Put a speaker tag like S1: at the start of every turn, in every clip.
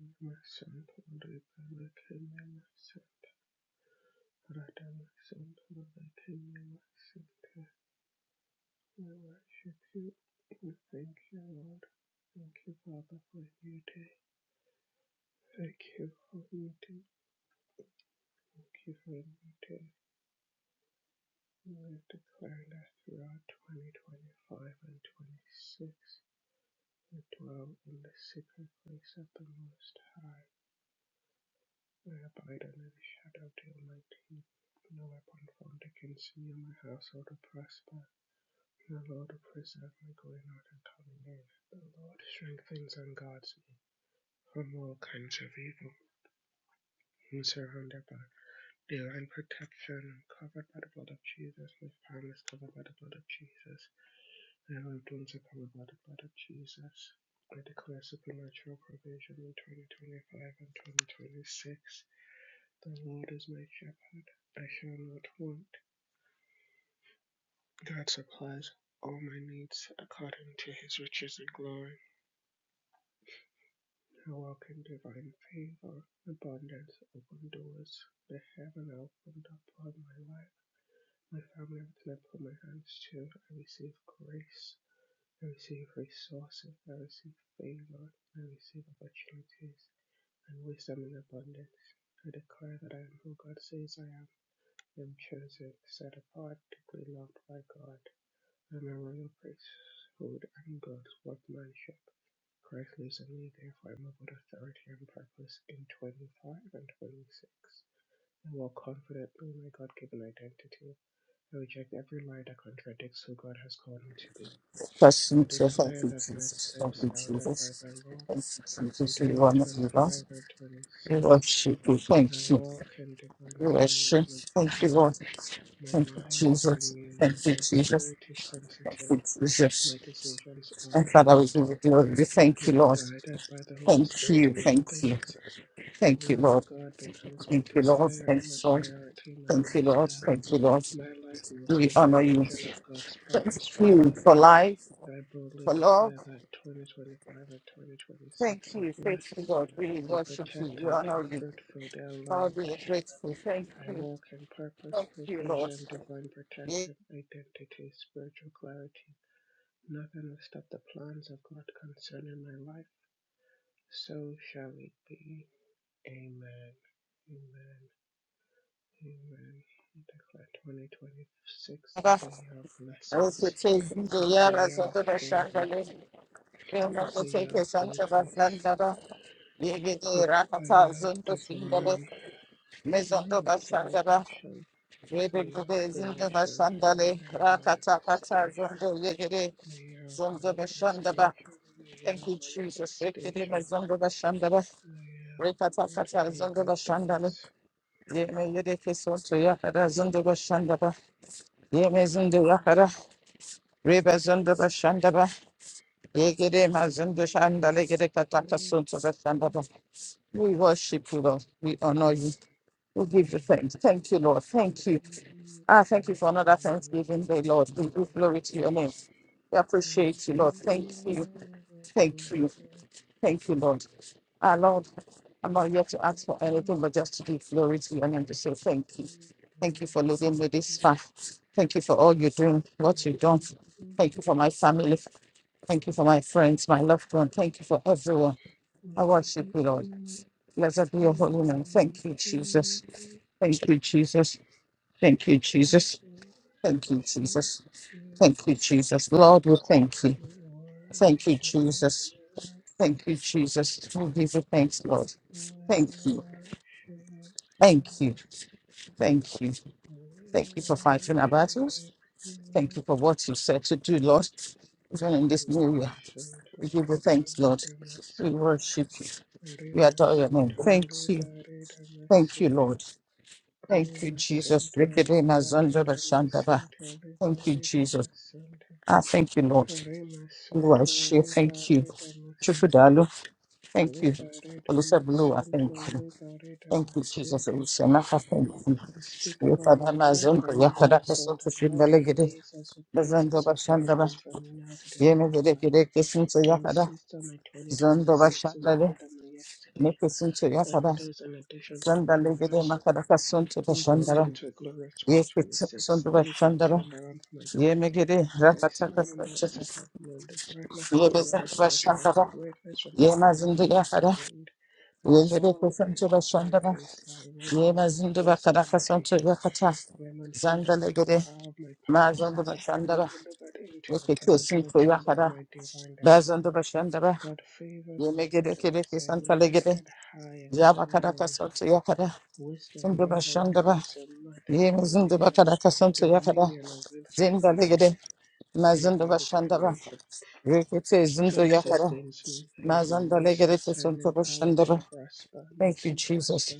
S1: Namasond River Lekememasond Radamasond Lekememasond We worship you. We thank you, Lord. Thank you, Father, for a new day. Thank you for a new day. Thank you for a new day. We are declaring that throughout 2025 and 26, we dwell in the secret place of the Most High. I abide under the shadow of the Almighty. No weapon formed against me and my household will prosper. The Lord will preserve my going out and coming in. The Lord strengthens and guards me from all kinds of evil. I'm surrounded by divine protection. I'm covered by the blood of Jesus. My family is covered by the blood of Jesus. My loved ones are covered by the blood of Jesus. I declare supernatural provision in 2025 and 2026. The Lord is my shepherd, I shall not want. God supplies all my needs according to his riches and glory. I walk in divine favor, abundance, open doors. The heaven opened upon my life. My family everything I can put my hands to. I receive grace. I receive resources. I receive favor. I receive opportunities and wisdom in abundance. I declare that I am who God says I am. I am chosen, set apart, deeply loved by God. I am a royal priesthood and God's workmanship. Christ lives in me, therefore I move with authority and purpose in 25 and 26. I walk confidently in my God-given identity. I reject every lie that contradicts who God has called me to be.
S2: Bless
S1: I
S2: you, sir. Thank
S1: declare
S2: you,
S1: that my
S2: Jesus. Thank you,
S1: steps are ordered by
S2: Jesus.
S1: the Lord.
S2: Thank you,
S1: In
S2: Jesus. You are not with us.
S1: 2025 and
S2: We
S1: 26,
S2: worship you.
S1: I
S2: Thank you.
S1: walk in divine
S2: We
S1: alignment
S2: worship.
S1: and
S2: Thank you,
S1: obedience.
S2: Lord.
S1: My
S2: Thank you,
S1: mind is
S2: Jesus.
S1: renewed.
S2: Thank you,
S1: My
S2: Jesus.
S1: spirit is
S2: Thank
S1: sensitive.
S2: you, Jesus.
S1: My decisions
S2: And
S1: honor
S2: Father, we
S1: God.
S2: give you glory. We
S1: I
S2: Thank you,
S1: am
S2: Lord.
S1: guided by the Holy
S2: Thank
S1: Spirit
S2: you.
S1: in all
S2: Thank you.
S1: things. The
S2: Thank you,
S1: will of
S2: Lord.
S1: God becomes my
S2: Thank you, Lord.
S1: desire,
S2: Thank
S1: my
S2: you, Lord.
S1: priority, my
S2: Thank you, Lord.
S1: lifestyle.
S2: Thank you, Lord.
S1: My life moves in
S2: We
S1: the
S2: honor you.
S1: direction of God's
S2: Thank
S1: purpose for
S2: you
S1: me.
S2: for life,
S1: I boldly
S2: for love.
S1: declare that 2025 and
S2: Thank
S1: 2026 are
S2: you,
S1: blessed.
S2: faithful God. We
S1: They're
S2: worship you. We
S1: protected, they're
S2: honor you.
S1: fruitful, they're aligned
S2: Lord, we are
S1: with heaven.
S2: grateful. Thank
S1: I
S2: you.
S1: walk in purpose,
S2: Thank you, Lord.
S1: provision, divine protection,
S2: Yara,
S1: identity, spiritual clarity. Nothing will stop the plans of God concerning my life. So shall it be. Amen. Amen. Amen. I declare 2026 is a year of
S2: also
S1: blessings.
S2: praise you, the
S1: It's a
S2: Yara,
S1: year of
S2: Zododa,
S1: favor.
S2: Shandale, Yama,
S1: It's a year
S2: Oteke,
S1: of
S2: Santa,
S1: increase.
S2: Vazandaba, Yegede,
S1: It's a
S2: Rakata,
S1: year of
S2: Zondo, Findale,
S1: divine, divine
S2: Mezondo, Bashandaba,
S1: acceleration. It's a year of
S2: Yegede, Zindo,
S1: fruition and a
S2: Bashandale,
S1: year of
S2: Rakata, Kata,
S1: manifestation.
S2: Zondo, Yegede,
S1: Layer of
S2: Zondo, Bashandaba.
S1: manifestation, Layer
S2: Thank
S1: of
S2: you, Jesus. Yegede,
S1: manifestation,
S2: Mezondo, Bashandaba,
S1: Layer of
S2: Rekata,
S1: great
S2: Kata,
S1: and
S2: Zondo,
S1: good
S2: Bashandale,
S1: things.
S2: Yeme yedeki soto yakara zundu başandaba. Yeme zundu yakara. Ribe zundu başandaba. Yegiri mazundu şandale gire kataka soto başandaba. We worship you, Lord. We honor you. We give you thanks. Thank you, Lord. Thank you. Ah, thank you for another Thanksgiving day, Lord. We give glory to your name. We appreciate you, Lord. Thank you. Thank you. Thank you, Lord. Our Lord, I'm not here to ask for anything, but just to give glory to your name to say thank you. Thank you for leading me this far. Thank you for all you're doing, what you've done. Thank you for my family. Thank you for my friends, my loved one. Thank you for everyone. I worship you, Lord. Blessed be your holy name. Thank you, Jesus. Thank you, Jesus. Thank you,
S1: We
S2: Jesus. Thank you,
S1: worship you,
S2: Jesus.
S1: we
S2: Thank you, Jesus. Lord, we thank you. Thank you,
S1: worship
S2: Jesus.
S1: you,
S2: Thank you, Jesus. We give you thanks, Lord.
S1: we
S2: Thank you.
S1: worship you,
S2: Thank you. Thank you. Thank
S1: we
S2: you for fighting our battles.
S1: worship
S2: Thank
S1: you.
S2: you for what you said to do, Lord. Even in this new year, we
S1: Masunto
S2: give you thanks, Lord.
S1: ribarida
S2: We
S1: masanta,
S2: worship you. We adore your name.
S1: rimasunto
S2: Thank you.
S1: ribarida
S2: Thank you,
S1: masanta,
S2: Lord. Thank you, Jesus.
S1: rimasunto
S2: Rekedema zondoba
S1: ribarida
S2: shandaba.
S1: masanta,
S2: Thank you,
S1: ribarida
S2: Jesus.
S1: masanta,
S2: Ah, thank you, Lord. Oluwa, ẹ
S1: rimasunto
S2: Thank you. Chukwudalo.
S1: Speak
S2: Thank you. Olusebulo, I thank you. Thank you, Jesus. We shall not have thank you. Your
S1: over
S2: father
S1: my life
S2: Nazon,
S1: and
S2: your
S1: my
S2: father
S1: household
S2: Castle to
S1: that God will
S2: Shindalegede,
S1: amaze us with
S2: the
S1: pleasant
S2: Zandoba Shandaba,
S1: surprises from now to the end of the life.
S2: Yenegede, Kissin to
S1: I
S2: your father,
S1: insist on my
S2: Zandoba
S1: 2026 is better
S2: Shandale,
S1: than my yesterday.
S2: Nikisin to your
S1: Every
S2: father,
S1: day is an addition to the
S2: Zandalegede,
S1: previous.
S2: Makadaka Sun to the
S1: Walk
S2: Shandara,
S1: into a glorious
S2: Yakitsun
S1: 2026.
S2: to the
S1: Things have
S2: Shandara,
S1: turned around for my good.
S2: Yemegede,
S1: My sun will not
S2: Rakataka,
S1: set at noon. The brightness of my
S2: Yebezaka
S1: rising attracts
S2: Shandara,
S1: greatness from every
S2: Yemazin to
S1: wing
S2: your
S1: of the
S2: father,
S1: wind. I
S2: Yegede
S1: soar like the
S2: Kissin to the
S1: eagle's flying to
S2: Shandara,
S1: his side, away from every
S2: Yemazin to
S1: force of
S2: Bakadaka Sun to
S1: limitation.
S2: Yakata,
S1: I am unhindered by the
S2: Zandalegede.
S1: power of my past.
S2: Mazan da
S1: I am
S2: başandara,
S1: delivered into the
S2: yeke kesin koya
S1: possibilities of
S2: kara.
S1: my divine
S2: Mazando
S1: destiny.
S2: Bashandara,
S1: God
S2: Rekiko Sinto Yakara, Bazando Bashandara,
S1: favors me above
S2: Yemegede
S1: the rest.
S2: Kedeke
S1: I
S2: Santa
S1: am
S2: Legede,
S1: lifted higher and higher
S2: Jabakaraka
S1: and
S2: Santo
S1: higher.
S2: Yakara,
S1: Wisdom,
S2: Sando
S1: knowledge,
S2: Bashandara,
S1: counsel, might, and
S2: Yemizundo
S1: domination,
S2: Bakaraka Santo Yakara,
S1: dominion available
S2: Zinda
S1: in my
S2: Legede,
S1: life. I bring
S2: Mazando
S1: value to
S2: Bashandara,
S1: creation.
S2: Rekete Zindo
S1: God
S2: Yakara,
S1: sustains me. He is my
S2: Mazanda Legede
S1: resource. I am
S2: Santo
S1: empowered to
S2: Bashandara.
S1: prosper, and I
S2: Thank you,
S1: do
S2: Jesus.
S1: prosper.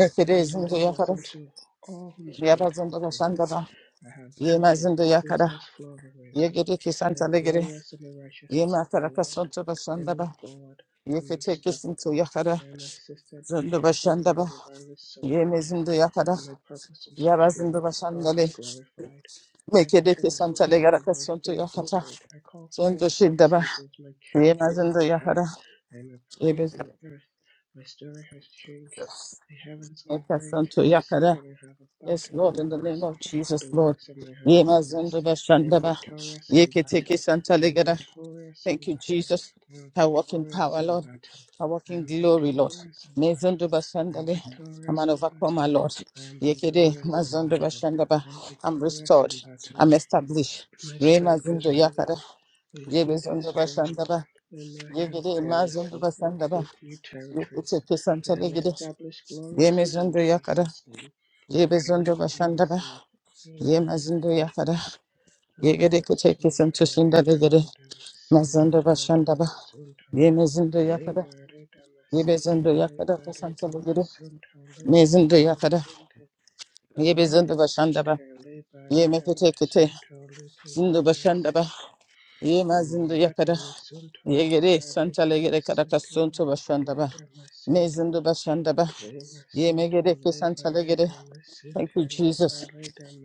S1: My
S2: Zindo
S1: tremendous
S2: Yakara,
S1: blessing to all whom I
S2: Yabazondo
S1: contact.
S2: Bashandara,
S1: I have joy like
S2: Yemazindo
S1: the
S2: Yakara,
S1: ceaseless flow of a river.
S2: Yegede
S1: I
S2: Kisanta
S1: am
S2: kara
S1: glorious in the righteousness of the
S2: Yemakaraka
S1: Lord.
S2: Santo
S1: I move
S2: Bashandara.
S1: forward. I am
S2: yeketekesinto
S1: unstoppable.
S2: yakara
S1: I am assisted by
S2: zando
S1: heaven
S2: bashanda
S1: and
S2: ba
S1: divinely supported.
S2: yemezindo yakara
S1: And my purpose is
S2: yabazindo
S1: fulfilled. God is
S2: bashandale
S1: glorified.
S2: mekedeke
S1: Everything is
S2: santale
S1: possible.
S2: garaka
S1: My
S2: sonto
S1: faith is
S2: yakata
S1: great. I call
S2: sonto
S1: forth my
S2: shinda ba
S1: seasons. My change is
S2: yemazindo
S1: hair.
S2: yakara
S1: I am a praise in
S2: yebezindo
S1: the earth. My story has changed. The heavens give rain to
S2: santo
S1: my seed,
S2: yakara
S1: and I have a
S2: Yes,
S1: bountiful
S2: Lord, in the name
S1: harvest.
S2: of
S1: The
S2: Jesus, Lord.
S1: works of my hand are
S2: Yemazindo
S1: blessed. I am
S2: bashanda ba
S1: victorious in battle. I am
S2: yeketekesantale
S1: victorious in
S2: Thank you,
S1: battle.
S2: Jesus.
S1: I am
S2: I walk in
S1: victorious
S2: power,
S1: in
S2: Lord.
S1: battle.
S2: I walk
S1: I
S2: in
S1: am
S2: glory, Lord.
S1: victorious in
S2: Mezondo
S1: battle. I am
S2: bashandale. I'm
S1: victorious
S2: an
S1: in
S2: overcomer,
S1: battle.
S2: Lord.
S1: I am
S2: Yekede
S1: victorious in
S2: mazondo
S1: battle.
S2: bashandaba.
S1: I am
S2: I'm
S1: victorious
S2: restored.
S1: in battle.
S2: I'm established.
S1: My
S2: Re
S1: strength
S2: mazondo
S1: is
S2: yakada.
S1: renewed. My
S2: Yebe
S1: feet are
S2: zondo
S1: strong.
S2: bashandaba.
S1: I march on
S2: Yekede mazondo
S1: fearlessly. I
S2: bashandaba.
S1: take new
S2: Yekete
S1: territories. I am
S2: pesantale gede.
S1: established
S2: Yeme
S1: gloriously in
S2: zondo yakada.
S1: Jesus' name. I
S2: Yebe zondo
S1: believe and I
S2: bashandaba.
S1: say,
S2: Ye
S1: Amen,
S2: mazondo yakada.
S1: Amen.
S2: Yekede
S1: Lima
S2: kete
S1: Sunto
S2: pesanto
S1: Reba
S2: gede.
S1: Leda
S2: Mazondo
S1: Santa Rada
S2: bashandaba.
S1: Masunto
S2: Yeme zondo yakada.
S1: Lima Reda
S2: Yebezindo
S1: Masente
S2: yakada
S1: Leba Reda
S2: kasansalı guru.
S1: Masunto Likin
S2: Mezindo
S1: Lima
S2: yakada.
S1: Sente Lima
S2: Yebezindo başandaba.
S1: Sente Leba
S2: Yeme
S1: Rada
S2: kete kete.
S1: Masunto
S2: Zindo başandaba.
S1: Likin
S2: Yema zindo yakada.
S1: Maradamasunto
S2: Yegere santale gere kada
S1: Liberedamasunto
S2: kasunto başandaba.
S1: Liberedamasunto
S2: Mezindo başandaba. Yeme
S1: Lemasunto
S2: gere kesantale gere. Thank
S1: Liberedamasunto
S2: you Jesus.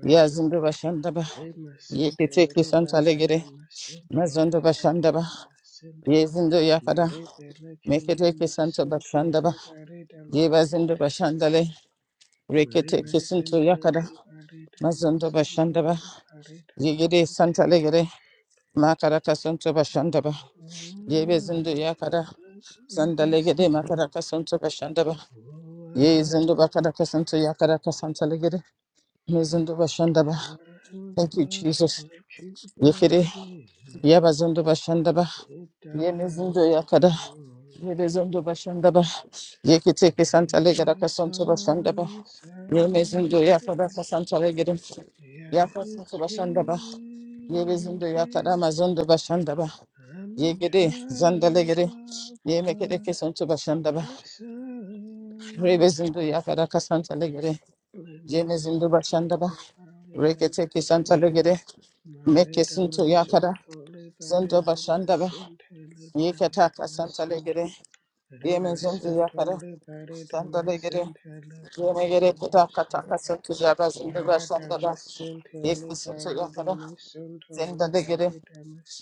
S2: Yazindo başandaba.
S1: Liberedamasunto Lemasente
S2: Yekete kesantale gere.
S1: Liberadamasunto
S2: Mezondo başandaba.
S1: Liberedamasunto
S2: Yezindo yakada. Mekete kesanta
S1: Marebelecimemasunto
S2: başandaba. Yebezindo
S1: Liberedamasunto
S2: başandale. Rekete kesinto
S1: Lemasente
S2: yakada. Mazondo
S1: Liberedamasunto
S2: Bashandaba, Yigidi
S1: Liberedamasunto
S2: Santa Legede, Makaraka Santo Bashandaba,
S1: Oh,
S2: Yebe Zindu
S1: my
S2: Yakada, Santa Legede, Makaraka Santo Bashandaba,
S1: Oh,
S2: Ye Zindu
S1: how
S2: Bakaraka Santo Yakaraka Santa Legede, Mizindu Bashandaba.
S1: I was
S2: Thank you,
S1: lost,
S2: Jesus.
S1: but you brought
S2: Yigidi
S1: me
S2: Yabazondo bashanda ba.
S1: in. It
S2: Yemezindo
S1: died
S2: yakada.
S1: home.
S2: Yebezondo bashanda ba. Yekiteke
S1: Oh,
S2: santa legada
S1: The
S2: kasonto bashanda ba.
S1: sunset's
S2: Yemezindo yakada
S1: free.
S2: kasanta legada.
S1: Yeah, it's
S2: Yakasonto bashanda ba.
S1: free
S2: Yebezindo yakada
S1: indeed.
S2: mazondo bashanda ba.
S1: I'm a
S2: Yegede zanda
S1: child
S2: legede.
S1: of
S2: Yemekede
S1: God.
S2: kesonto bashanda ba.
S1: Yes, I am.
S2: Rebezindo yakada kasanta legede.
S1: I'm a
S2: Yemezindo
S1: son
S2: bashanda ba.
S1: taught about it. I'm
S2: Rekete
S1: a
S2: kesanta
S1: sin
S2: legede. Mekesinto yakada.
S1: Maridamasunto
S2: Zondo bashanda
S1: liberidamasunto
S2: Yekataka Santa
S1: liberidamasunto
S2: Legere, Yemenzinzi
S1: Rimasunto
S2: Yakara, Santa Legere,
S1: liberidamasunto
S2: Yemegere Kataka Taka
S1: liberidamasunto
S2: Santa Jabas in the Vashandara,
S1: Maridamasunto
S2: Yekusinta Yakara,
S1: liberidamasunto liberidamasunto
S2: Zenda Legere,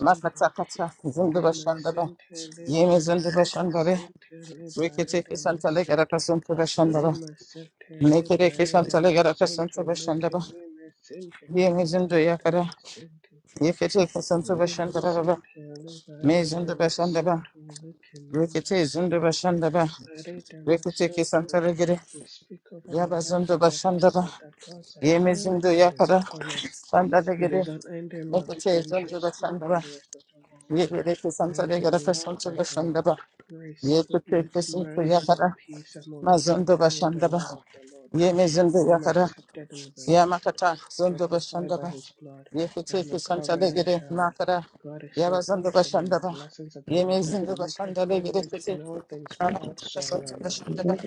S2: Makatakata, Zindu Vashandara,
S1: Rimasunto
S2: Yemezindu Vashandare,
S1: liberidamasunto
S2: Rikitiki Santa Legere
S1: liberidamasunto
S2: Kasunta Vashandara,
S1: Rimasunto
S2: Nikereki Santa Legere
S1: liberidamasunto
S2: Kasunta Vashandara,
S1: Likimimasunto
S2: Yemezindu Yakara,
S1: liberidamasunto
S2: Yekitiki Santa
S1: Lima
S2: Vashandara,
S1: Centele, Bareta
S2: Mezindu Vashandara,
S1: Masunto, Lukemima
S2: Rikiti Zindu
S1: Cente,
S2: Vashandara,
S1: Bareta
S2: Rikitiki
S1: Masunto.
S2: Santa Legere,
S1: We speak over my life
S2: Yabazundo
S1: and my
S2: Bashandaba,
S1: household that God's unfailing
S2: Yemezindo
S1: hand is
S2: Yakada,
S1: upon us.
S2: Sanda
S1: And
S2: Degede,
S1: his unending love
S2: Nekate Zundo
S1: differentiates me from
S2: Bashandaba,
S1: the rest of the world.
S2: Yegede
S1: I
S2: Santa
S1: am the
S2: Degada
S1: beloved
S2: Santo
S1: of the Lord.
S2: Bashandaba,
S1: Grace,
S2: Yekate
S1: goodness,
S2: Sinto
S1: mercy, and
S2: Yakada,
S1: peace are multiplied
S2: Mazundo
S1: to me in the
S2: Bashandaba,
S1: love of the Lord.
S2: Yemezindo
S1: I am
S2: Yakada,
S1: accepted in the beloved
S2: Yamakata, Zundo
S1: justified by
S2: Bashandaba,
S1: his blood. I am a
S2: Yekate Santa
S1: covenant
S2: Degede,
S1: child.
S2: Makada,
S1: God is so
S2: Yabazundo
S1: good to me, and the
S2: Bashandaba,
S1: blessings of the Lord that
S2: Yemezindo
S1: maketh
S2: Bashanda
S1: one
S2: Degede,
S1: rich in all things without
S2: Yamakata
S1: sorrow
S2: Santo
S1: and mind.
S3: Thank
S2: Bashandaba,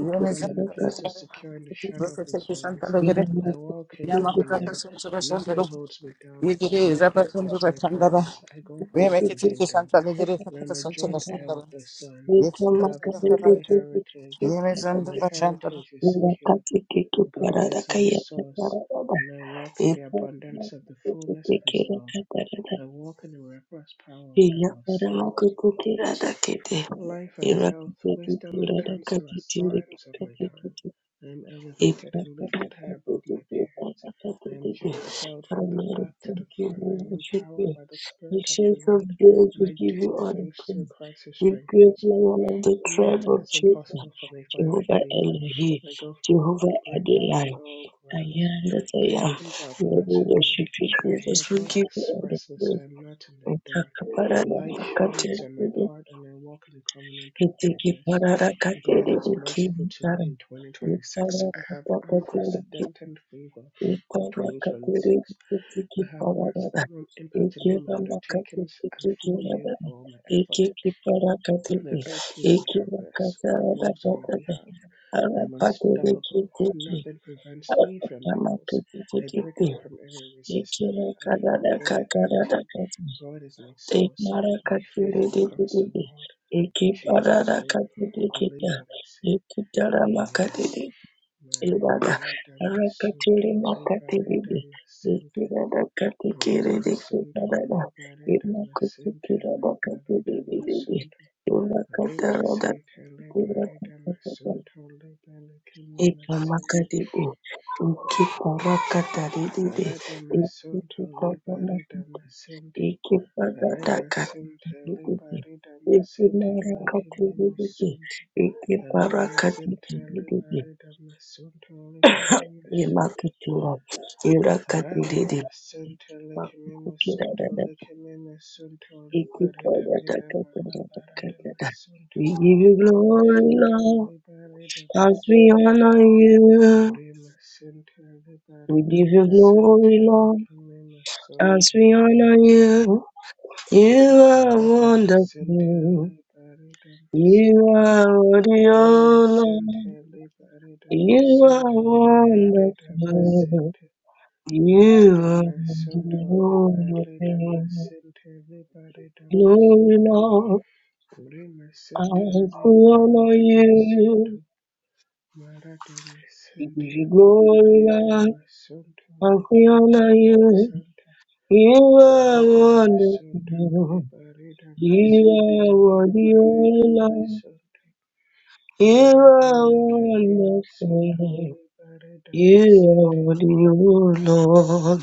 S1: I dwell in a place of secure in the
S2: Bashandaba,
S1: shadow of his
S2: Yekate Santa
S1: wings.
S2: Degede,
S1: I walk
S2: Okay,
S1: in
S2: um, um,
S1: dominion. Nothing holds me down. Nothing stops my progress. I go forward unhindered. I am a joint heir with the Son. I have a godly heritage. My heritage is secured. God is my source, and I walk in the abundance of the fullness of His love. I walk in the miraculous power of the Lord. Life and health, wisdom and counsel are signs of my time.
S3: you.
S1: I am
S3: Amen.
S1: elevated
S3: Thank
S1: and lifted high above my peers. I am jet propelled from the back to the
S3: you.
S1: front.
S3: We
S1: I am
S3: worship
S1: empowered
S3: you.
S1: by the
S3: We
S1: Spirit of
S3: share
S1: the
S3: of
S1: Lord,
S3: days.
S1: and
S3: We
S1: I
S3: give
S1: do
S3: you
S1: all
S3: all the
S1: things through
S3: praise.
S1: Christ who
S3: We great
S1: strengthens me.
S3: lion of the tribe
S1: Nothing
S3: of
S1: is
S3: Judah,
S1: impossible for me if I am a
S3: Jehovah
S1: believer.
S3: Elohim,
S1: I go forth and
S3: Jehovah
S1: break through
S3: Adonai.
S1: on all
S3: I
S1: grounds.
S3: am that
S1: The
S3: I am.
S1: heavens are open
S3: Lord, we
S1: unto me.
S3: worship you,
S1: I hear
S3: Jesus. We
S1: God
S3: give you all the
S1: express this.
S3: praise.
S1: I am not in the dark.
S3: Utakaparara
S1: Light shines on my
S3: pakaterere,
S1: path and I walk in the covenant of greatness.
S3: itikeparara
S1: God
S3: katerere
S1: is merciful to me
S3: kinitara.
S1: in 2026. I have
S3: Utara
S1: unprecedented favor
S3: Ekip
S1: in 2026.
S3: arara
S1: I have maximum impact in all my undertakings and full yield for all my effort. The earth gives me her best. God moves on my behalf. I'm unstoppable. Nothing prevents me from my goals. I break away from every resistance. I do not go out empty. God is my source. My faith overcomes the world. In Jesus' name, I
S3: katidikita,
S1: believe and I say,
S3: ekip
S1: Amen.
S3: arama
S1: Mari
S3: Ibada
S1: balada
S3: rakatiri
S1: masunto libare da
S3: makatiribi
S1: masinte.
S3: ikirada
S1: Kure
S3: katikiriri
S1: masunto
S3: kibarada
S1: libare da masinte
S3: imakutikira
S1: libare
S3: bakatiribibi
S1: damascente. Reba
S3: imakatarada
S1: sente leba reda
S3: kirakakakaka
S1: masonto leba lekeme masente
S3: ipamakadibi ikiparakatarididi
S1: rada masonto leba reda
S3: ikikipamakati
S1: masente re
S3: ikipadada
S1: masente
S3: katikiribibi
S1: leba reda masente lekeme
S3: ikimarakatiribibi
S1: masonto re masente leba
S3: ikiparakatikibibibi
S1: reda masonto lekeme masonto
S3: Imakituro,
S1: Rama
S3: Irakatididi,
S1: masente lekeme masonto
S3: Makukidadada,
S1: lekeme masonto leba reda meda malaba rada masonto
S3: We give you
S1: lekeme
S3: glory,
S1: masonto
S3: Lord,
S1: leba reda
S3: as we
S1: masonto
S3: honor you.
S1: Muri masentare
S3: We
S1: barada
S3: give you glory,
S1: masentare
S3: Lord,
S1: kame
S3: as
S1: masonto
S3: we honor you. You are
S1: rada masentare
S3: wonderful.
S1: barada
S3: You
S1: masonto
S3: are worthy,
S1: le
S3: O Lord.
S1: masentare barada
S3: You are
S1: masonto le barada
S3: wonderful.
S1: masente
S3: You
S1: Marida
S3: are the
S1: masonto le barada
S3: only
S1: masente le barada
S3: Glory,
S1: masonto
S3: Lord,
S1: Puri masente
S3: as
S1: le
S3: we honor
S1: barada masonto
S3: you.
S1: Maradama
S3: We give
S1: Center,
S3: you glory, Lord,
S1: Liberadama Center,
S3: as we honor
S1: Likimunum
S3: you.
S1: Center,
S3: You are
S1: Maradama Center,
S3: wonderful.
S1: Liberadama
S3: You are
S1: Center,
S3: worthy, O
S1: Liberadama
S3: Lord.
S1: Center,
S3: You are
S1: Maribele Kimima Center,
S3: wonderful.
S1: Liberadama
S3: You are
S1: Center,
S3: worthy, O Lord.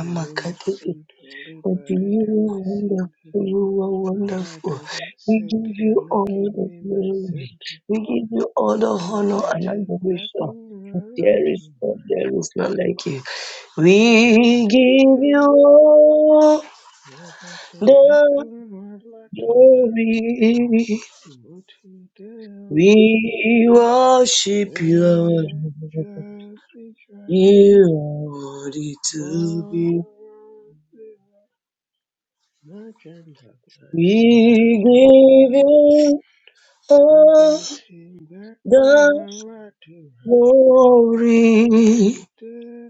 S1: Mima Center,
S3: But you
S1: Liberadama
S3: are wonderful,
S1: Center,
S3: you are wonderful.
S1: Maradama
S3: We give
S1: Center,
S3: you all the
S1: Likimima
S3: glory.
S1: Center,
S3: We give you all the honor and
S1: Wabatin
S3: adoration.
S1: Guakumala
S3: There is none, there is none like you.
S1: What you
S3: We give you
S1: do?
S3: all
S1: We're about to back
S3: the
S1: on what like to
S3: glory.
S1: What you do?
S3: We worship you,
S1: Let
S3: Lord.
S1: your be dry.
S3: You are worthy to be.
S1: What you Nothing but what
S3: We
S1: you
S3: give
S1: do.
S3: you
S1: We're
S3: all.
S1: about to back on
S3: the.
S1: what like to What
S3: Glory,
S1: you do?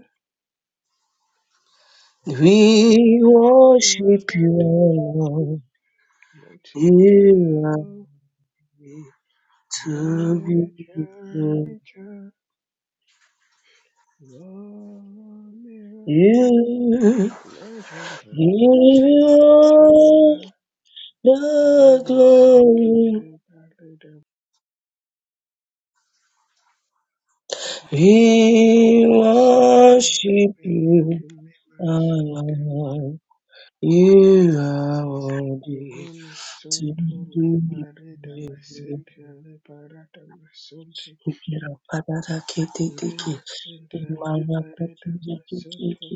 S1: We're about to
S3: we
S1: back on
S3: worship
S1: what like
S3: you,
S1: to
S3: Lord.
S1: What you
S3: You are
S1: do?
S3: to
S1: Let
S3: be
S1: your
S3: praised.
S1: be dry. Laura mirror,
S3: You,
S1: imagine but what
S3: you
S1: she I do.
S3: are
S1: I let
S3: the
S1: my son
S3: glory.
S1: totally ballad about
S3: We
S1: my son totally
S3: worship
S1: been
S3: you,
S1: like me, my son
S3: our Lord. You are worthy
S1: totally, my son
S3: to
S1: totally
S3: be
S1: ballad, my
S3: praised.
S1: son totally ballad, my son
S3: Kira parara kete
S1: totally,
S3: teke
S1: my son totally
S3: imara
S1: ballad,
S3: kachinja
S1: my son
S3: keke
S1: totally.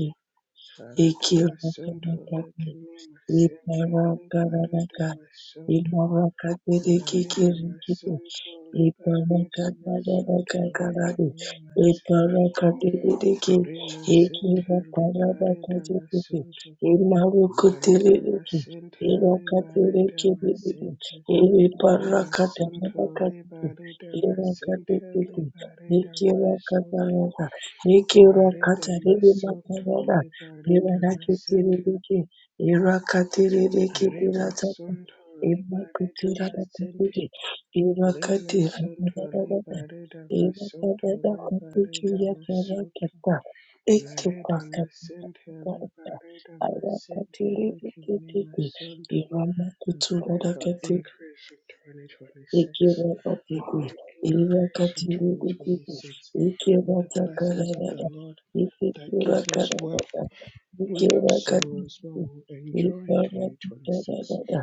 S1: Barata
S3: ikira
S1: masonto
S3: kanaka
S1: leke mi masente
S3: ripara
S1: alibari da
S3: kararaka
S1: masonto
S3: imara katere keke
S1: Marida masunto liberida masunto leke
S3: Iparakadarakadaradi,
S1: mi masente.
S3: iparakadiridiki,
S1: Ure masente liberida
S3: ikiraparabakadidiki,
S1: masunto. Marida
S3: imarukutiridiki,
S1: masente liberida
S3: irakatiridikididiki,
S1: masente. Ure masunto
S3: iriparakadarakadiki,
S1: liberida masente
S3: irakadidiki,
S1: liberida masunto.
S3: ikirakadarada,
S1: Marida masunto
S3: ikirakataridimakarada,
S1: liberida masente.
S3: irakatiridiki,
S1: Are
S3: irakatiridikidiratada,
S1: masunto
S3: imakutirada
S1: liberida masente.
S3: Irakatira
S1: Limassonto
S3: Madagada,
S1: liberida massonto
S3: Irakadada
S1: liberida
S3: Kapuchia
S1: massonto
S3: Jarakata,
S1: Marida
S3: Itupakata,
S1: massente liberida massente
S3: Irakatiri
S1: likimi
S3: Ikititi,
S1: massonto and
S3: Iramakutu
S1: pray for
S3: Radakati,
S1: increase in 2026.
S3: Ikira
S1: We
S3: Okiki,
S1: pray increase in
S3: Irakatiri Ikiti,
S1: 2026
S3: Ikira
S1: with the blessings of the
S3: Takarada,
S1: Lord that
S3: Ikira
S1: gives us
S3: Karada,
S1: wealth without
S3: Ikira
S1: sorrow as well
S3: Katiti,
S1: will enjoy in
S3: Ikira
S1: 2026.
S3: Takarada,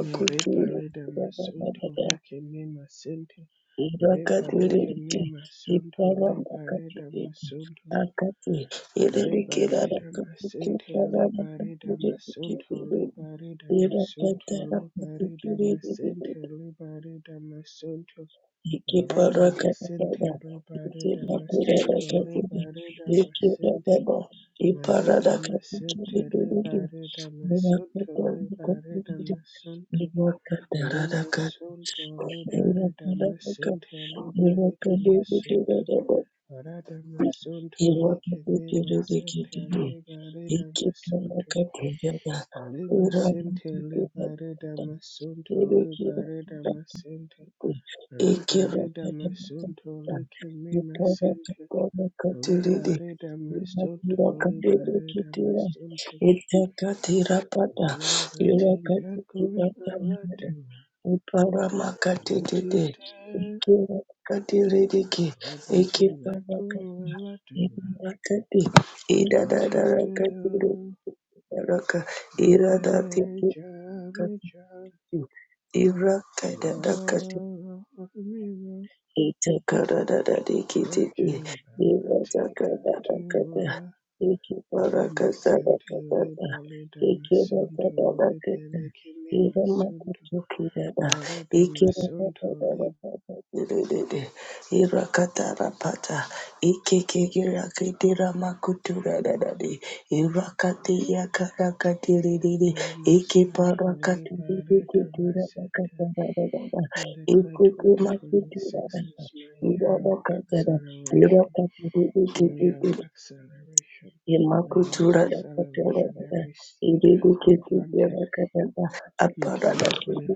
S1: Mareba leda masunto leke me masente. Reba leke me
S3: irakadhiriki
S1: masunto leba leda
S3: iparambakatiki
S1: masunto.
S3: akati
S1: Leba
S3: iririkira
S1: leda masente leba leda
S3: rakatsikitsararakatiriki
S1: masunto leba leda masunto leba leda masente
S3: irakatarakatikiririri
S1: leba leda masunto. Rada masente
S3: ikiparakadada
S1: leba leda masunto leba
S3: itirapirarakatiri
S1: leda masente.
S3: ikirakada
S1: Mareda masente
S3: ipararakatikiriririri
S1: leba leda masunto leba leda
S3: irakatarakatiririri
S1: masunto.
S3: irakatarakatiri
S1: Limasunto
S3: Thank
S1: liberata masente liberata masunto arata masunto lekene masente liberata masunto limasente liberata masunto liberata
S3: you.
S1: masente
S3: Ira
S1: liberata masunto lekene masente liberata masunto liberata masunto Nothing back on my right Mutite About exactly what you do, bad job, me job,
S3: da da da
S1: all me wrong.
S3: Ikiparakatiri
S1: Working about I do. Lima Santo, Riba Lida Masunto, Rebele Kimi Masunto, Narada Masunto, Lima Santo, Riba Lida Masunto.
S3: Ancient
S1: Declare
S3: of days
S1: 2026 is my year of acceleration. Real acceleration. A acceleration. Every seed that has been planted in 2025,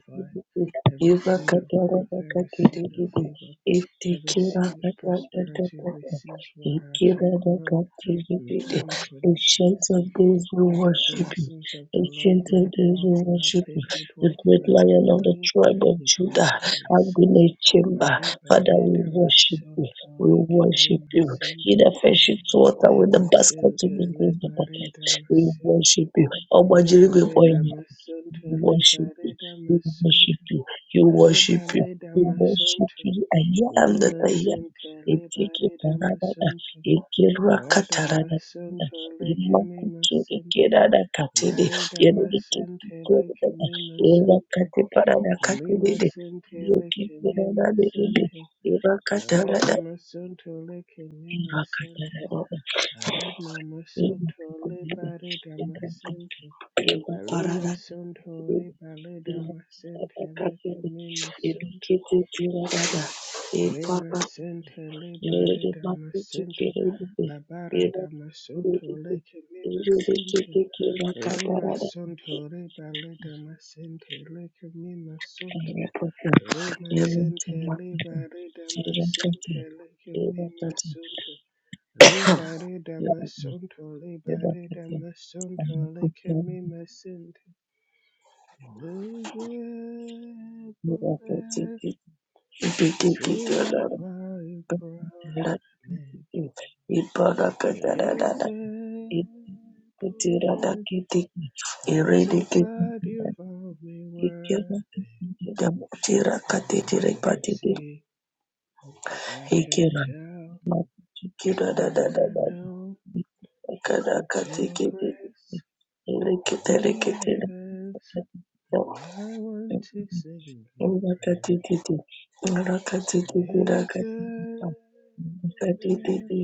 S1: every seed of growth, every seed of favor, every seed of prosperity receives water to grow in 2026.
S3: we
S1: Let the
S3: worship you.
S1: blessings of the Lord
S3: Ancient of
S1: bring
S3: days
S1: wealth
S3: we
S1: without
S3: worship you
S1: painful
S3: the
S1: toil for
S3: great
S1: it for
S3: lion of the
S1: money
S3: tribe of
S1: in
S3: Judah,
S1: 2026.
S3: Agune Chamber.
S1: Marie
S3: Father,
S1: Bale
S3: we worship you.
S1: Damascene
S3: We worship you.
S1: Tole
S3: He that fetcheth water with the basket to
S1: Emasente
S3: the the bucket.
S1: liberida
S3: We
S1: masente
S3: worship you. Ọmọ
S1: liberida
S3: Jerigwe
S1: masente
S3: we worship you,
S1: liberida
S3: we worship
S1: masente
S3: you, you worship you,
S1: liberida
S3: we worship
S1: masente
S3: you. I am that
S1: lima
S3: I am.
S1: sente
S3: Ekeke
S1: liberida
S3: paradada,
S1: masente
S3: ekerwa
S1: rada
S3: katarada,
S1: masente leke me
S3: imakutu
S1: masente
S3: ekerada katede,
S1: liberida
S3: yereke
S1: masente leke
S3: kikorada,
S1: me masente
S3: erakate parada
S1: lima
S3: katede,
S1: sente
S3: yoke
S1: leke me
S3: kurada berede,
S1: masente rada
S3: erakatarada,
S1: masente leke me masente
S3: erakatarada,
S1: Aradnamasontole
S3: erakatarada,
S1: baredammasente.
S3: erakatarada, parada.
S1: Alemasontole
S3: Thank you.
S1: baredammasente lekememasonto. Remasente lebaredammasente. Labaradammasonto lekememasente. Lemasontole baredammasente lekememasonto. Remasente lebaredammasente lekememasonto. Libere da masunto, libere da masunto, leke mi masinte. Elizabeth, see how far you brought me.
S3: Ibadah kepada
S1: Elizabeth,
S3: Kutiradakiti
S1: I'm so
S3: iridikiti
S1: glad you found me worthy.
S3: ikira
S1: I
S3: katitire
S1: can
S3: patiti
S1: see, I can
S3: ikira
S1: tell,
S3: kira da
S1: and
S3: da da
S1: I
S3: da
S1: know
S3: kada
S1: it's your
S3: katikiti
S1: grace.
S3: irikite
S1: Oh
S3: rikite
S1: my days. I want to sing your praise.
S3: rakatititi rakatititi
S1: Yes,
S3: rakatititi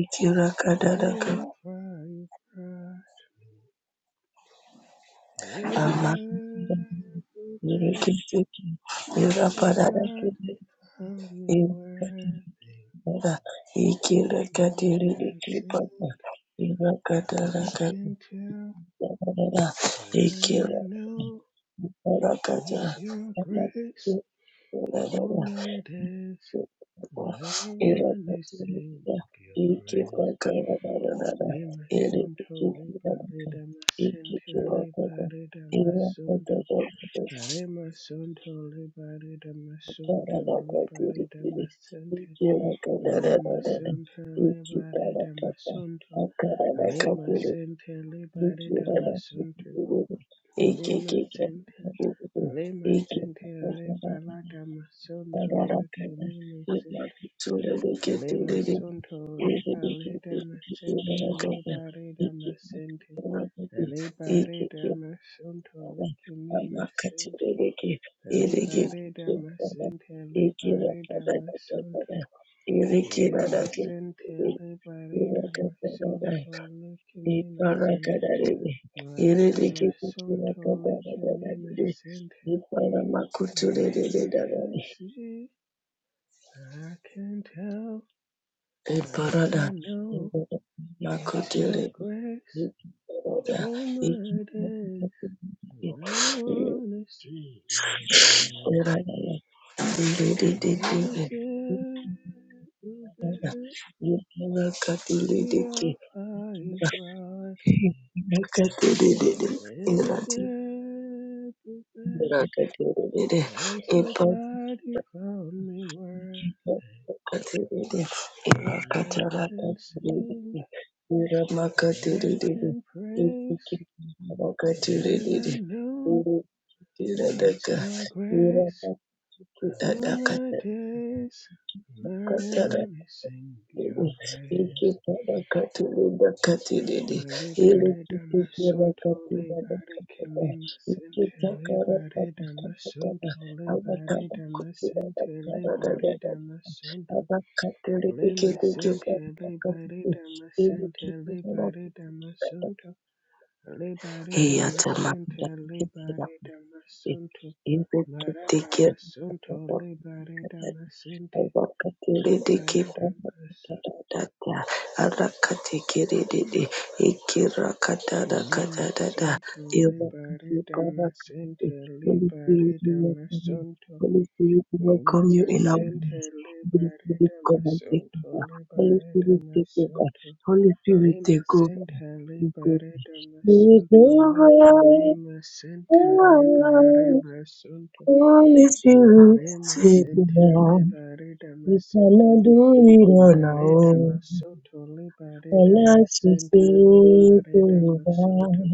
S3: ikira kada da ka
S1: I'll fly you bright. Yes,
S3: ama
S1: I'll
S3: irikitiki
S1: I'm so
S3: irapada
S1: glad
S3: rakiti
S1: I'm worthy.
S3: Ra
S1: I
S3: ikirakatiri
S1: can sing,
S3: ikiripata
S1: I can
S3: irakatarakatarara
S1: tell, and I know
S3: ikirakarakata
S1: it's your grace
S3: rakachukurara
S1: all my days. I want to sing
S3: irakatirira
S1: your praise.
S3: ikipakararara
S1: Lima Sunto Riba
S3: irikichikiraka
S1: Rida Masente
S3: ikichirakata
S1: Liba Rida Masunto
S3: irakatarakatarakatiri
S1: Rema Sunto Liba Rida Masunto Liba Rida Masente Lima
S3: ikirakatararara
S1: Sunto Liba Rida
S3: ikiparakata
S1: Masunto Lima
S3: akarara
S1: Sente Liba
S3: Thank you.
S1: Rida Masunto Lima Sente Lima Sente Riba Lada Masunto Lake Lima Sente Le masonto le parida masente le parida masente le parida masonto le kimi masente le parida masente le parida masonto le masente le parida masonto le kimi masente
S3: Iparakadarebe,
S1: marada masonto le kimi
S3: irerekekekeratakadadadadebe,
S1: masente. I
S3: iparamakuturerededadabe,
S1: can see, I can tell, and
S3: iparada,
S1: I know. It's your
S3: iparamakuturebe,
S1: grace,
S3: iparada,
S1: all my days,
S3: ikiparakaturebe,
S1: and I
S3: iparada,
S1: wanna sing your praise.
S3: iredededebe,
S1: Is it
S3: iparada,
S1: the sea
S3: iparakaturebe,
S1: of fire brought me?
S3: iparakaturebe,
S1: Is
S3: irati-
S1: it the
S3: iparakaturebe,
S1: I'm so glad you found me worthy,
S3: Makatiri,
S1: and I
S3: Imakatarata,
S1: can sing,
S3: Iramakatiri,
S1: I can praise,
S3: Ikimakatiri,
S1: and I know it's
S3: Irakataka,
S1: your grace. And all my
S3: Irakataka,
S1: days, my
S3: Makatara,
S1: one is sing your praise.
S3: Ikimakatiri, Makatiri,
S1: My liberty, da my son to liberty,
S3: Irikikirakatirakataka,
S1: kimi my sin to
S3: Ikitakara,
S1: liberty, da my son
S3: Makatara,
S1: to liberty,
S3: Amakara,
S1: da my
S3: Kutura,
S1: sin to liberty,
S3: Makara,
S1: da my son
S3: Hey, I
S1: to lay my sin to liberty, da my sin to liberty, da my son to liberty, da my
S3: tell my
S1: sin to
S3: brother, he did it up.
S1: liberty, da my
S3: He
S1: son to
S3: did to take
S1: Marata
S3: care
S1: masonto
S3: of
S1: masente. Liberida
S3: Arakatiridikiparakatadada, arakatikirididi,
S1: Lima
S3: ikirakatadakatadada,
S1: Santo Liberida
S3: irakatiparakatadi.
S1: Masente
S3: Holy Spirit, we
S1: Liberida
S3: welcome you.
S1: Masanto
S3: Holy Spirit, we welcome you
S1: Lima
S3: in our
S1: Sente
S3: midst. Holy Spirit,
S1: Liberida
S3: come and take
S1: Masanto
S3: over. Holy
S1: Liberida
S3: Spirit, take over.
S1: Masanto
S3: Holy Spirit,
S1: Lima
S3: take over.
S1: Sente
S3: Take over.
S1: Liberida
S3: Take
S1: Masanto
S3: over.
S1: Lake Mima Sente Liberida Masanto
S3: Holy Spirit,
S1: Lima
S3: take
S1: Sente
S3: over.
S1: Liberida
S3: You
S1: Masente
S3: cannot do it on our
S1: Marida
S3: own.
S1: Masunto Libarida
S3: Unless you
S1: Masente
S3: take
S1: Libarida
S3: over.
S1: Masunto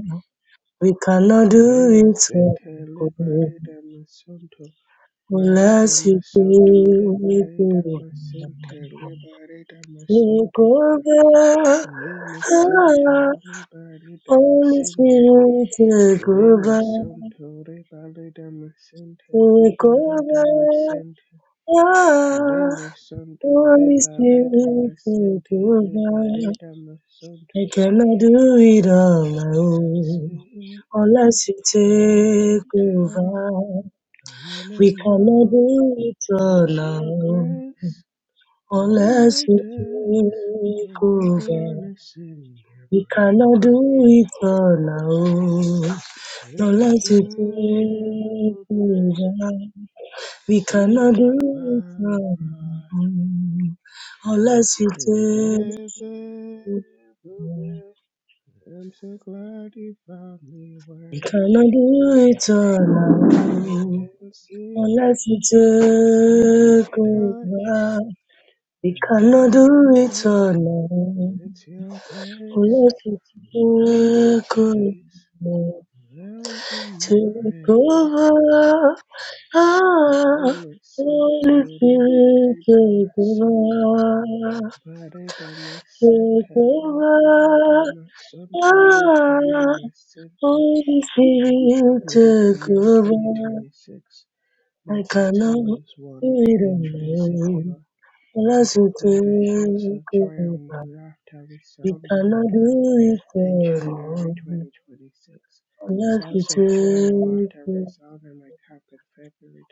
S3: We cannot do
S1: Lima
S3: it on our
S1: Sente
S3: own.
S1: Libarida Masunto Marida
S3: Unless you
S1: Masunto
S3: take
S1: Libarida
S3: over. Take
S1: Masente Libarida Masunto
S3: over.
S1: Lima Sente
S3: Ah, Holy
S1: Libarida Masente
S3: Spirit, take
S1: Lima
S3: over.
S1: Sunto Libarida Masente
S3: Take over.
S1: Libarida Masente
S3: Ah,
S1: Lima Sunto
S3: Holy
S1: Libarida
S3: Spirit, take
S1: Masente
S3: over.
S1: Libarida Masunto
S3: I cannot do it
S1: All
S3: on
S1: I
S3: my
S1: can
S3: own.
S1: see,
S3: Unless you
S1: I can
S3: take
S1: tell,
S3: over,
S1: and
S3: we
S1: I
S3: cannot
S1: know
S3: do it on
S1: it's
S3: our
S1: your
S3: own.
S1: grace. All
S3: Unless
S1: my
S3: you
S1: days,
S3: take
S1: I
S3: over,
S1: wanna sing your
S3: we cannot
S1: praise.
S3: do it on our own.
S1: Is
S3: Unless you take
S1: able there,
S3: over, we
S1: see
S3: cannot
S1: how
S3: do
S1: far
S3: it on
S1: you
S3: our
S1: brought.
S3: own. Unless you
S1: And
S3: take
S1: there's able
S3: over,
S1: there, I'm so glad you found me
S3: we cannot
S1: worthy.
S3: do it on our
S1: I
S3: own.
S1: can see,
S3: Unless you
S1: I can
S3: take
S1: touch.
S3: over. We
S1: And I
S3: cannot do it
S1: know if
S3: alone
S1: it's your grace
S3: unless it's
S1: all my
S3: you go
S1: days. I will
S3: to
S1: praise
S3: cover.
S1: your name.
S3: Ah,
S1: Bala santa
S3: Holy
S1: de bala
S3: Spirit,
S1: dama
S3: take
S1: santa.
S3: over,
S1: Bala dama
S3: take
S1: santa le bala
S3: over.
S1: dama santa le kimi
S3: Ah,
S1: ma santa.
S3: Holy Spirit,
S1: I
S3: take
S1: declare in
S3: over.
S1: 2026 my
S3: I cannot
S1: battle is
S3: do
S1: won, my
S3: it
S1: victory secure.
S3: alone
S1: I
S3: unless you
S1: declared, and shouts of
S3: take
S1: joy and
S3: over.
S1: laughter
S3: We
S1: resounded my
S3: cannot
S1: camp
S3: do
S1: in
S3: it
S1: January
S3: alone.
S1: 2026.
S3: Lord, we
S1: Shouts of joy and
S3: take
S1: laughter
S3: you.
S1: resounded my camp in February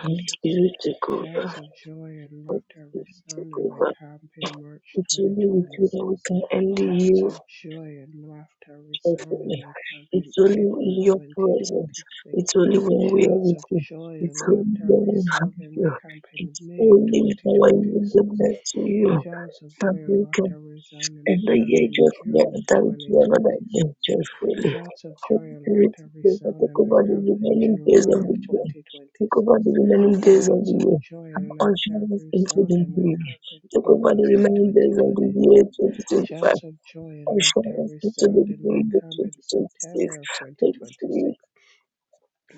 S3: Holy Spirit, take over.
S1: Shouts of joy and
S3: Holy
S1: laughter
S3: Spirit, take
S1: resounded my
S3: over.
S1: camp in March
S3: It's only with you that
S1: 2026.
S3: we can only
S1: Shouts
S3: yield
S1: of joy and laughter resounded
S3: joyfully.
S1: my camp in
S3: It's only
S1: April
S3: in your presence.
S1: 2026.
S3: It's only when we are
S1: Shouts
S3: with
S1: of
S3: you.
S1: joy
S3: It's
S1: and
S3: only
S1: laughter
S3: when we have
S1: resound in my
S3: you.
S1: campaign in
S3: It's
S1: May of
S3: only with our
S1: 2026.
S3: yieldedness to you
S1: Shouts of joy
S3: that
S1: and
S3: we can
S1: laughter resound in my
S3: enter
S1: camp
S3: your
S1: in June of
S3: judgment and do another
S1: 2026.
S3: year joyfully.
S1: Shouts of
S3: Holy
S1: joy and
S3: Spirit,
S1: laughter
S3: take over,
S1: resound
S3: take
S1: in my
S3: over the
S1: camp in
S3: remaining days
S1: July
S3: of
S1: of
S3: the year.
S1: 2026.
S3: Take over the remaining days of
S1: Shouts
S3: the
S1: of
S3: year.
S1: joy
S3: And
S1: and laughter
S3: usher us into
S1: resound
S3: the
S1: in my
S3: new year.
S1: camp in
S3: Take over the
S1: August of
S3: remaining days of the year
S1: 2026.
S3: 2025.
S1: Shouts of joy and
S3: Usher
S1: laughter
S3: us into
S1: resound
S3: the
S1: in my
S3: new year
S1: camp in
S3: 2026.
S1: September of
S3: Holy
S1: 2026.
S3: Spirit,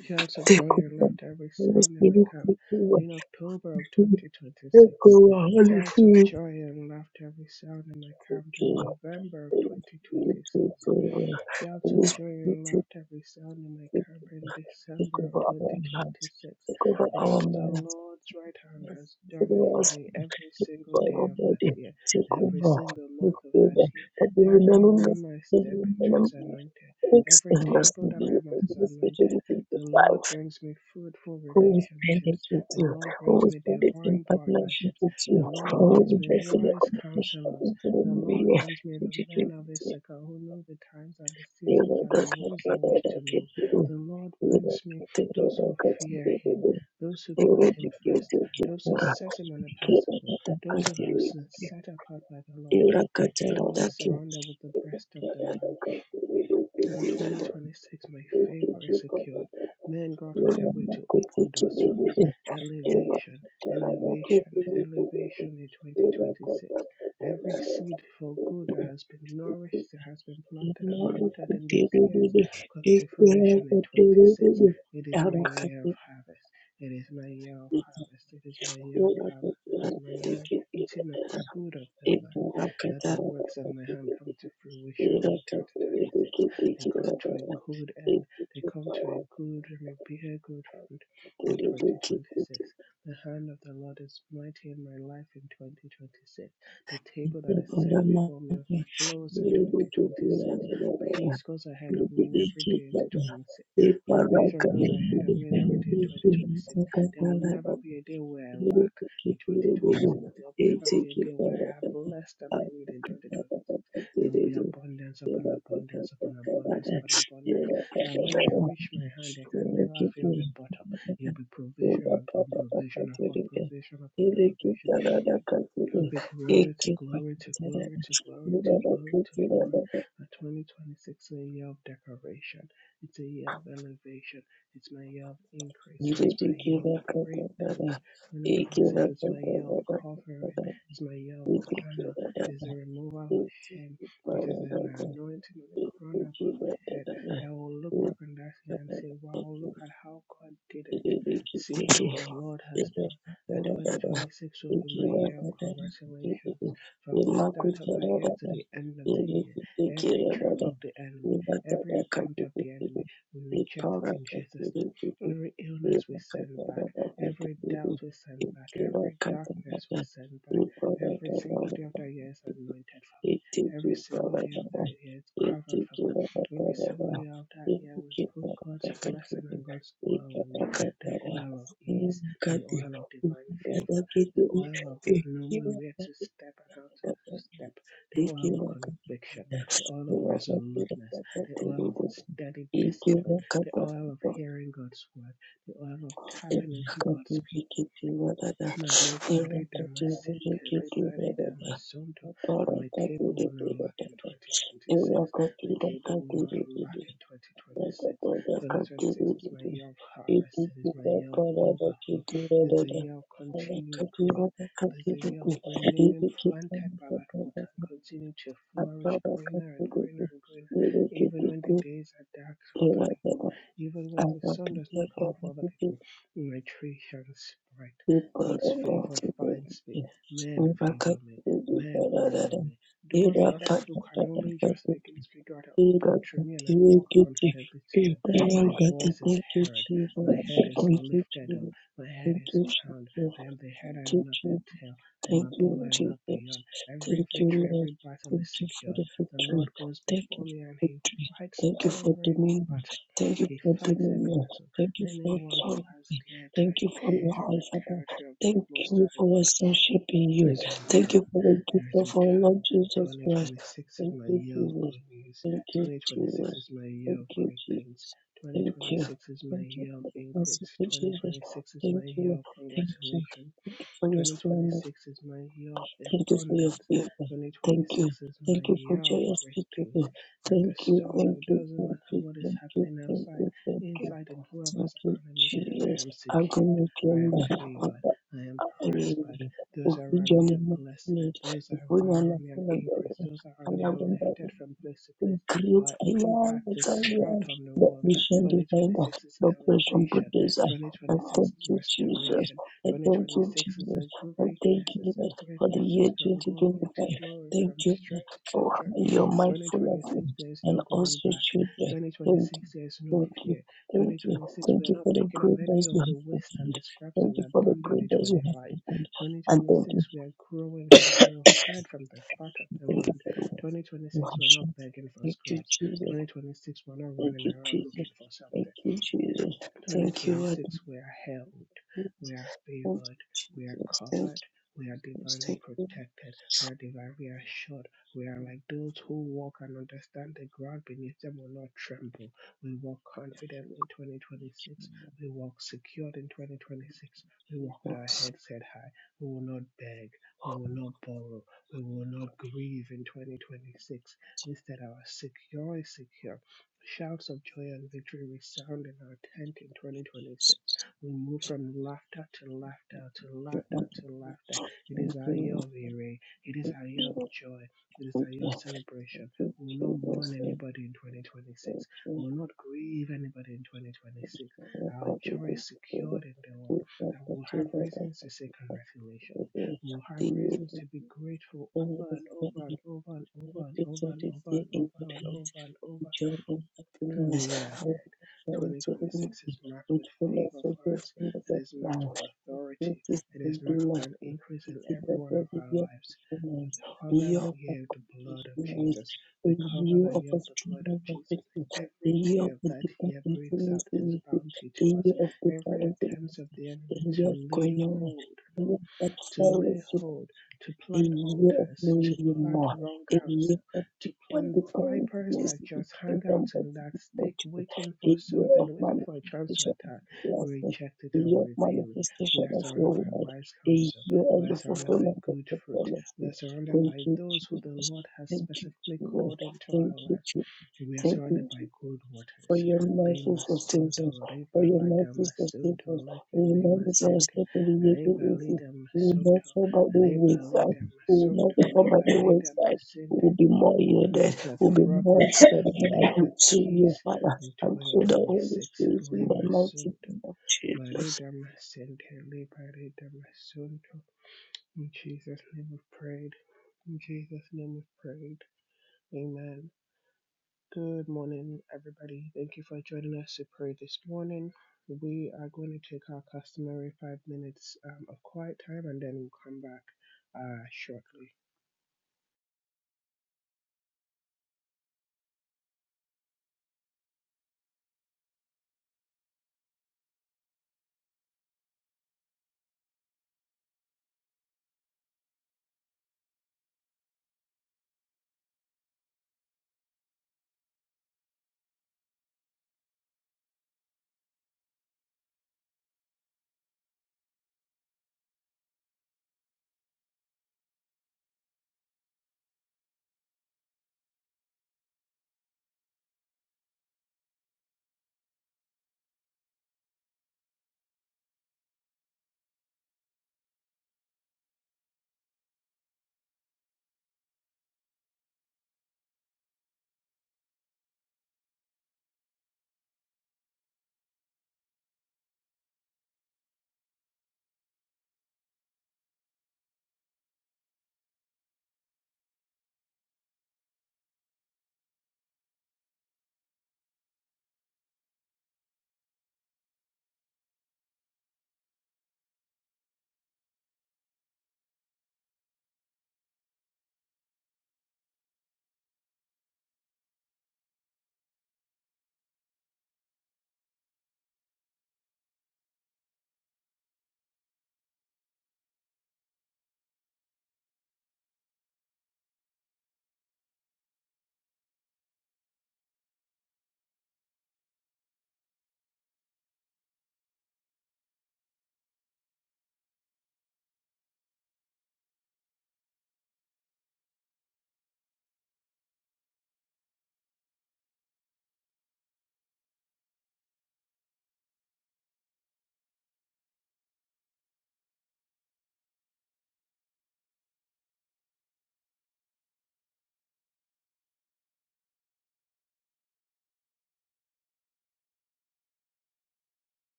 S1: Shouts of
S3: take
S1: joy and
S3: over.
S1: laughter
S3: Holy
S1: resound in my
S3: Spirit,
S1: camp
S3: take over.
S1: in October of
S3: Take
S1: 2026.
S3: over. Holy
S1: Shouts of
S3: Spirit,
S1: joy and laughter resound in my camp
S3: take
S1: in
S3: over.
S1: November of 2026.
S3: Take over.
S1: Shouts
S3: Holy
S1: of
S3: Spirit,
S1: joy
S3: take
S1: and
S3: over.
S1: laughter resound in my camp in
S3: Take
S1: December of
S3: over our hearts.
S1: 2026
S3: Take over our
S1: because the
S3: minds.
S1: Lord's right hand has done it
S3: Everywhere
S1: for
S3: else,
S1: me every single day
S3: Bible
S1: of that
S3: body,
S1: year,
S3: take
S1: every
S3: over,
S1: single
S3: take
S1: month of that
S3: over,
S1: year.
S3: that the
S1: Every
S3: remembrance,
S1: room I
S3: that the
S1: step into is
S3: remembrance
S1: anointed,
S3: makes
S1: every
S3: us
S1: table
S3: to
S1: that
S3: be
S1: I am at
S3: able
S1: is
S3: to speak
S1: anointed.
S3: to the
S1: The Lord
S3: five
S1: brings me fruitful
S3: who is present
S1: relationships,
S3: with
S1: the
S3: you,
S1: Lord
S3: who
S1: brings
S3: is
S1: me
S3: present in
S1: divine
S3: partnership
S1: partnerships,
S3: with you,
S1: the
S3: and
S1: Lord
S3: who will
S1: brings
S3: be
S1: me
S3: blessing the
S1: wise
S3: competition
S1: counselors.
S3: into the
S1: The
S3: new
S1: Lord
S3: year,
S1: brings me the men of
S3: 2022.
S1: Issachar who know the times and the seasons
S3: Even the
S1: and the
S3: God,
S1: ways in
S3: brother,
S1: which to
S3: that can
S1: move.
S3: do.
S1: The Lord
S3: Even the
S1: brings me
S3: God,
S1: those
S3: brother,
S1: who fear
S3: that can
S1: Him,
S3: do.
S1: those who put
S3: Thank
S1: Him first, those who set Him on a pedestal, those who have been set apart by the Lord. My table is surrounded with the breast of the Lamb. In 2026, my favor is secured. Men go out of their way to open doors for me. Elevation, elevation, elevation in 2026. Every seed for good that has been nourished, that has been planted and watered in these years, come to fruition in 26. It is my year of harvest. It is my year of harvest. It is my year of harvest. It is my year of eating of the good of the land. That the works of my
S3: you.
S1: hand come to fruition in
S3: Thank
S1: 2026 they come to a good end. They come to a good and may bear good fruit in 2026. The hand of the Lord is mighty in my life in 2026. The table that is set before me overflows in 2026. Peace goes ahead of me in every day in 2026. Provision goes ahead of me in every day in 2026. There will never be a day where I lack in 2026. There will never be a day where I have less than I need in 2026. It will be
S3: you.
S1: abundance upon
S3: Thank
S1: abundance upon abundance upon abundance. That when I reach my hand, I can never feel the bottom. It will be provision upon provision upon provision upon provision. It will be glory to glory to glory to glory to glory to glory. My 2026 is a year of decoration. It's a year of elevation. It's my year of increase. It's my year of great things. 2026 is my year of covering. It's my year of honor. There's a removal of shame. It is an anointing on the crown of my head that will look back on that year and say, wow,
S3: you.
S1: look at how God did it.
S3: Thank
S1: See what the Lord has done that 2026 will be my year of congratulations. From the start of that year to the end of the year, every trap of the enemy, every attempt of the enemy, we reject it in Jesus' name. Every illness we send back, every doubt we send back, every darkness we send back. Every single day
S3: you.
S1: of that year is anointed for me.
S3: Thank
S1: Every single day of that year is covered for me. Every single year of that year we put God's blessing and God's glory in it, the oil of ease the oil of divine favor, the oil of the knowing where to step and how to step, the oil of conviction, the oil of resoluteness, the oil of a steady discipline, the oil of
S3: you.
S1: hearing God's word, the oil of
S3: Thank
S1: tapping into God's people. My Malibare Damascene, Libare Damasonto, and my center, and my table will not lack in 2026. My table will not lack in 2026. 2026 is my year of harvest. It is my year of overflow. It is a year of continued growth. It is a year of remaining planted by that water and continue to flourish greener and greener and greener, even when the days are dark for other people, even when the sun does not come up for other
S3: you.
S1: people. My tree shall spread.
S3: Thank
S1: God's
S3: you,
S1: favor finds me.
S3: Jesus.
S1: Men
S3: Thank
S1: favor me. Men honor me. Doors that other people can only just begin to figure out are open through me, and I walk confidently to them. My voice is heard. My head is lifted up. My head is
S3: you, Jesus.
S1: crowned.
S3: Thank you,
S1: I am the head, I am not the
S3: Jesus.
S1: tail. I am
S3: Thank
S1: above,
S3: you,
S1: I am not
S3: Jesus.
S1: beyond. Every
S3: Thank you,
S1: victory,
S3: Lord.
S1: every battle
S3: Thank
S1: is
S3: you for
S1: secured.
S3: the
S1: The Lord
S3: victory.
S1: goes
S3: Thank
S1: before
S3: you
S1: me, and
S3: for
S1: He
S3: victory.
S1: fights
S3: Thank you for
S1: every
S3: dominion.
S1: battle.
S3: Thank you
S1: He
S3: for
S1: fights every
S3: dominion.
S1: battle.
S3: Thank you for
S1: Anyone who has
S3: authority.
S1: dared to
S3: Thank you for
S1: impinge on
S3: life,
S1: the
S3: Father.
S1: territory of the
S3: Thank
S1: Most
S3: you
S1: High
S3: for your
S1: God
S3: sonship in you.
S1: is
S3: Thank
S1: returned.
S3: you for the
S1: There
S3: gift
S1: is
S3: of our
S1: return.
S3: Lord Jesus Christ.
S1: 2026 is
S3: Thank
S1: my
S3: you,
S1: year of
S3: Jesus.
S1: good news.
S3: Thank you,
S1: 2026 is
S3: Jesus.
S1: my year
S3: Thank
S1: of
S3: you,
S1: great things.
S3: Jesus. Thank
S1: 2026
S3: you.
S1: is my
S3: Thank you
S1: year of
S3: for the
S1: increase.
S3: mercy, Jesus.
S1: 2026 is my
S3: Thank you. Lord.
S1: year of
S3: Thank you.
S1: congratulations.
S3: Thank you for your splendor.
S1: 2026 is my year of
S3: Thank you for your
S1: abundance.
S3: favor. Thank you.
S1: 2026 is my
S3: Thank you for
S1: year of
S3: joyous
S1: great
S3: speaking.
S1: things. At the
S3: Thank you,
S1: start,
S3: thank
S1: it
S3: you,
S1: doesn't
S3: thank
S1: matter
S3: you,
S1: what is
S3: thank you,
S1: happening
S3: thank
S1: outside,
S3: you, thank you.
S1: inside, in
S3: Thank
S1: whoever's
S3: you,
S1: economy, I
S3: Jesus.
S1: am
S3: I'm
S1: secured.
S3: going to
S1: I am
S3: remember.
S1: favored. I am prospered. Those around me
S3: Uvijoni
S1: are blessed.
S3: mwakilit,
S1: Those
S3: uvuna
S1: around me are
S3: nafuna
S1: increased. Those around me are
S3: mbele,
S1: lifted from place to place.
S3: create
S1: Our
S3: a land
S1: impact
S3: that
S1: is
S3: I am
S1: felt on the
S3: that
S1: world.
S3: mission designer,
S1: 2026 is
S3: the operation
S1: elevation.
S3: producer. I
S1: 2026
S3: thank
S1: is
S3: you, Jesus.
S1: restoration.
S3: I thank you,
S1: 2026 is
S3: Jesus.
S1: a
S3: I thank
S1: greatness.
S3: you
S1: It's a
S3: Lord, for the
S1: greatness.
S3: year
S1: It's from glory to
S3: 2025.
S1: glory,
S3: Thank
S1: from
S3: you Lord,
S1: strength to
S3: for
S1: strength.
S3: your mindful of
S1: 2026,
S3: me
S1: there is no
S3: and
S1: going
S3: also
S1: back.
S3: children. Thank you.
S1: 2026, there is no
S3: Thank you.
S1: fear.
S3: Thank you.
S1: 2026, we
S3: Thank
S1: are
S3: you
S1: not
S3: for the
S1: picking up
S3: great
S1: any
S3: doors
S1: of
S3: you
S1: the
S3: have
S1: waste and
S3: opened.
S1: the scraps that
S3: Thank
S1: we
S3: you for the
S1: abandoned
S3: great
S1: in
S3: doors you
S1: 25.
S3: have opened. And thank you.
S1: 2026, we are growing from the third from the fat of the
S3: Thank you
S1: land.
S3: for the work you have
S1: 2026, we are not
S3: shown.
S1: begging for
S3: Thank you,
S1: scraps.
S3: Jesus.
S1: 2026, we are not
S3: Thank
S1: running
S3: you,
S1: around looking
S3: Jesus.
S1: for
S3: Thank
S1: something.
S3: you, Jesus. Thank you, Lord.
S1: 2026, we are held, we are
S3: Thank you,
S1: favored, we are
S3: Jesus. Thank
S1: covered,
S3: you,
S1: we are
S3: Jesus.
S1: divinely
S3: Thank you,
S1: protected, we are divinely assured. We are like those who walk and understand the ground beneath them will not tremble. We walk confidently in 2026, we walk secured in 2026, we walk with
S3: Lord.
S1: our heads set high. We will not beg, we will not borrow, we will not grieve in 2026. Instead, our secure is secure Shouts of joy and victory resound in our tent in 2026. We move from laughter to laughter to
S3: Thank
S1: laughter to laughter. It is
S3: you,
S1: our year
S3: Lord.
S1: of
S3: Thank
S1: array. It is
S3: you, Lord. Thank
S1: our year
S3: you,
S1: of
S3: Jesus.
S1: joy. It is our
S3: Thank
S1: year
S3: you,
S1: of celebration.
S3: Thank you,
S1: We will not
S3: Jesus.
S1: mourn
S3: Thank
S1: anybody in 2026.
S3: you,
S1: We
S3: Jesus.
S1: will not grieve anybody in
S3: Thank
S1: 2026.
S3: you, Lord.
S1: Our
S3: God, you do
S1: joy is secured
S3: it.
S1: in the
S3: We
S1: Lord.
S3: thank you, Lord.
S1: That
S3: I
S1: we will
S3: thank you,
S1: have reasons to say congratulations.
S3: Lord.
S1: We will have
S3: The year
S1: reasons to be grateful over and
S3: is
S1: over and over and
S3: Let
S1: over and
S3: peace
S1: over
S3: of
S1: and
S3: this
S1: over
S3: day
S1: and
S3: in
S1: over
S3: good
S1: and over and
S3: health
S1: over and over
S3: and joy in
S1: the
S3: happiness.
S1: year
S3: I will surely to the Lord
S1: 2026 is marked
S3: with
S1: with
S3: fullness
S1: favor
S3: of
S1: for
S3: joy
S1: us.
S3: from the
S1: It
S3: death
S1: is marked
S3: now.
S1: with
S3: With
S1: authority.
S3: greatest
S1: It is
S3: and
S1: marked with an
S3: mercy,
S1: increase
S3: it
S1: in
S3: is
S1: every
S3: the
S1: one of
S3: body
S1: our
S3: your
S1: lives. We
S3: performance,
S1: cover
S3: year
S1: that
S3: of
S1: year with the blood of
S3: accomplishment,
S1: Jesus. We
S3: a
S1: cover
S3: year
S1: that
S3: of
S1: year
S3: a
S1: with the blood of
S3: strong
S1: Jesus.
S3: victory, a
S1: Every
S3: year
S1: day
S3: of
S1: of
S3: a
S1: that
S3: deeper
S1: year brings
S3: intimacy
S1: out His
S3: with you,
S1: bounty
S3: a
S1: to us.
S3: year of deeper
S1: Every
S3: intimacy,
S1: attempt of the
S3: a
S1: enemy
S3: year of
S1: to lay
S3: communion
S1: hold, mm,
S3: that
S1: to lay
S3: fellowship
S1: hold, to
S3: a
S1: plant
S3: year of
S1: altars,
S3: knowing
S1: to
S3: you
S1: plant
S3: more,
S1: wrong
S3: a
S1: counsel
S3: year of
S1: to
S3: deeper
S1: plant vipers
S3: dependence,
S1: that just hang
S3: dependence
S1: out
S3: on what
S1: in that
S3: you
S1: stick waiting for
S3: a year
S1: something,
S3: of
S1: waiting for a chance to
S3: manifestation of
S1: attack. We
S3: blessings,
S1: reject it
S3: a
S1: and
S3: year
S1: we
S3: of
S1: repel it. We
S3: manifestation
S1: are
S3: of
S1: surrounded
S3: your
S1: by
S3: word,
S1: wise
S3: a
S1: counsel.
S3: year
S1: We
S3: of
S1: are
S3: the
S1: surrounded by
S3: fulfillment of
S1: good
S3: the
S1: fruit. We are
S3: promises.
S1: surrounded
S3: Thank
S1: by
S3: you,
S1: those who the
S3: Jesus.
S1: Lord has
S3: Thank you,
S1: specifically
S3: Jesus.
S1: called into
S3: Thank
S1: our
S3: you,
S1: lives.
S3: Jesus.
S1: We are
S3: Thank you,
S1: surrounded by good
S3: for
S1: waters.
S3: your mercy
S1: Lima
S3: sustains us,
S1: Sunto
S3: for
S1: Reba
S3: your
S1: Lada
S3: mercy sustains us,
S1: Masunto Lake
S3: we will
S1: Lima
S3: not miss our
S1: Sente
S3: step in the wicked
S1: Reba
S3: places,
S1: Lida
S3: we will not
S1: Masunto
S3: fall by the
S1: Reba
S3: wayside,
S1: Lida
S3: we will
S1: Masunto
S3: not fall by
S1: Liba
S3: the wayside, we
S1: Reda
S3: will be more
S1: we
S3: yielded,
S1: declare
S3: we will be more
S1: progress. We declare
S3: surrendered to you,
S1: peace
S3: Father,
S1: in
S3: and to the Holy
S1: 2026.
S3: Spirit in the
S1: Lima
S3: mighty
S1: Sunto.
S3: name of Jesus.
S1: Marida Masente. Liberida Masunto. In Jesus' name we prayed. In Jesus' name we prayed. Amen. Good morning, everybody. Thank you for joining us to pray this morning. We are going to take our customary five minutes um, of quiet time and then we'll come back uh, shortly.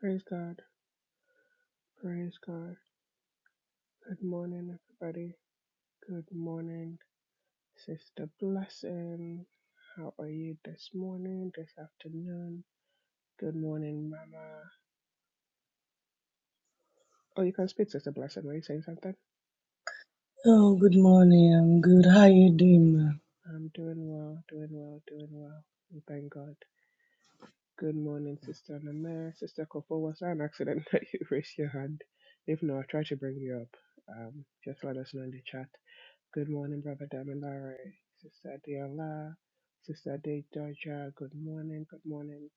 S1: Praise God. Praise God. Good morning, everybody. Good morning, Sister Blessing. How are you this morning, this afternoon? Good morning, Mama. Oh, you can speak, Sister Blessing. Were you saying something?
S3: Oh, good morning. I'm good. How you doing,
S1: I'm doing well, doing well, doing well. We Thank God. Good morning, Sister Namir. Sister Kofo, was that an accident that you raised your hand? If not, I'll try to bring you up. Um, just let us know in the chat. Good morning, Brother Damilare, Sister Adiola, Sister De Georgia. Good morning, good morning.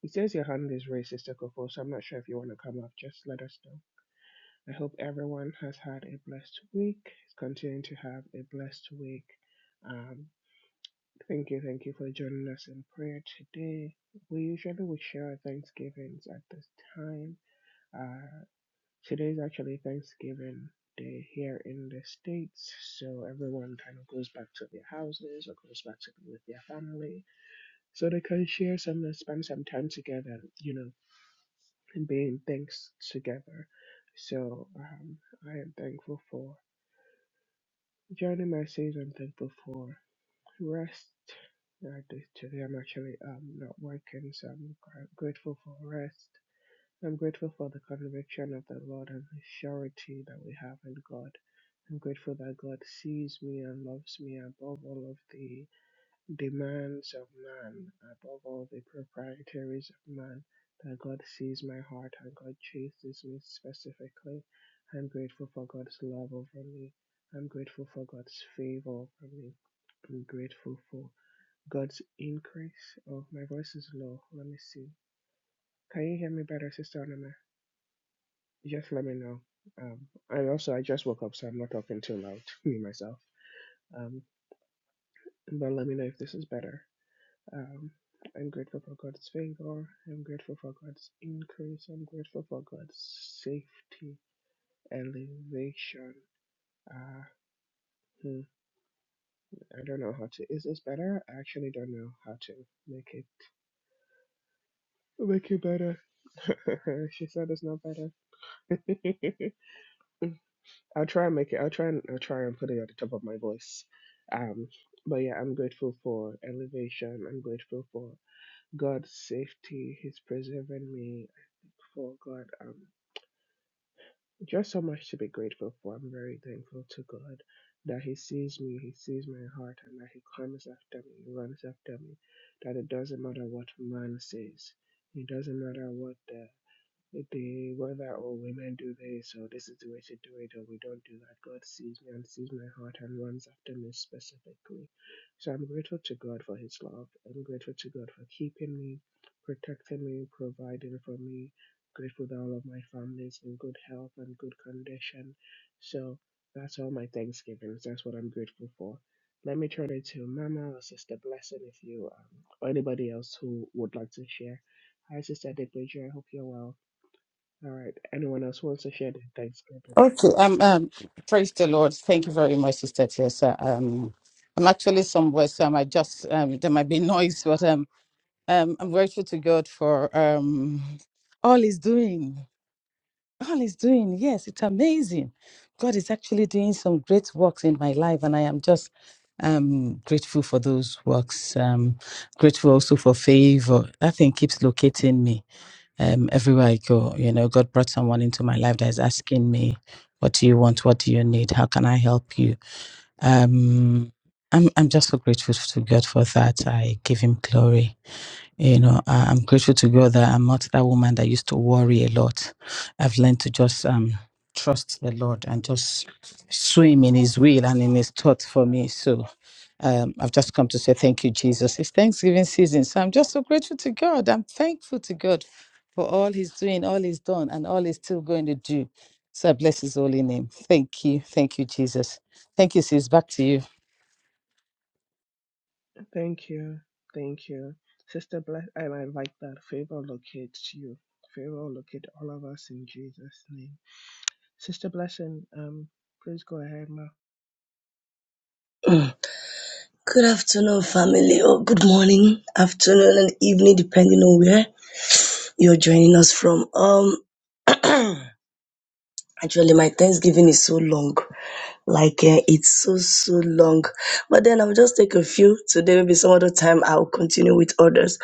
S1: He says your hand is racist, Okofo, so I'm not sure if you want to come up. Just let us know. I hope everyone has had a blessed week, is continuing to have a blessed week. Um, thank you, thank you for joining us in prayer today. We usually would share our Thanksgivings at this time. Uh, today is actually Thanksgiving Day here in the States, so everyone kind of goes back to their houses or goes back to be with their family so they can share some spend some time together, you know and being things together. So um, I am thankful for journey mercies. I'm thankful for rest. Uh, th- today I'm actually um, not working, so I'm gr- grateful for rest. I'm grateful for the conviction of the Lord and the surety that we have in God. I'm grateful that God sees me and loves me above all of the demands of man, above all the proprietaries of man, that God sees my heart and God chases me specifically. I'm grateful for God's love over me. I'm grateful for God's favor over me. I'm grateful for God's increase. Oh, my voice is low. Let me see. Can you hear me better, Sister Anima? Just let me know. Um, and also, I just woke up, so I'm not talking too loud, me myself. Um, but let me know if this is better. Um, I'm grateful for God's favor. I'm grateful for God's increase. I'm grateful for God's safety, elevation. Uh, hmm, I don't know how to. Is this better? I actually don't know how to make it make it better. she said it's not better. I'll try and make it. I'll try and I'll try and put it at the top of my voice. Um, but yeah, I'm grateful for elevation. I'm grateful for God's safety. He's preserving me. For God. um, Just so much to be grateful for. I'm very thankful to God that He sees me, He sees my heart, and that He comes after me, He runs after me. That it doesn't matter what man says, it doesn't matter what the they whether or women do this or this is the way to do it or we don't do that god sees me and sees my heart and runs after me specifically so i'm grateful to god for his love i'm grateful to god for keeping me protecting me providing for me grateful that all of my family is in good health and good condition so that's all my thanksgivings that's what i'm grateful for let me turn it to mama or sister blessing if you um, or anybody else who would like to share hi sister Depeja. i hope you're well all right. Anyone else wants to share their Thanksgiving?
S2: praise the Lord. Thank you very much, Sister Teresa. Um, I'm actually somewhere, so I might just um, there might be noise, but um, um, I'm grateful to God for um, all He's doing. All He's doing, yes, it's amazing. God is actually doing some great works in my life, and I am just I'm grateful for those works. Um, grateful also for favor. That thing keeps locating me um, everywhere I go. You know, God brought someone into my life that is asking me, "What do you want? What do you need? How can I help you?" Um, I'm I'm just so grateful to God for that. I give Him glory. You know, I, I'm grateful to God that I'm not that woman that used to worry a lot. I've learned to just um trust the Lord and just swim in His will and in His thought for me. So um, I've just come to say thank you, Jesus. It's Thanksgiving season, so I'm just so grateful to God. I'm thankful to God for all He's doing, all He's done, and all He's still going to do. So I bless His holy name. Thank you, thank you, Jesus. Thank you, sis. Back to you.
S1: Thank you. Thank you. Sister Bless, and I like that. Favor locates you. Favor locate all of us in Jesus' name. Sister Blessing, um, please go ahead, ma.
S3: ma? Good afternoon, family. Or good morning, afternoon, and evening, depending on where you're joining us from. Um, Actually, my Thanksgiving is so long. Like, uh, it's so, so long. But then I'll just take a few today, maybe some other time I'll continue with others.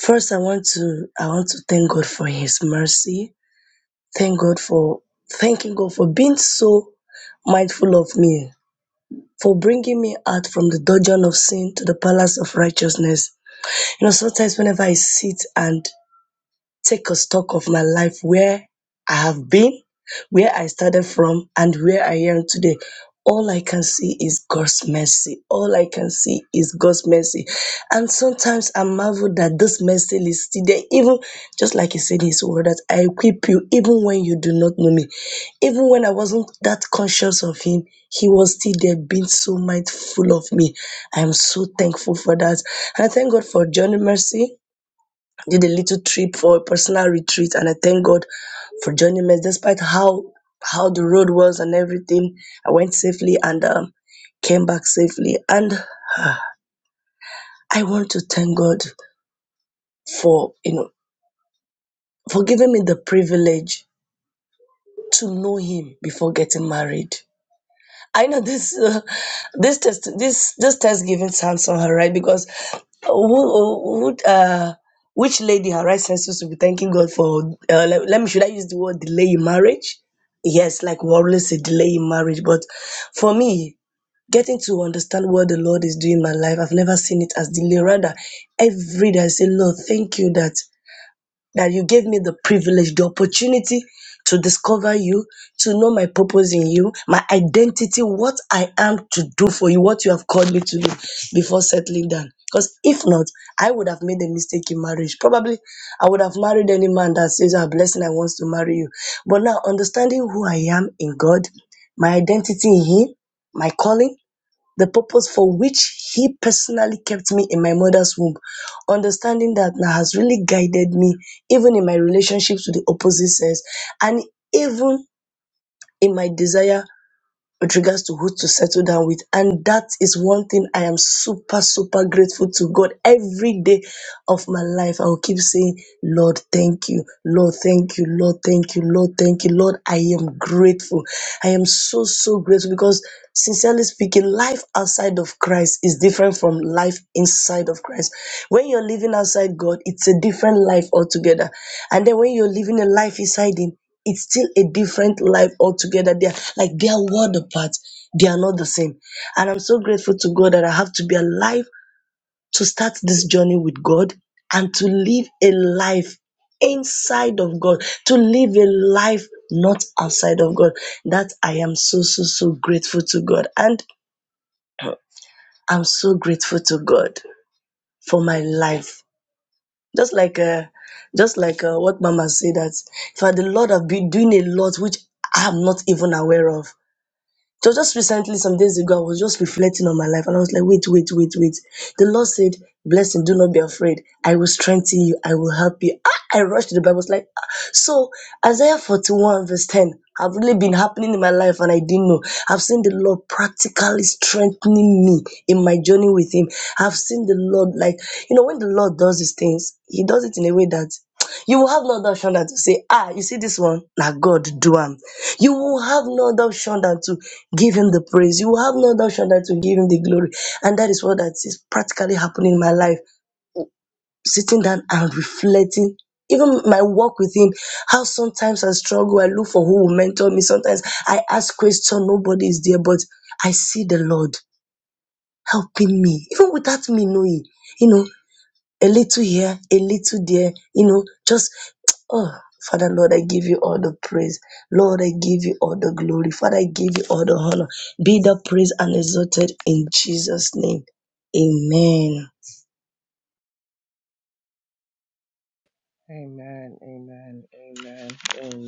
S3: First, I want to, I want to thank God for His mercy. Thank God for, thanking God for being so mindful of me, for bringing me out from the dungeon of sin to the palace of righteousness. You know, sometimes whenever I sit and take a stock of my life, where I have been, where I started from, and where I am today. All I can see is God's mercy. All I can see is God's mercy. And sometimes I marvel that this mercy is still there. Even just like he said in his word, that I equip you even when you do not know me. Even when I wasn't that conscious of him, he was still there being so mindful of me. I am so thankful for that. And I thank God for Johnny Mercy did a little trip for a personal retreat and I thank God for joining me despite how how the road was and everything. I went safely and um, came back safely and ah, I want to thank God for you know for giving me the privilege to know him before getting married. I know this uh, this test this this test giving sounds on her right because who, who uh which lady her right senses to be thanking God for uh, let, let me should I use the word delay in marriage? Yes, like we always say delay in marriage, but for me, getting to understand what the Lord is doing in my life, I've never seen it as delay. Rather, every day I say, Lord, thank you that that you gave me the privilege, the opportunity to discover you, to know my purpose in you, my identity, what I am to do for you, what you have called me to do before settling down. Because if not, I would have made a mistake in marriage. Probably I would have married any man that says, Ah, blessing, I want to marry you. But now, understanding who I am in God, my identity in Him, my calling, the purpose for which He personally kept me in my mother's womb. Understanding that now has really guided me, even in my relationships with the opposite sex, and even in my desire with regards to who to settle down with. And that is one thing I am super, super grateful to God every day of my life, I will keep saying, Lord, thank you. Lord, thank you. Lord, thank you. Lord, thank you. Lord, I am grateful. I am so, so grateful because, sincerely speaking, life outside of Christ is different from life inside of Christ. When you're living outside God, it's a different life altogether. And then when you're living a life inside Him, it's still a different life altogether. They are like they are world apart. They are not the same. And I'm so grateful to God that I have to be alive to start this journey with God and to live a life inside of God, to live a life not outside of God. That I am so, so, so grateful to God. And I'm so grateful to God for my life. Just like uh, just like uh, what Mama said that, for the Lord have been doing a lot which I'm not even aware of. So just recently, some days ago, I was just reflecting on my life and I was like, wait, wait, wait, wait. The Lord said, Blessing, do not be afraid. I will strengthen you. I will help you. Ah, I rushed to the Bible. I was like, ah. so Isaiah 41 verse 10 have really been happening in my life and I didn't know. I've seen the Lord practically strengthening me in my journey with him. I've seen the Lord like, you know, when the Lord does these things, he does it in a way that you will have no other option than to say, Ah, you see this one? Now God do am. You will have no other option than to give him the praise. You will have no other option than to give him the glory. And that is what that is practically happening in my life. Sitting down and reflecting. Even my work with him, how sometimes I struggle, I look for who will mentor me. Sometimes I ask questions, nobody is there, but I see the Lord helping me, even without me knowing. You know, a little here, a little there, you know, just, oh, Father, Lord, I give you all the praise. Lord, I give you all the glory. Father, I give you all the honor. Be the praise and exalted in Jesus' name. Amen.
S1: Amen, amen, amen, amen.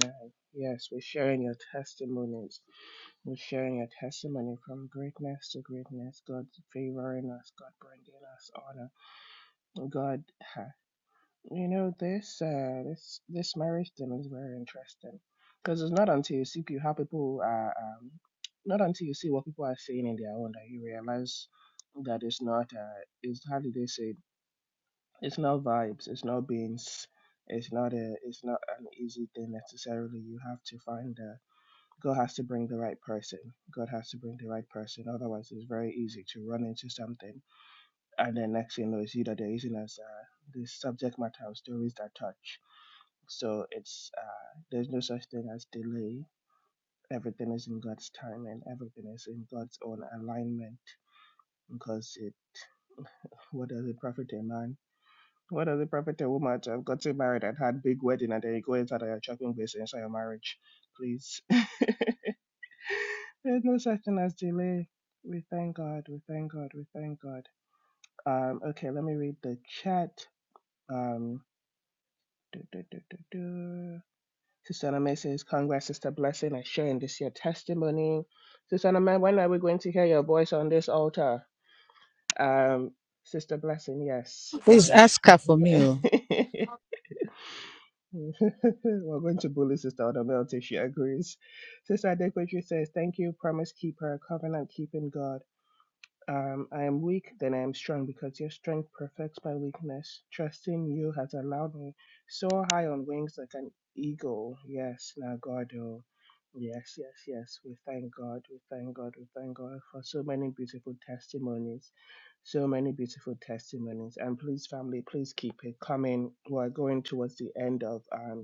S1: Yes, we're sharing your testimonies. We're sharing your testimony from greatness to greatness. God favoring us, God bringing us honor. God You know, this uh, this this marriage thing is very interesting because it's not until you see how people are, um, not until you see what people are saying in their own that you realize that it's not. Uh, it's how do they say? it? It's not vibes. It's not beans. It's not a. It's not an easy thing necessarily. You have to find. Uh, God has to bring the right person. God has to bring the right person. Otherwise, it's very easy to run into something, and then next thing you know, it's either they're using as uh, the subject matter of stories that touch. So it's uh, there's no such thing as delay. Everything is in God's time and everything is in God's own alignment. Because it, what does it profit a man? What does it profit a woman to have gotten married and had big wedding and then you go inside of your chopping place and inside your marriage? Please, there's no such thing as delay. We thank God. We thank God. We thank God. Um, okay, let me read the chat. Um, Do, do, do, do, do. Sister Aname says, Congrats, Sister Blessing, and sharing this your testimony. Sister Aname, when are we going to hear your voice on this altar? Um, Sister Blessing, yes.
S2: Please
S1: Amen.
S2: ask her for me. oh.
S1: We're going to bully Sister Odobel till she agrees. Sister Adequatri says, Thank you, promise keeper, covenant keeping God. Um, I am weak, then I am strong, because your strength perfects my weakness. Trusting you has allowed me soar high on wings like an eagle. Yes, now God, oh, yes, yes, yes. We thank God, we thank God, we thank God for so many beautiful testimonies, so many beautiful testimonies. And please, family, please keep it coming. We're going towards the end of um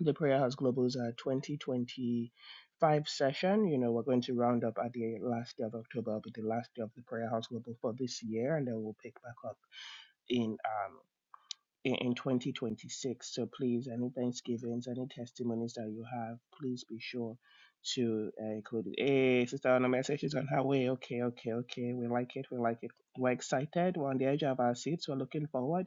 S1: the Prayer House Global's uh, 2025 session. You know, we're going to round up at the last day of October, will be the last day of the Prayer House Global for this year, and then we'll pick back up in um in, in 2026. So please, any Thanksgivings, any testimonies that you have, please be sure to uh, include it. Hey, Sister Anna, says she's on her way. Okay, okay, okay. We like it. We like it. We're excited. We're on the edge of our seats. We're looking forward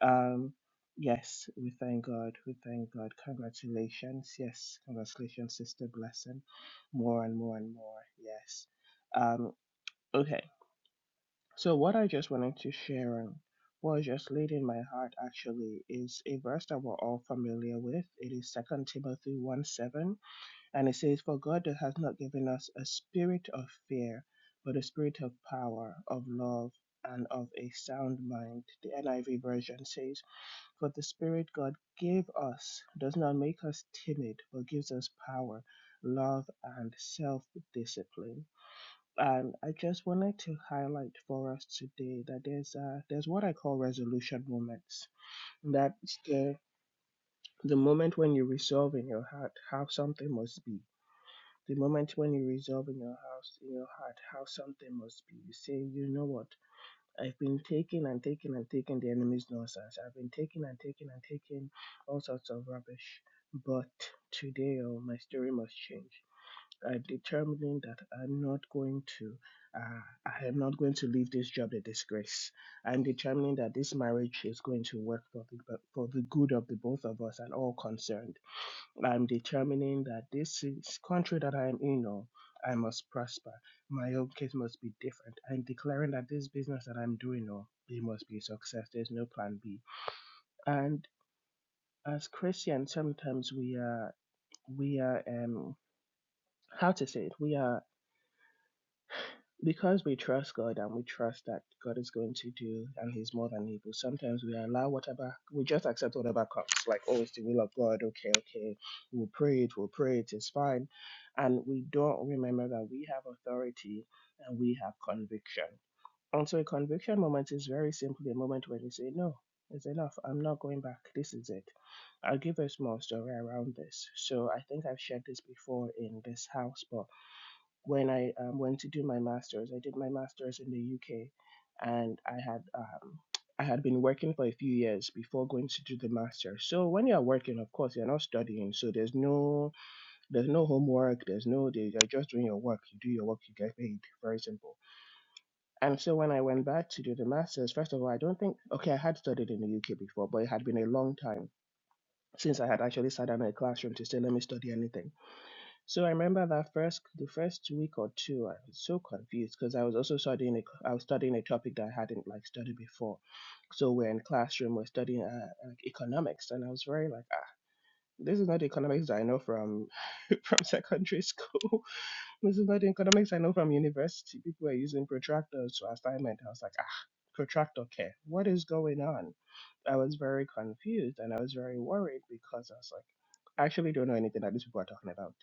S1: um, yes, we thank God. We thank God. Congratulations. Yes, congratulations, Sister Blessing. More and more and more. Yes. Um, okay. So what I just wanted to share and what was just laid in my heart actually is a verse that we're all familiar with. It is Second Timothy 1 7. And it says, For God has not given us a spirit of fear, but a spirit of power, of love, and of a sound mind. The NIV version says for the Spirit God gave us does not make us timid, but gives us power, love, and self discipline. And I just wanted to highlight for us today that there's uh, there's what I call resolution moments. That's the the moment when you resolve in your heart how something must be. The moment when you resolve in your house in your heart how something must be. You say, you know what? I've been taking and taking and taking the enemy's nonsense. I've been taking and taking and taking all sorts of rubbish. But today, oh, my story must change. I'm determining that I'm not going to, uh, I am not going to leave this job a disgrace. I'm determining that this marriage is going to work for the for the good of the both of us and all concerned. I'm determining that this is country that I'm in or I must prosper. My own case must be different. I'm declaring that this business that I'm doing or it must be a success. There's no plan B. And as Christians sometimes we are we are um how to say it, we are because we trust God and we trust that God is going to do and He's more than able, sometimes we allow whatever, we just accept whatever comes, like, oh, it's the will of God, okay, okay, we'll pray it, we'll pray it, it's fine. And we don't remember that we have authority and we have conviction. And so a conviction moment is very simply a moment when you say, no, it's enough, I'm not going back, this is it. I'll give a small story around this. So I think I've shared this before in this house, but when I um, went to do my master's. I did my master's in the UK, and I had um, I had been working for a few years before going to do the master's. So when you're working, of course, you're not studying. So there's no there's no homework. There's no day. You're just doing your work. You do your work. You get paid. Very simple. And so when I went back to do the master's, first of all, I don't think okay, I had studied in the UK before, but it had been a long time since I had actually sat down in a classroom to say, let me study anything. So I remember that first the first week or two, I was so confused because I was also studying a, I was studying a topic that I hadn't like studied before. So we're in classroom, we're studying uh, like economics, and I was very like, ah, this is not the economics that I know from from secondary school. this is not the economics I know from university. People are using protractors to assignment. I was like, ah, protractor care. What is going on? I was very confused and I was very worried because I was like, I actually don't know anything that these people are talking about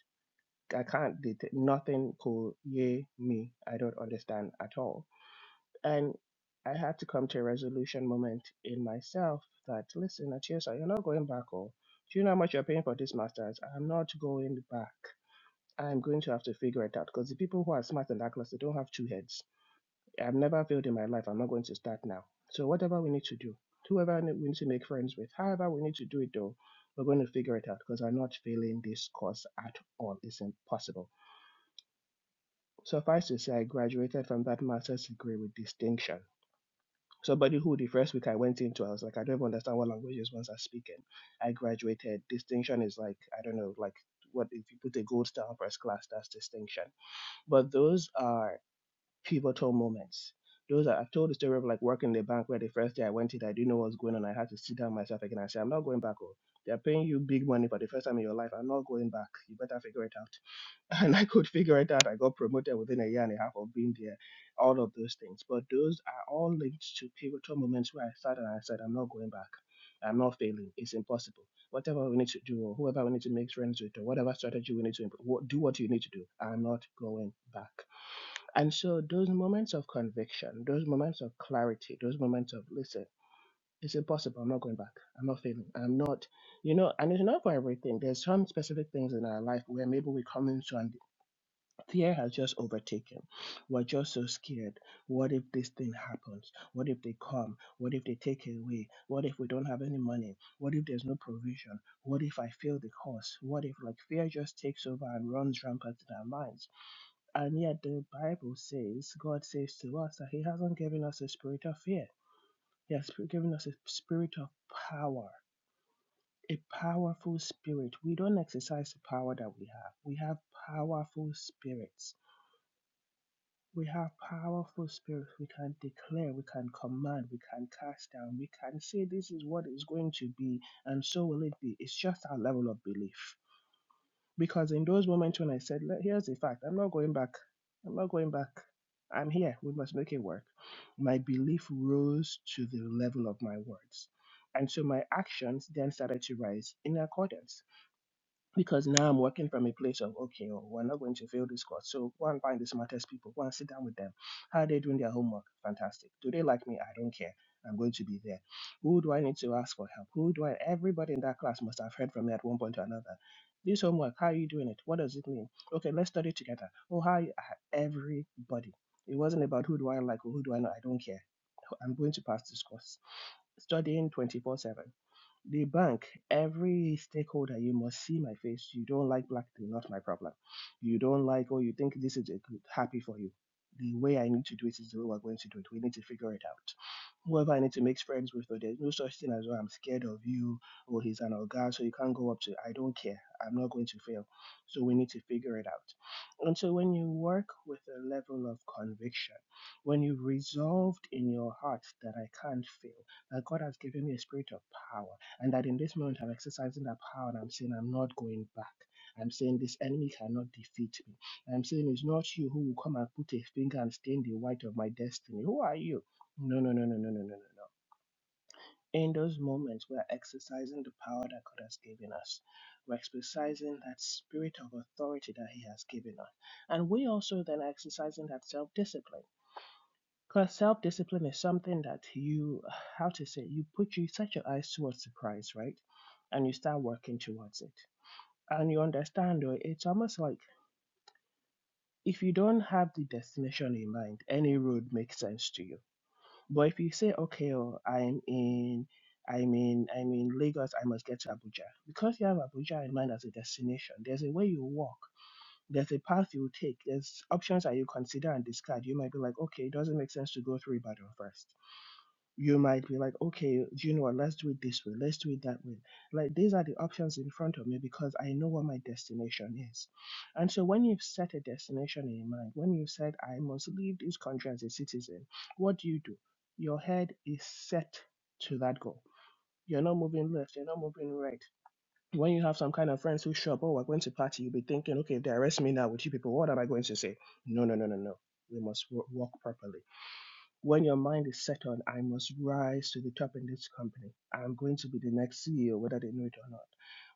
S1: I can't do th- nothing could yay me. I don't understand at all. And I had to come to a resolution moment in myself that listen, Atiosa, you're not going back or do you know how much you're paying for this masters? I'm not going back. I'm going to have to figure it out because the people who are smart in that class they don't have two heads. I've never failed in my life. I'm not going to start now. So whatever we need to do, whoever ne- we need to make friends with, however we need to do it though, we're going to figure it out because I'm not failing this course at all. It's impossible. Suffice to say, I graduated from that master's degree with distinction. Somebody who the first week I went into, I was like, I don't even understand what languages ones are speaking. I graduated. Distinction is like, I don't know, like what if you put a gold star on first class, that's distinction. But those are pivotal moments. Those are, I've told the story of like working in the bank where the first day I went in, I didn't know what was going on. I had to sit down myself again and say, I'm not going back. Oh, they're paying you big money for the first time in your life. I'm not going back. You better figure it out and I could figure it out. I got promoted within a year and a half of being there, all of those things. But those are all linked to pivotal moments where I started and I said, I'm not going back. I'm not failing. It's impossible. Whatever we need to do, or whoever we need to make friends with, or whatever strategy we need to imp- wha- do, what you need to do, I'm not going back. And so, those moments of conviction, those moments of clarity, those moments of listen, it's impossible. I'm not going back. I'm not failing. I'm not you know, and it's not for everything. There's some specific things in our life where maybe we come into and Fear has just overtaken. We're just so scared. What if this thing happens? What if they come? What if they take it away? What if we don't have any money? What if there's no provision? What if I fail the course? What if, like, fear just takes over and runs rampant in our minds? And yet, the Bible says, God says to us that He hasn't given us a spirit of fear, He has given us a spirit of power. A powerful spirit. We don't exercise the power that we have. We have powerful spirits We have powerful spirits. We can declare, we can command, we can cast down, we can say this is what is going to be, and so will it be. It's just our level of belief. Because in those moments when I said, "Le- here's the fact, I'm not going back, I'm not going back, I'm here, we must make it work, my belief rose to the level of my words. And so my actions then started to rise in accordance because now I'm working from a place of okay, oh, we're not going to fail this course. So go and find the smartest people, go and sit down with them. How are they doing their homework? Fantastic. Do they like me? I don't care. I'm going to be there. Who do I need to ask for help? Who do I everybody in that class must have heard from me at one point or another. This homework, how are you doing it? What does it mean? Okay, let's study together. Oh, how are you, ah, everybody. It wasn't about who do I like or who do I know. I don't care. I'm going to pass this course. Studying 24 7 the bank, every stakeholder, you must see my face. You don't like black thing, not my problem. You don't like, or you think this is a good, happy for you. The way I need to do it is the way we're going to do it. We need to figure it out. Whoever I need to make friends with, or there's no such thing as, oh, I'm scared of you, or he's an organ, so you can't go up to. I don't care. I'm not going to fail. So we need to figure it out. And so when you work with a level of conviction, when you've resolved in your heart that I can't fail, that God has given me a spirit of power and that in this moment I'm exercising that power and I'm saying I'm not going back. I'm saying this enemy cannot defeat me. I'm saying it's not you who will come and put a finger and stain the white of my destiny. Who are you? No, no, no, no, no, no, no, no, no. In those moments, we're exercising the power that God has given us. We're exercising that spirit of authority that He has given us. And we also then are exercising that self discipline. Because self discipline is something that you, how to say, you put you set your eyes towards the prize, right? And you start working towards it. And you understand, or it's almost like if you don't have the destination in mind, any road makes sense to you. But if you say, okay, oh, I'm in, I'm in, I'm in Lagos, I must get to Abuja. Because you have Abuja in mind as a destination, there's a way you walk. There's a path you take. There's options that you consider and discard. You might be like, okay, it doesn't make sense to go through Ibadan first you might be like, okay, you know what? Let's do it this way. Let's do it that way. Like, these are the options in front of me because I know what my destination is. And so, when you've set a destination in mind, when you've said, I must leave this country as a citizen, what do you do? Your head is set to that goal. You're not moving left, you're not moving right. When you have some kind of friends who show up, oh, we're going to party, you'll be thinking, okay, if they arrest me now with you people, what am I going to say? No, no, no, no, no. We must wo- walk properly when your mind is set on, I must rise to the top in this company. I'm going to be the next CEO, whether they know it or not.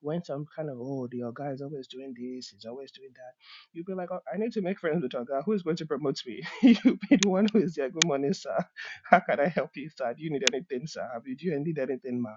S1: When some kind of, oh, the guy is always doing this, he's always doing that, you'll be like, oh, I need to make friends with guy. Who is going to promote me? you'll be the one who is there. Good morning, sir. How can I help you, sir? Do you need anything, sir? Have you, do you need anything, ma?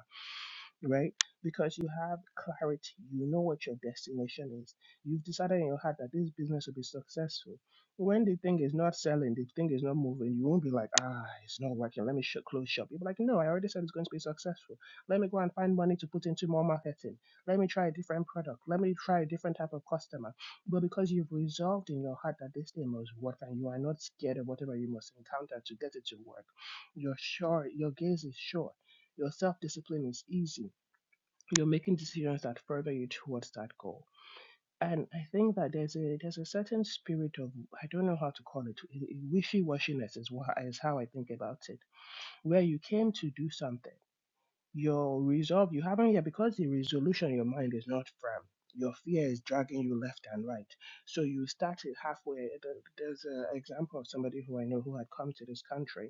S1: right? Because you have clarity, you know what your destination is. You've decided in your heart that this business will be successful. When the thing is not selling, the thing is not moving, you won't be like, ah, it's not working. Let me shut close shop. You'll be like, no, I already said it's going to be successful. Let me go and find money to put into more marketing. Let me try a different product. Let me try a different type of customer. But because you've resolved in your heart that this thing must work and you are not scared of whatever you must encounter to get it to work, you're sure, your gaze is sure. Your self discipline is easy you're making decisions that further you towards that goal. And I think that there's a there's a certain spirit of I don't know how to call it wishy washiness is what is how I think about it, where you came to do something, your resolve you haven't yet because the resolution in your mind is not firm. Your fear is dragging you left and right, so you started halfway. There- There's an example of somebody who I know who had come to this country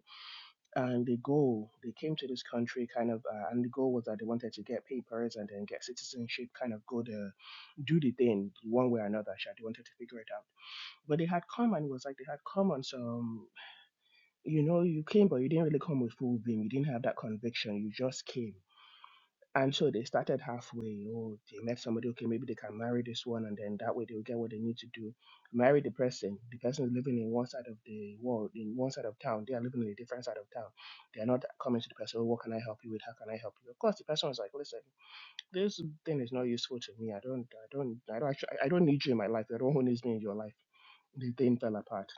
S1: and the goal they came to this country kind of uh, and the goal was that they wanted to get papers and then get citizenship kind of go the do the thing one way or another sha, they wanted to figure it out but they had come and it was like they had come on some you know you came but you didn't really come with full beam you didn't have that conviction you just came and so they started halfway. Oh, they met somebody. Okay, maybe they can marry this one, and then that way they'll get what they need to do. Marry the person. The person is living in one side of the world, in one side of town. They are living in a different side of town. They are not coming to the person. Oh, what can I help you with? How can I help you? Of course, the person was like, "Listen, this thing is not useful to me. I don't, I don't, I don't, actually, I I don't need you in my life. You're the one who needs me in your life." The thing fell apart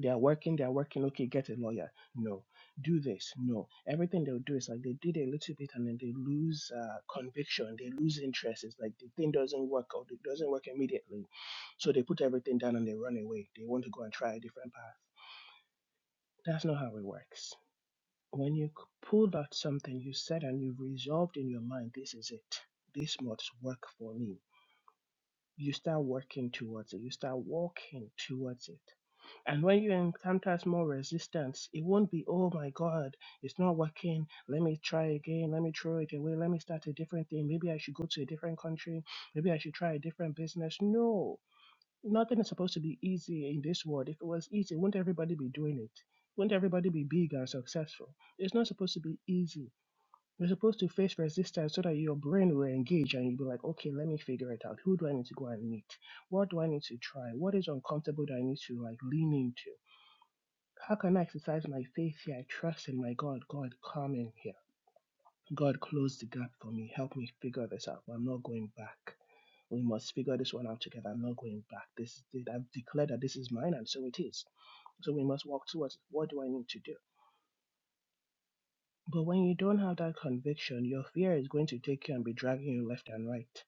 S1: they are working, they are working, okay, get a lawyer. No. Do this. No. Everything they'll do is like they did a little bit and then they lose uh, conviction, they lose interest. It's like the thing doesn't work or it doesn't work immediately. So they put everything down and they run away. They want to go and try a different path. That's not how it works. When you c- pulled out something you said and you've resolved in your mind, this is it. This must work for me. You start working towards it. You start walking towards it And when you encounter more resistance, it won't be, oh my God, it's not working. Let me try again. Let me throw it away. Let me start a different thing. Maybe I should go to a different country. Maybe I should try a different business. No, nothing is supposed to be easy in this world. If it was easy, wouldn't everybody be doing it? Wouldn't everybody be big and successful? It's not supposed to be easy. You're supposed to face resistance so that your brain will engage and you'll be like, okay, let me figure it out. Who do I need to go and meet? What do I need to try? What is uncomfortable that I need to like lean into? How can I exercise my faith here? I trust in my God. God, come in here. God, close the gap for me. Help me figure this out. I'm not going back. We must figure this one out together. I'm not going back. This is it. I've declared that this is mine, and so it is. So we must walk towards it. What do I need to do? But when you don't have that conviction, your fear is going to take you and be dragging you left and right.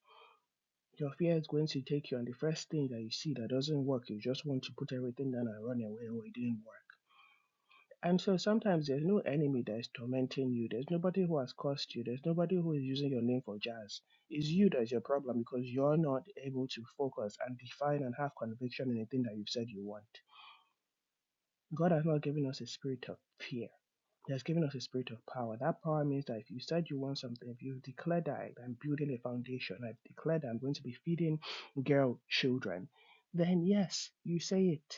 S1: Your fear is going to take you, and the first thing that you see that doesn't work, you just want to put everything down and run away. Oh, it didn't work. And so sometimes there's no enemy that is tormenting you. There's nobody who has cursed you. There's nobody who is using your name for jazz. It's you that's your problem because you're not able to focus and define and have conviction in the thing that you've said you want. God has not given us a spirit of fear. He has given us a spirit of power. That power means that if you said you want something, if you've declared that I'm building a foundation, I've declared I'm going to be feeding girl children, then yes, you say it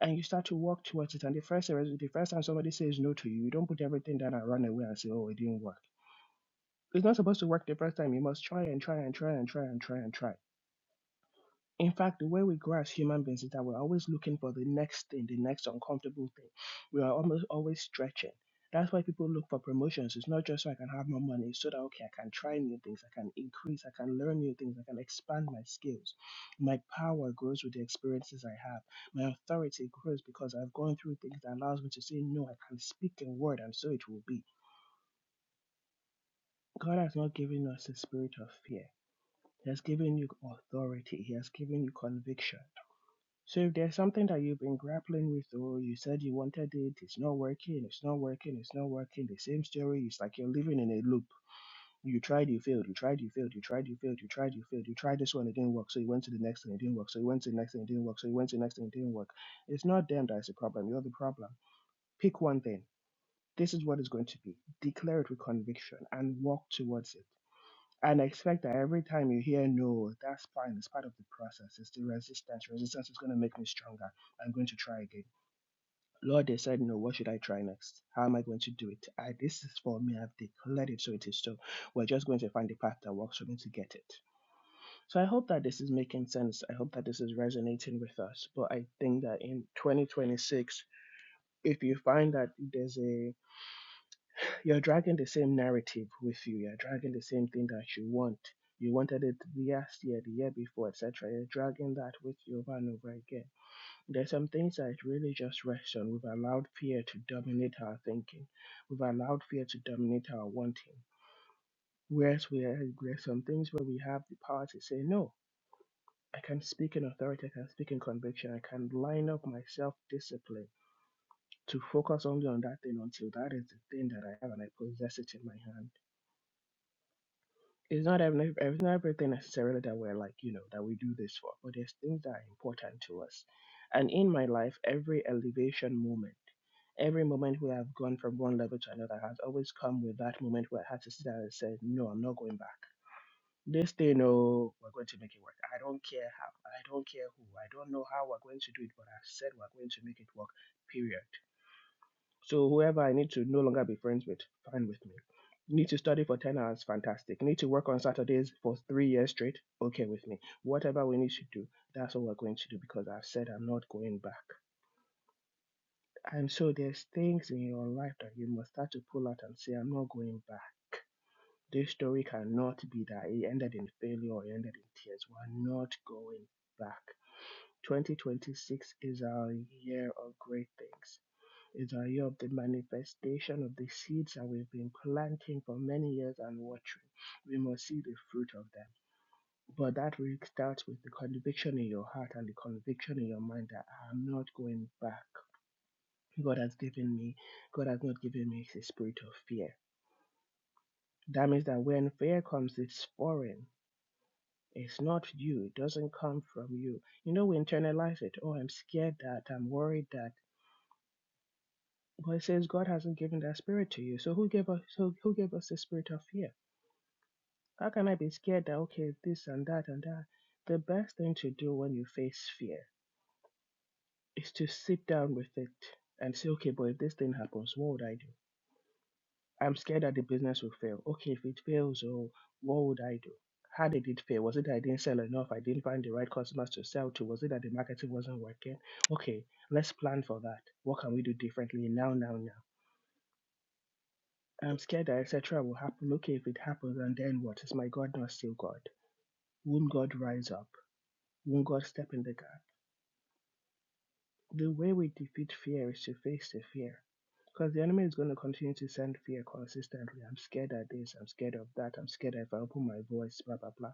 S1: and you start to work towards it. And the first the first time somebody says no to you, you don't put everything down and run away and say, "Oh, it didn't work." It's not supposed to work the first time. You must try and try and try and try and try and try. In fact, the way we grow as human beings is that we're always looking for the next thing, the next uncomfortable thing. We are almost always stretching. That's why people look for promotions. It's not just so I can have more money, it's so that okay, I can try new things, I can increase, I can learn new things, I can expand my skills. My power grows with the experiences I have. My authority grows because I've gone through things that allows me to say no, I can speak a word and so it will be. God has not given us a spirit of fear. He has given you authority. He has given you conviction. So if there's something that you've been grappling with, or you said you wanted it, it's not working, it's not working, it's not working, the same story, it's like you're living in a loop. You tried, you failed, you tried, you failed, you tried, you failed, you tried, you failed, you tried this one, it didn't work, so you went to the next and it didn't work, so you went to the next and it didn't work, so you went to the next and it didn't work. It's not them that is the problem, you're the problem. Pick one thing. This is what it's going to be. Declare it with conviction and walk towards it and expect that every time you hear no, that's fine. It's part of the process. It's the resistance. Resistance is going to make me stronger. I'm going to try again. Lord, they said no. What should I try next? How am I going to do it? I, this is for me. I've declared it, so it is so. We're just going to find the path that works for me to get it. So I hope that this is making sense. I hope that this is resonating with us. But I think that in 2026, if you find that there's a You're dragging the same narrative with you. You're dragging the same thing that you want. You wanted it last year, the year before, etc. You're dragging that with you over and over again. There's some things that it really just rest on. We've allowed fear to dominate our thinking. We've allowed fear to dominate our wanting. Whereas we are, there's some things where we have the power to say no. I can speak in authority. I can speak in conviction. I can line up my self-discipline to focus only on that thing until that is the thing that I have and I possess it in my hand. It's not every, it's not everything necessarily that we're like, you know, that we do this for, but there's things that are important to us. And in my life, every elevation moment, every moment where I've gone from one level to another has always come with that moment where I had to sit down and say, No, I'm not going back. This thing, no, we're going to make it work. I don't care how, I don't care who, I don't know how we're going to do it, but I said we're going to make it work, period. So whoever I need to no longer be friends with, fine with me. Need to study for 10 hours, fantastic. Need to work on Saturdays for three years straight, okay with me. Whatever we need to do, that's what we're going to do because I've said I'm not going back. And so there's things in your life that you must start to pull out and say, I'm not going back. This story cannot be that it ended in failure or it ended in tears. We're not going back. 2026 is our year of great things is a year of the manifestation of the seeds that we've been planting for many years and watering. We must see the fruit of them. But that really starts with the conviction in your heart and the conviction in your mind that I'm not going back. God has given me, God has not given me the spirit of fear. That means that when fear comes, it's foreign. It's not you. It doesn't come from you. You know, we internalize it. Oh, I'm scared that. I'm worried that. Well, it says God hasn't given that spirit to you. So who gave us who, who gave us the spirit of fear? How can I be scared that okay this and that and that? The best thing to do when you face fear is to sit down with it and say, okay, but if this thing happens, what would I do? I'm scared that the business will fail. Okay, if it fails, oh, what would I do? How did it fail? Was it that I didn't sell enough? I didn't find the right customers to sell to? Was it that the marketing wasn't working? Okay, let's plan for that. What can we do differently now, now, now? I'm scared that etc. will happen. Okay, if it happens, and then what? Is my God not still God? Won't God rise up? Won't God step in the gap? The way we defeat fear is to face the fear. Because the enemy is going to continue to send fear consistently. I'm scared of this, I'm scared of that, I'm scared if I open my voice, blah blah blah.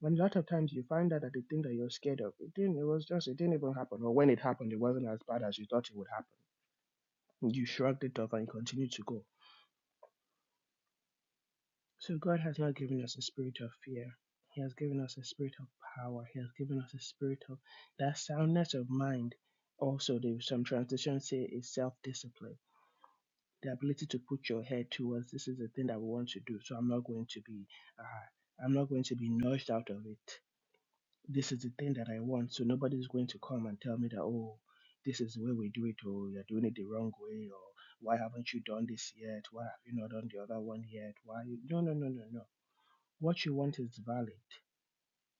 S1: When a lot of times you find out that the thing that you're scared of, it didn't it was just it didn't even happen. Or when it happened, it wasn't as bad as you thought it would happen. You shrugged it off and you continued to go. So God has not given us a spirit of fear. He has given us a spirit of power. He has given us a spirit of that soundness of mind. Also, there some transitions say is self-discipline, the ability to put your head towards this is the thing that we want to do. So I'm not going to be, uh, I'm not going to be nudged out of it. This is the thing that I want. So nobody's going to come and tell me that oh, this is the way we do it, or you're doing it the wrong way, or why haven't you done this yet? Why have you not done the other one yet? Why? You... No, no, no, no, no what you want is valid.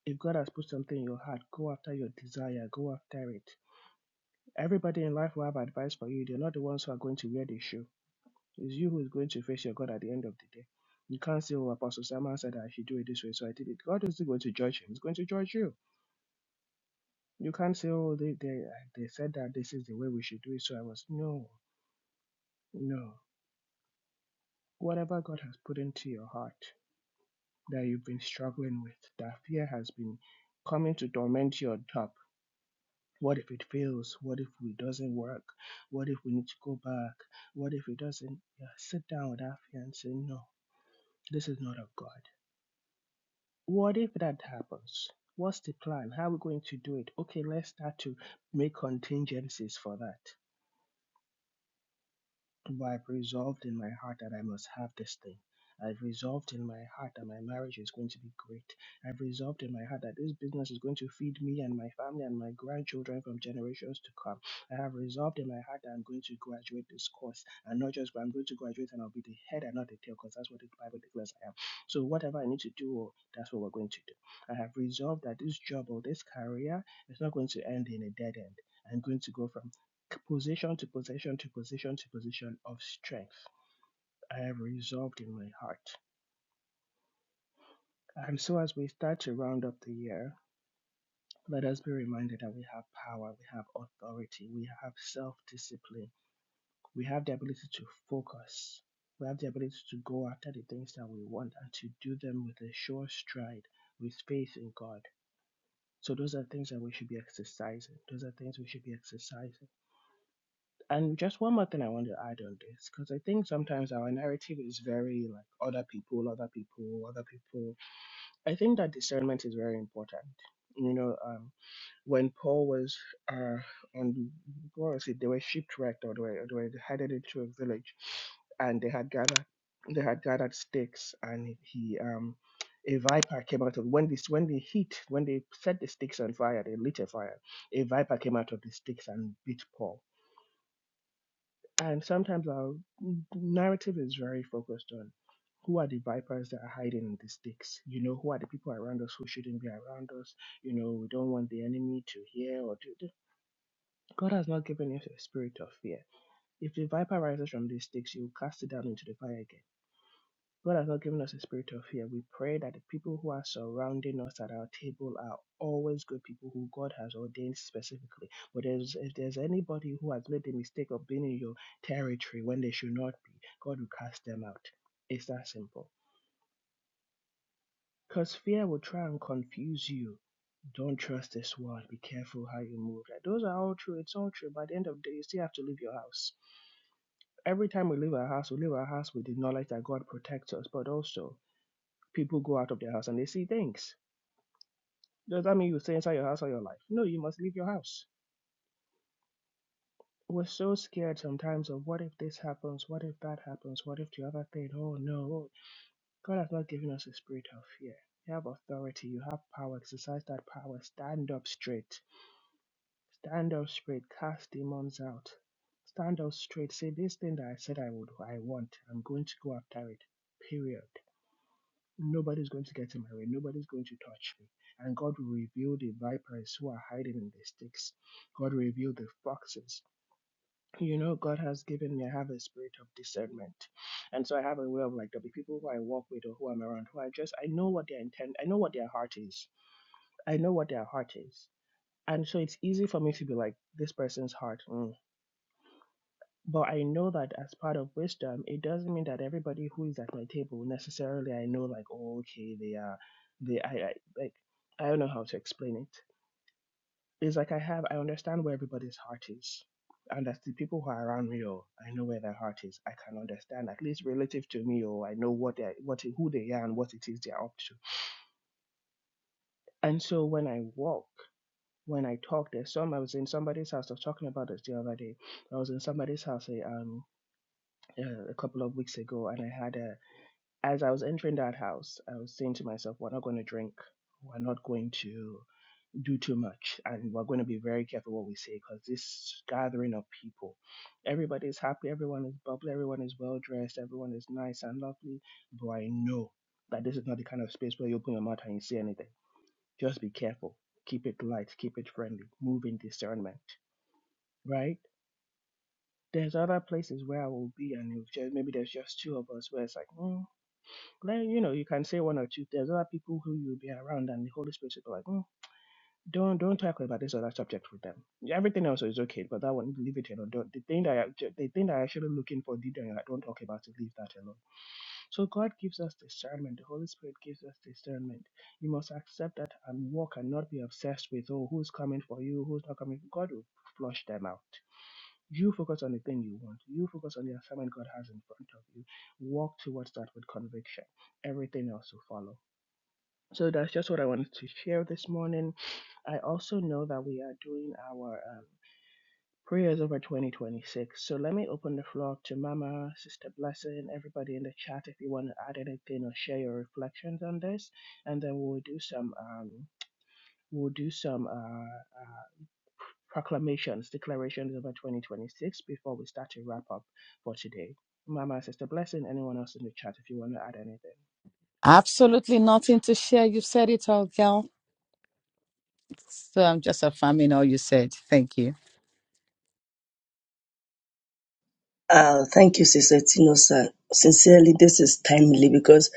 S1: If God has put something in your heart, go after your desire, go after it. Everybody in life will have advice for you. They're not the ones who are going to wear the shoe. It's you who is going to face your God at the end of the day. You can't say, Oh, Apostle Simon said I should do it this way, so I did it. God is still going to judge him. He's going to judge you. You can't say, Oh, they, they, they said that this is the way we should do it, so I was. No, no. Whatever God has put into your heart that you've been struggling with, that fear has been coming to torment your top." What if it fails? What if it doesn't work? What if we need to go back? What if it doesn't? Yeah, sit down with our fiance. No, this is not of God. What if that happens? What's the plan? How are we going to do it? Okay, let's start to make contingencies for that. But I've resolved in my heart that I must have this thing. I've resolved in my heart that my marriage is going to be great. I've resolved in my heart that this business is going to feed me and my family and my grandchildren from generations to come. I have resolved in my heart that I'm going to graduate this course and not just I'm going to graduate and I'll be the head and not the tail because that's what the Bible declares I am. So whatever I need to do, oh, that's what we're going to do. I have resolved that this job or this career is not going to end in a dead end. I'm going to go from Position to position to position to position of strength I have resolved in my heart. And so, as we start to round up the year, let us be reminded that we have power, we have authority, we have self discipline, we have the ability to focus, we have the ability to go after the things that we want and to do them with a sure stride, with faith in God. So, those are things that we should be exercising. Those are things we should be exercising. And just one more thing I want to add on this, because I think sometimes our narrative is very like other people, other people, other people. I think that discernment is very important. You know, um, when Paul was uh, on, what was it? They were shipwrecked, or they were, they were headed into a village, and they had gathered, they had gathered sticks, and he, um, a viper came out of when this when they heat when they set the sticks on fire, they lit a fire. A viper came out of the sticks and bit Paul and sometimes our narrative is very focused on who are the vipers that are hiding in the sticks? You know, who are the people around us who shouldn't be around us? You know, we don't want the enemy to hear or to. God has not given us a spirit of fear. If the viper rises from these sticks, you will cast it down into the fire again. God has not given us a spirit of fear. We pray that the people who are surrounding us at our table are always good people who God has ordained specifically. But there's, if there's anybody who has made the mistake of being in your territory when they should not be, God will cast them out. It's that simple. Because fear will try and confuse you. Don't trust this world. Be careful how you move. Like, Those are all true. It's all true. By the end of the day, you still have to leave your house. Every time we leave our house, we leave our house with the knowledge that God protects us, but also people go out of their house and they see things. Does that mean you stay inside your house all your life? No, you must leave your house. We're so scared sometimes of what if this happens, what if that happens, what if the other thing, oh no. God has not given us a spirit of fear. You have authority, you have power, exercise that power, stand up straight. Stand up straight, cast demons out. Stand up straight, say this thing that I said I would I want. I'm going to go after it. Period. Nobody's going to get in my way. Nobody's going to touch me. And God will reveal the vipers who are hiding in the sticks. God will reveal the foxes. You know, God has given me, I have a spirit of discernment. And so I have a way of like, there'll be people who I walk with or who I'm around who I just, I know what their intent, I know what their heart is. I know what their heart is. And so it's easy for me to be like, this person's heart. mm, but I know that as part of wisdom, it doesn't mean that everybody who is at my table necessarily I know like, oh, okay, they are, they, I, I, like, I don't know how to explain it. It's like I have, I understand where everybody's heart is. And that's the people who are around me, oh I know where their heart is. I can understand, at least relative to me, or I know what they, what who they are and what it is they are up to. And so when I walk, when I talk, there's some. I was in somebody's house. I was talking about this the other day. I was in somebody's house a, um, uh, a couple of weeks ago, and I had a as I was entering that house, I was saying to myself, we're not going to drink. We're not going to do too much. And we're going to be very careful what we say because this gathering of people, everybody's happy, everyone is bubbly, everyone is well dressed, everyone is nice and lovely. But I know that this is not the kind of space where you open your mouth and you say anything. Just be careful. Keep it light, keep it friendly, move in discernment, right? There's other places where I will be, and it was just, maybe there's just two of us where it's like, mm, like, you know, you can say one or two. There's other people who you'll be around, and the Holy Spirit will be like, "Mm, don't don't talk about this other subject with them. Yeah, Everything else is okay, but that one, leave it alone. Don't, the thing that I- the thing that I actually looking for, deep down, you're like, don't talk about it. Leave that alone. So God gives us discernment. The Holy Spirit gives us discernment. You must accept that and walk, and not be obsessed with oh, who's coming for you, who's not coming. God will flush them out. You focus on the thing you want. You focus on the assignment God has in front of you. Walk towards that with conviction. Everything else will follow. So that's just what I wanted to share this morning. I also know that we are doing our um, prayers over 2026. So let me open the floor up to Mama, Sister Blessing, everybody in the chat if you want to add anything or share your reflections on this. And then we'll do some. Um, We'll do some uh, uh, proclamations, declarations over 2026 before we start to wrap up for today. Mama, Sister Blessing, anyone else in the chat if you want to add anything?
S2: Absolutely nothing to share. You said it all, girl. So I'm just affirming all you said. Thank you.
S3: Uh, thank you, Sister Tino, sir. Sincerely, this is timely because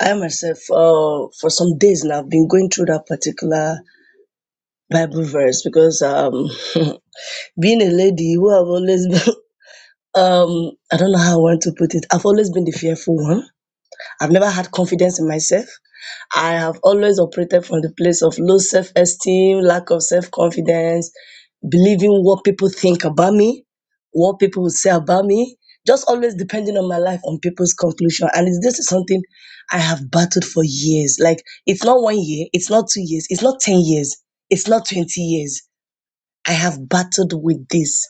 S3: I myself, uh, for some days now, I've been going through that particular Bible verse because um, being a lady who have always um i don't know how i want to put it i've always been the fearful one i've never had confidence in myself i have always operated from the place of low self-esteem lack of self-confidence believing what people think about me what people will say about me just always depending on my life on people's conclusion and it's- this is something i have battled for years like it's not one year it's not two years it's not 10 years it's not 20 years i have battled with this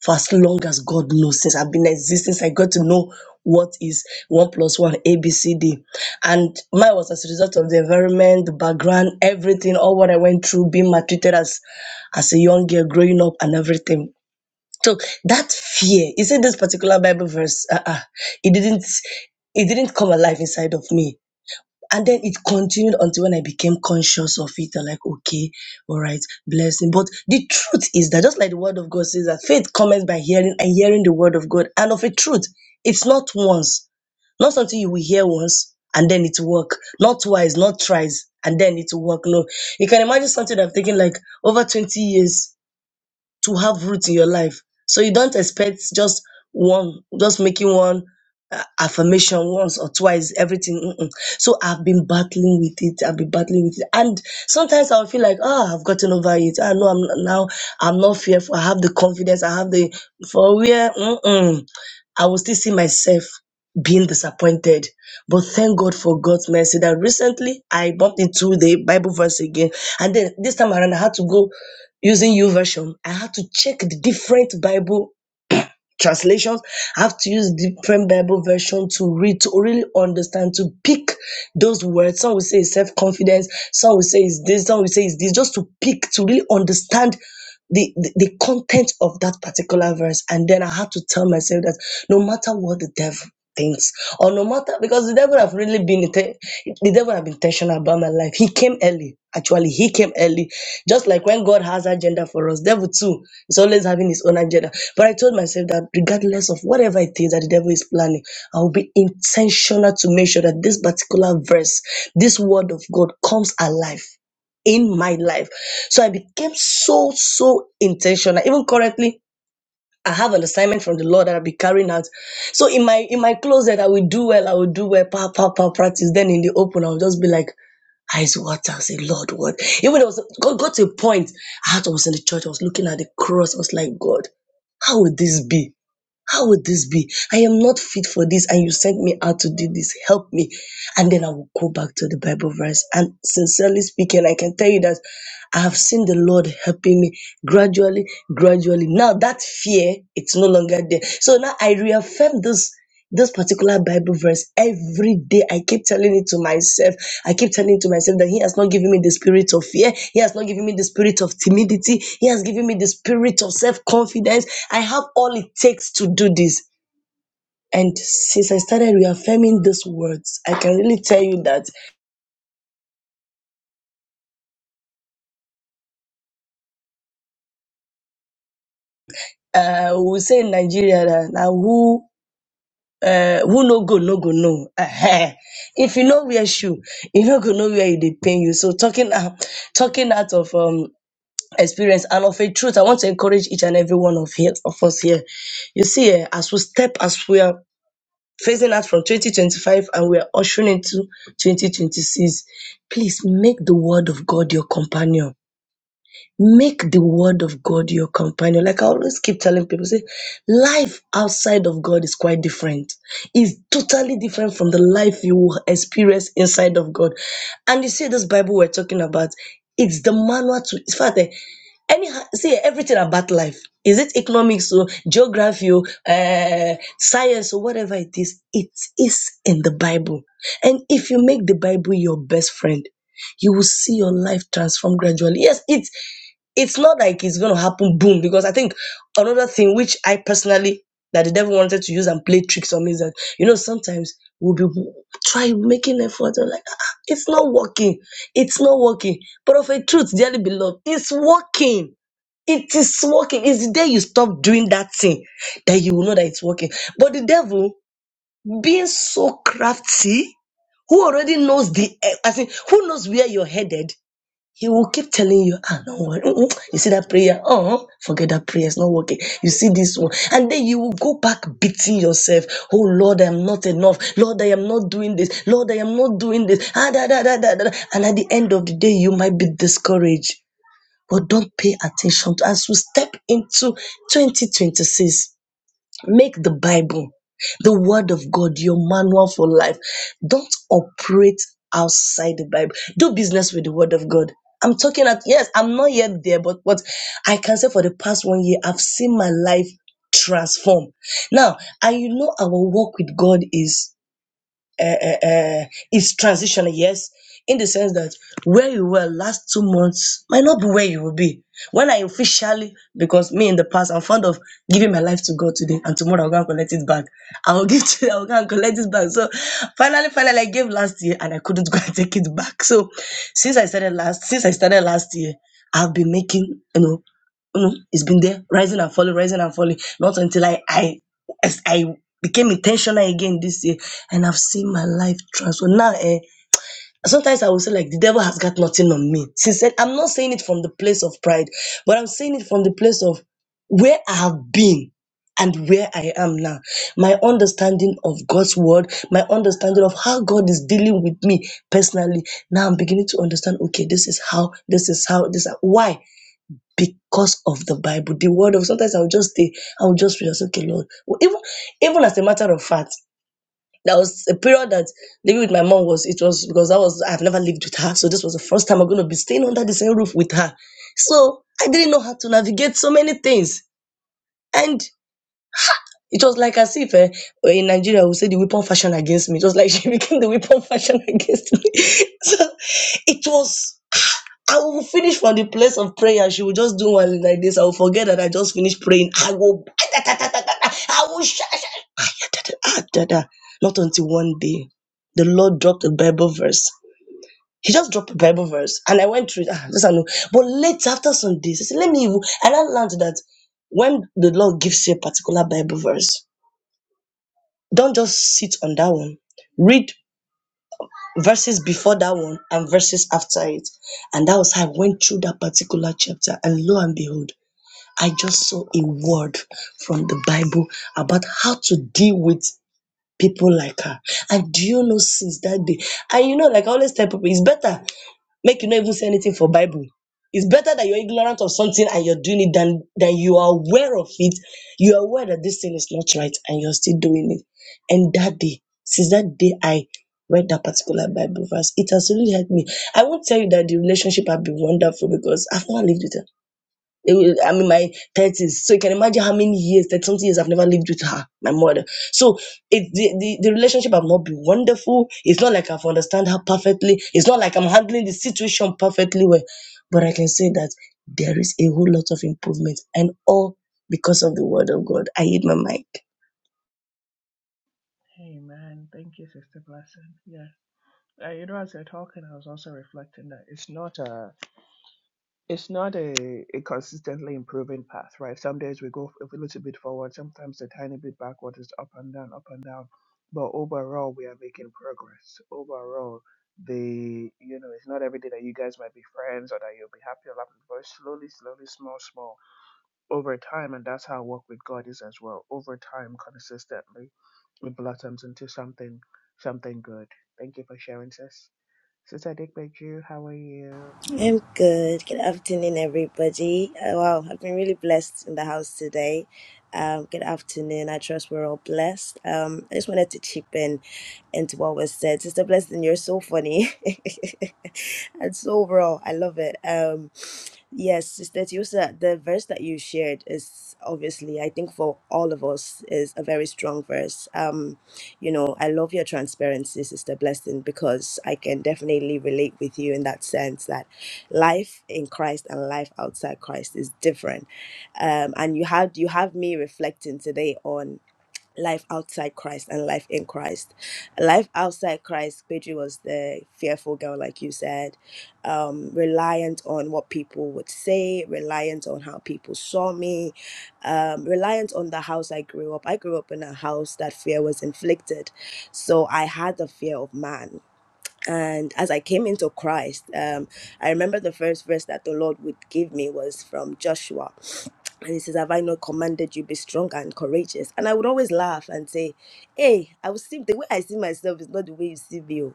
S3: for as long as God knows since I've been existing, since I got to know what is one plus one A B C D. And mine was as a result of the environment, the background, everything, all what I went through, being maltreated as as a young girl, growing up and everything. So that fear, you see this particular Bible verse, uh-uh, it didn't it didn't come alive inside of me and then it continued until when I became conscious of it. I'm like, okay, all right, blessing. But the truth is that just like the word of God says that faith comes by hearing and hearing the word of God. And of a truth, it's not once, not something you will hear once and then it work, not twice, not thrice, and then it will work. No, you can imagine something I've taken like over 20 years to have root in your life. So you don't expect just one, just making one uh, affirmation once or twice, everything. mm-mm. So I've been battling with it. I've been battling with it, and sometimes I'll feel like, oh, I've gotten over it. I know I'm now. I'm not fearful. I have the confidence. I have the for where mm-mm, I will still see myself being disappointed. But thank God for God's mercy that recently I bumped into the Bible verse again, and then this time around I had to go using U version. I had to check the different Bible translations. I have to use different Bible version to read to really understand to pick those words. Some will say it's self confidence. Some will say it's this. Some will say it's this. Just to pick to really understand. The, the, the content of that particular verse and then i had to tell myself that no matter what the devil things or no matter because the devil have really been inten- the devil have been intentional about my life he came early actually he came early just like when god has agenda for us devil too is always having his own agenda but i told myself that regardless of whatever it is that the devil is planning i will be intentional to make sure that this particular verse this word of god comes alive in my life so i became so so intentional even currently I have an assignment from the Lord that I'll be carrying out. So in my in my closet, I will do well, I will do well, pa, pa, pa, practice. Then in the open, I'll just be like, eyes water. I say, Lord, what? Even I was God got to a point. I had I was in the church, I was looking at the cross, I was like, God, how would this be? How would this be? I am not fit for this, and you sent me out to do this. Help me. And then I will go back to the Bible verse. And sincerely speaking, I can tell you that I have seen the Lord helping me gradually, gradually. Now that fear, it's no longer there. So now I reaffirm this this particular Bible verse every day. I keep telling it to myself. I keep telling to myself that He has not given me the spirit of fear. He has not given me the spirit of timidity. He has given me the spirit of self confidence. I have all it takes to do this. And since I started reaffirming these words, I can really tell you that uh, we say in Nigeria that now who uh, who no go no go no. Ehen. if you know wear shoe, you no go know where it dey pain you. So talking out, talking out of um experience. And of a truth, I want to encourage each and every one of here of us here. You see, eh, as we step, as we are phasing out from 2025 and we are ushering into 2026, please make the word of God your companion. Make the word of God your companion. Like I always keep telling people, say, life outside of God is quite different. It's totally different from the life you will experience inside of God. And you see, this Bible we're talking about, it's the manual to, in fact, eh, any see everything about life is it economics or geography or uh, science or whatever it is it is in the bible and if you make the bible your best friend you will see your life transform gradually. Yes, it's it's not like it's going to happen boom because I think another thing which I personally that the devil wanted to use and play tricks on me is that you know sometimes we'll be trying making effort and like "Ah, ah, it's not working, it's not working. But of a truth, dearly beloved, it's working. It is working. It's the day you stop doing that thing that you will know that it's working. But the devil, being so crafty, who already knows the, eh, I think, who knows where you're headed, he will keep telling you, ah, no worry. Mm-mm. You see that prayer? Oh, forget that prayer. It's not working. You see this one. And then you will go back beating yourself. Oh, Lord, I am not enough. Lord, I am not doing this. Lord, I am not doing this. Ah, da, da, da, da, da. And at the end of the day, you might be discouraged. But don't pay attention to as we step into 2026. Make the Bible, the Word of God, your manual for life. Don't operate outside the Bible. Do business with the Word of God. I'm talking at, yes, I'm not yet there, but what I can say for the past one year, I've seen my life transform. Now, and you know, our work with God is uh, uh, uh, it's transitional, yes, in the sense that where you were last two months might not be where you will be. When I officially, because me in the past, I'm fond of giving my life to God today, and tomorrow I'll go and collect it back. I will give to, I'll go and collect it back. So finally, finally, I gave last year and I couldn't go and take it back. So since I started last, since I started last year, I've been making, you know, you know, it's been there, rising and falling, rising and falling. Not until I, I as I became intentional again this year and I've seen my life transform. Now, eh, sometimes I will say, like, the devil has got nothing on me. Since then, I'm not saying it from the place of pride, but I'm saying it from the place of where I have been and where I am now. My understanding of God's word, my understanding of how God is dealing with me personally. Now I'm beginning to understand, okay, this is how, this is how, this. Why? because of the Bible, the word of sometimes I'll just stay, I'll just read, I'll say, okay, Lord. Well, Even, even as a matter of fact, there was a period that living with my mom was it was because I was I've never lived with her. So this was the first time I'm gonna be staying under the same roof with her. So I didn't know how to navigate so many things. And it was like as if eh, in Nigeria we say the weapon fashion against me. It was like she became the weapon fashion against me. So it was I will finish from the place of prayer. She will just do one like this. I will forget that I just finished praying. I will. I will. sh- sh- ah, da, da. Not until one day, the Lord dropped a Bible verse. He just dropped a Bible verse, and I went through. it. Ah, this I know. But later, after some days, I said, "Let me." even-" And I learned that when the Lord gives you a particular Bible verse, don't just sit on that one. Read verses before that one and verses after it. And that was how I went through that particular chapter. And lo and behold I just saw a word from the Bible about how to deal with people like her. And do you know since that day? And you know, like I always tell people, it's better make you not even say anything for Bible. It's better that you're ignorant of something and you're doing it than than you are aware of it. You are aware that this thing is not right and you're still doing it. And that day, since that day I read that particular Bible verse, it has really helped me. I won't tell you that the relationship have been wonderful because I've not lived with her. It was- I'm in my 30s. So you can imagine how many years, 30 something years I've never lived with her, my mother. So it the, the, the relationship have not been wonderful. It's not like I've understand her perfectly. It's not like I'm handling the situation perfectly well. But I can say that there is a whole lot of improvement and all because of the word of God. I hit my mic.
S1: Hey man, thank you, Sister Blessing. Yeah, uh, you know, as you're talking, I was also reflecting that it's not a it's not a, a consistently improving path, right? Some days we go a little bit forward, sometimes a tiny bit backward, it's up and down, up and down. But overall, we are making progress. Overall, the you know, it's not every day that you guys might be friends or that you'll be happy or laughing, but it's slowly, slowly, small, small, over time, and that's how work with God is as well. Over time, consistently, it blossoms into something, something good. Thank you for sharing, sis. Sister Dick Beju, how are you?
S4: I'm good. Good afternoon, everybody. Uh, wow, I've been really blessed in the house today. Um, good afternoon. I trust we're all blessed. Um, I just wanted to chip in into what was said. Sister Blessing, you're so funny and so raw. I love it. Um, yes, Sister Tiosa, the verse that you shared is obviously, I think for all of us, is a very strong verse. Um, you know, I love your transparency, Sister Blessing, because I can definitely relate with you in that sense that life in Christ and life outside Christ is different. Um, and you have you have me reflecting today on life outside Christ and life in Christ. Life outside Christ, Pedro was the fearful girl, like you said, um, reliant on what people would say, reliant on how people saw me, um, reliant on the house I grew up. I grew up in a house that fear was inflicted. So I had the fear of man and as I came into Christ, um, I remember the first verse that the Lord would give me was from Joshua. And he says, Have I not commanded you be strong and courageous? And I would always laugh and say, Hey, I will see the way I see myself is not the way you see me. oh."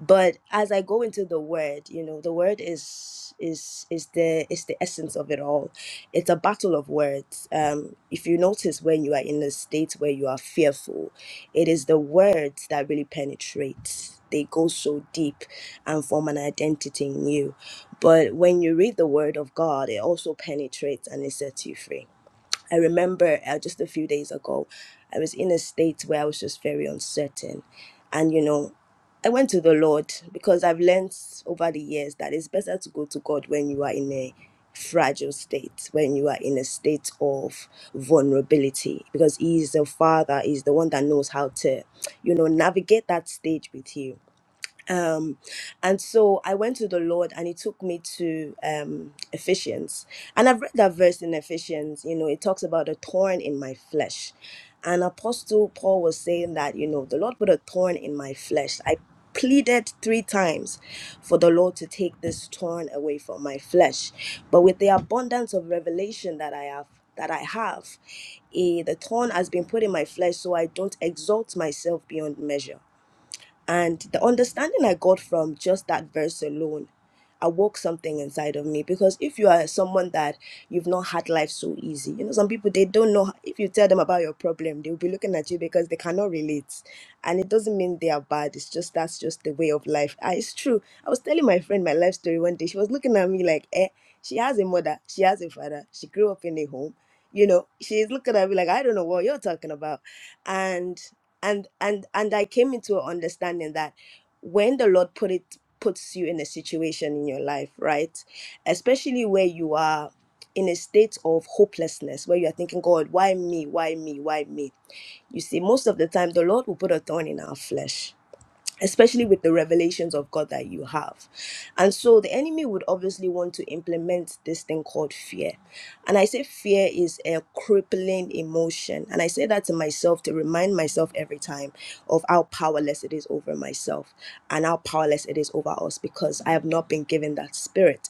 S4: but as i go into the word you know the word is is is the is the essence of it all it's a battle of words um if you notice when you are in a state where you are fearful it is the words that really penetrate they go so deep and form an identity in you but when you read the word of god it also penetrates and it sets you free I remember uh, just a few days ago, I was in a state where I was just very uncertain. And, you know, I went to the Lord because I've learned over the years that it's better to go to God when you are in a fragile state, when you are in a state of vulnerability, because He is the Father, He's the one that knows how to, you know, navigate that stage with you um and so i went to the lord and he took me to um ephesians and i've read that verse in ephesians you know it talks about a thorn in my flesh and apostle paul was saying that you know the lord put a thorn in my flesh i pleaded three times for the lord to take this thorn away from my flesh but with the abundance of revelation that i have that i have eh, the thorn has been put in my flesh so i don't exalt myself beyond measure and the understanding I got from just that verse alone awoke something inside of me because if you are someone that you've not had life so easy, you know, some people they don't know if you tell them about your problem, they'll be looking at you because they cannot relate. And it doesn't mean they are bad, it's just that's just the way of life. Ah, it's true. I was telling my friend my life story one day, she was looking at me like, eh, she has a mother, she has a father, she grew up in a home you know she's looking at me like i don't know what you're talking about and and and and i came into an understanding that when the lord put it puts you in a situation in your life right especially where you are in a state of hopelessness where you are thinking god why me why me why me you see most of the time the lord will put a thorn in our flesh especially with the revelations of God that you have. And so the enemy would obviously want to implement this thing called fear. And I say fear is a crippling emotion. And I say that to myself to remind myself every time of how powerless it is over myself and how powerless it is over us because I have not been given that spirit.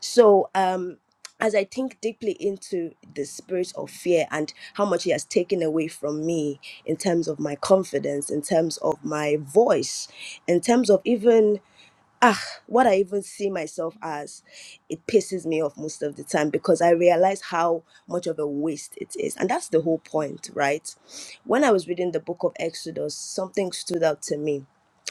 S4: So, um as I think deeply into the spirit of fear and how much he has taken away from me in terms of my confidence, in terms of my voice, in terms of even ah what I even see myself as, it pisses me off most of the time because I realize how much of a waste it is. And that's the whole point, right? When I was reading the book of Exodus, something stood out to me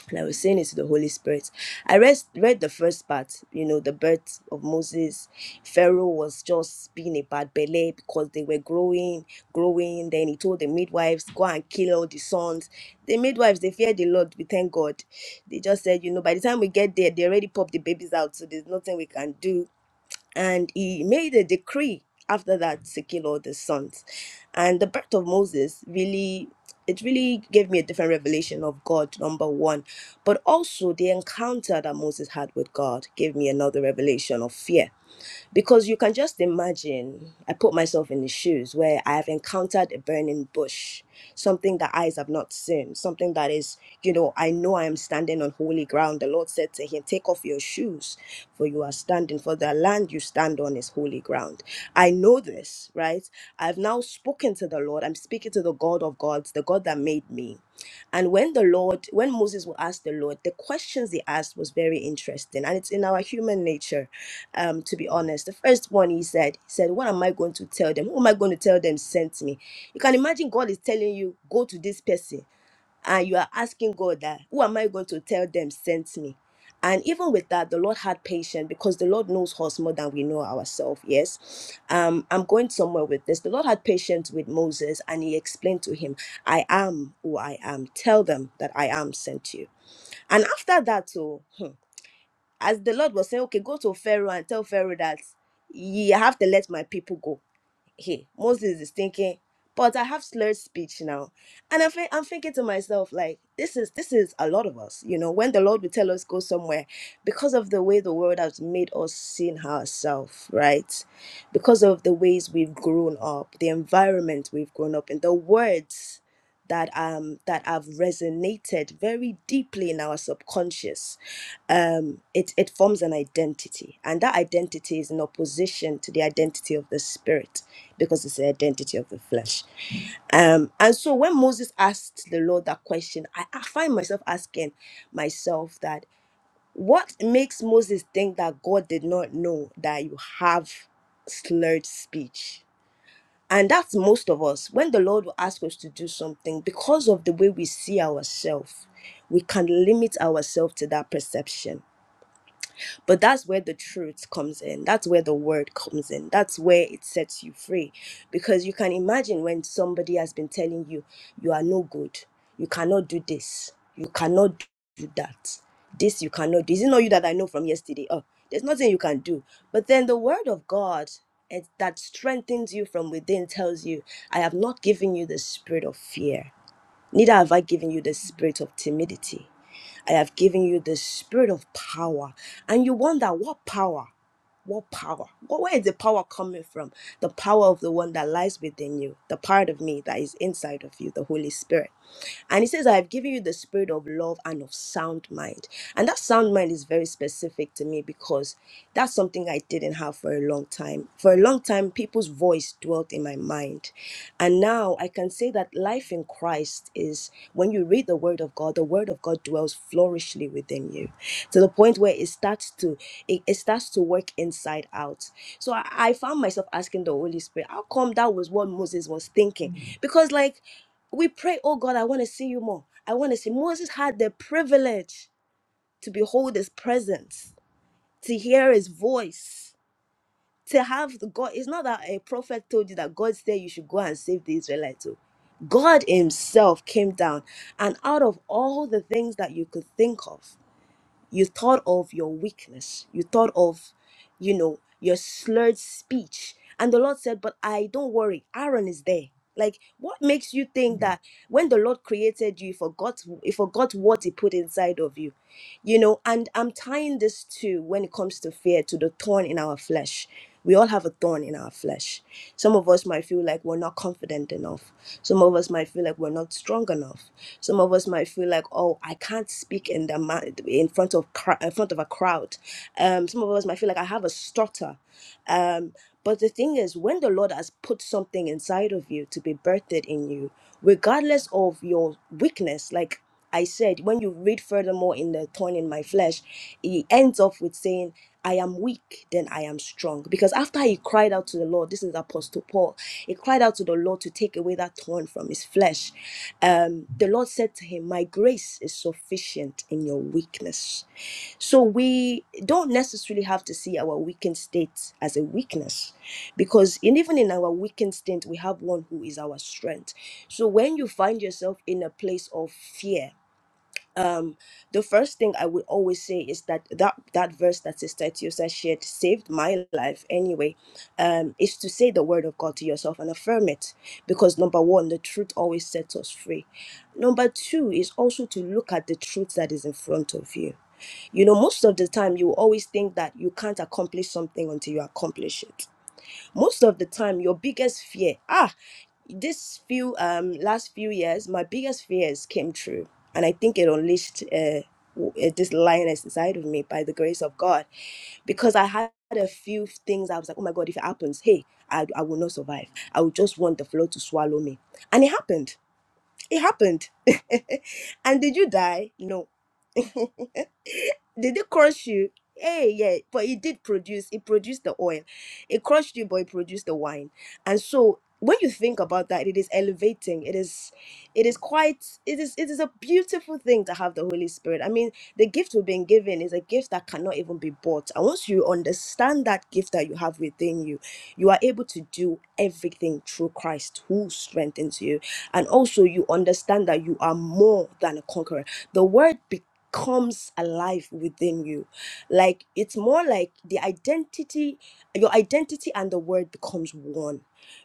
S4: and I was saying it to the Holy Spirit. I read, read the first part, you know, the birth of Moses. Pharaoh was just being a bad belly because they were growing, growing. Then he told the midwives, go and kill all the sons. The midwives, they feared the Lord, we thank God. They just said, you know, by the time we get there, they already popped the babies out, so there's nothing we can do and he made a decree after that to kill all the sons and the birth of moses really it really gave me a different revelation of god number one but also the encounter that moses had with god gave me another revelation of fear because you can just imagine, I put myself in the shoes where I have encountered a burning bush, something that eyes have not seen, something that is, you know, I know I am standing on holy ground. The Lord said to him, Take off your shoes, for you are standing, for the land you stand on is holy ground. I know this, right? I've now spoken to the Lord. I'm speaking to the God of gods, the God that made me. And when the Lord, when Moses would ask the Lord, the questions he asked was very interesting. And it's in our human nature, um, to be honest. The first one he said, he said, What am I going to tell them? Who am I going to tell them sent me? You can imagine God is telling you, Go to this person. And you are asking God that, Who am I going to tell them sent me? and even with that the lord had patience because the lord knows us more than we know ourselves yes um i'm going somewhere with this the lord had patience with moses and he explained to him i am who i am tell them that i am sent you and after that too hmm, as the Lord was saying, okay, go to Pharaoh and tell Pharaoh that you have to let my people go. Hey, Moses is thinking, but I have slurred speech now. And I think I'm thinking to myself, like, this is this is a lot of us, you know, when the Lord will tell us go somewhere, because of the way the world has made us seen ourselves, right? Because of the ways we've grown up, the environment we've grown up in, the words that um that have resonated very deeply in our subconscious um it it forms an identity and that identity is in opposition to the identity of the spirit because it's the identity of the flesh um and so when moses asked the lord that question i, I find myself asking myself that what makes moses think that god did not know that you have slurred speech and that's most of us. When the Lord will ask us to do something, because of the way we see ourselves, we can limit ourselves to that perception. But that's where the truth comes in. That's where the word comes in. That's where it sets you free. Because you can imagine when somebody has been telling you, you are no good. You cannot do this. You cannot do that. This you cannot do. Is it not you that I know from yesterday? Oh, there's nothing you can do. But then the word of God eh, that strengthens you from within tells you, I have not given you the spirit of fear. Neither have I given you the spirit of timidity. I have given you the spirit of power. And you wonder what power? What power? Wh- Where is the power coming from? The power of the one that lies within you, the part of me that is inside of you, the Holy Spirit. And he says, I have given you the spirit of love and of sound mind. And that sound mind is very specific to me because that's something I didn't have for a long time. For a long time, people's voice dwelt in my mind. And now I can say that life in Christ is when you read the word of God, the word of God dwells flourishly within you to the point where it starts to it, it starts to work inside out. So I, I found myself asking the Holy Spirit, how come that was what Moses was thinking? Mhm. Because like we pray, oh God, I want to see you more. I want to see. Moses had the privilege to behold his presence, to hear his voice, to have the God. It's not that a prophet told you that God said you should go and save the Israelites. oh. God himself came down, and out of all the things that you could think of, you thought of your weakness you thought of you know your slurred speech and the lord said but i don't worry aaron is there like what makes you think that when the lord created you he forgot he forgot what he put inside of you you know and i'm tying this to when it comes to fear to the thorn in our flesh we all have a thorn in our flesh. Some of us might feel like we're not confident enough. Some of us might feel like we're not strong enough. Some of us might feel like, oh, I can't speak in the ma- in front of cr- in front of a crowd. Um, some of us might feel like I have a stutter. Um, but the thing is, when the Lord has put something inside of you to be birthed in you, regardless of your weakness, like I said, when you read furthermore in the thorn in my flesh, he ends off with saying, I am weak, then I am strong. Because after he cried out to the Lord, this is Apostle Paul, he cried out to the Lord to take away that thorn from his flesh. Um, the Lord said to him, My grace is sufficient in your weakness. So we don't necessarily have to see our weakened state as a weakness because in, even in our weakened state, we have one who is our strength. So when you find yourself in a place of fear, um, the first thing I would always say is that that, that verse that Sister Etiosa shared saved my life anyway, um, is to say the word of God to yourself and affirm it. Because number one, the truth always sets us free. Number two is also to look at the truth that is in front of you. You know, most of the time you will always think that you can't accomplish something until you accomplish it most of the time your biggest fear ah this few um last few years my biggest fears came true and i think it unleashed uh, w- uh, this lioness inside of me by the grace of god because i had a few things i was like oh my god if it happens hey i, I will not survive i would just want the floor to swallow me and it happened it happened and did you die no did it crush you? Hey, yeah, but it did produce. It produced the oil. It crushed you, but it produced the wine. And so, when you think about that, it is elevating. It is, it is quite. It is. It is a beautiful thing to have the Holy Spirit. I mean, the gift we've been given is a gift that cannot even be bought. And once you understand that gift that you have within you, you are able to do everything through Christ who strengthens you. And also, you understand that you are more than a conqueror. The word comes alive within you like it's more like the identity your identity and the word becomes one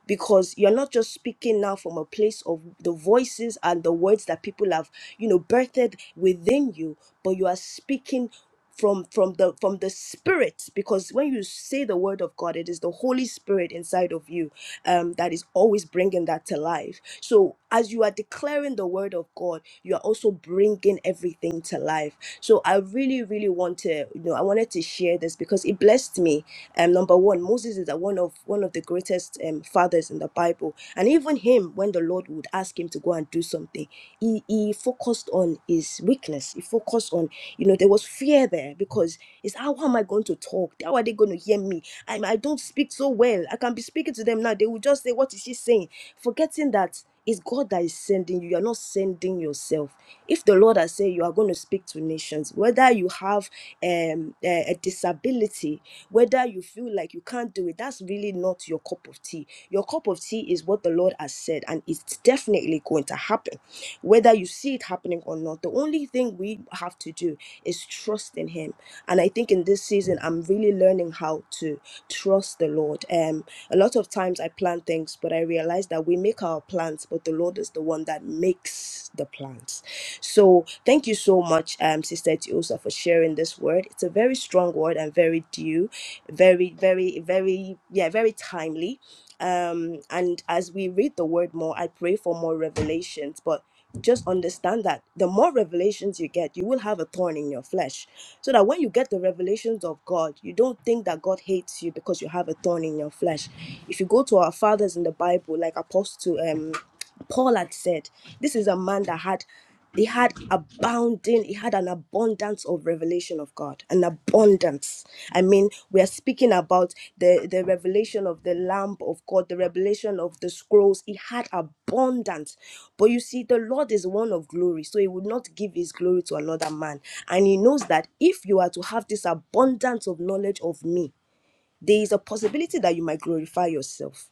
S4: because you're not just speaking now from a place of the voices and the words that people have you know birthed within you but you are speaking from from the from the spirit because when you say the word of god it is the holy spirit inside of you um that is always bringing that to life so as you are declaring the word of god you are also bringing everything to life so i really really want to you know i wanted to share this because it blessed me me. Um, number one, Moses is a, one of one of the greatest um, fathers in the Bible, and even him, when the Lord would ask him to go and do something, he he focused on his weakness. He focused on, you know, there was fear there because it's how am I going to talk? How are they going to hear me? I I don't speak so well. I can be speaking to them now. They will just say, "What is she saying?" Forgetting that it's God that is sending you. You are not sending yourself. If the Lord has said you are going to speak to nations, conditions, whether you have um, a, a disability, whether you feel like you can't do it, that's really not your cup of tea. Your cup of tea is what the Lord has said, and it's definitely going to happen, whether you see it happening or not. The only thing we have to do is trust in Him. And I think in this season, I'm really learning how to trust the Lord. Um, a lot of times I plan things, but I realize that we make our plans, but the Lord is the one that makes makes the plants. So thank you so much, um, Sister Tiosa, for sharing this word. It's a very strong word and very due, very, very, very, yeah, very timely. Um, and as we read the word more, I pray for more revelations. But just understand that the more revelations you get, you will have a thorn in your flesh. So that when you get the revelations of God, you don't think that God hates you because you have a thorn in your flesh. If you go to our fathers in the Bible, like Apostle, um, Paul had said, this is a man that had he had abounding, he had an abundance of revelation of God. An abundance. I mean, we are speaking about the, the revelation of the lamp of God, the revelation of the scrolls. He had abundance. But you see, the Lord is one of glory, so he would not give his glory to another man. And he knows that if you are to have this abundance of knowledge of me, there is a possibility that you might glorify yourself.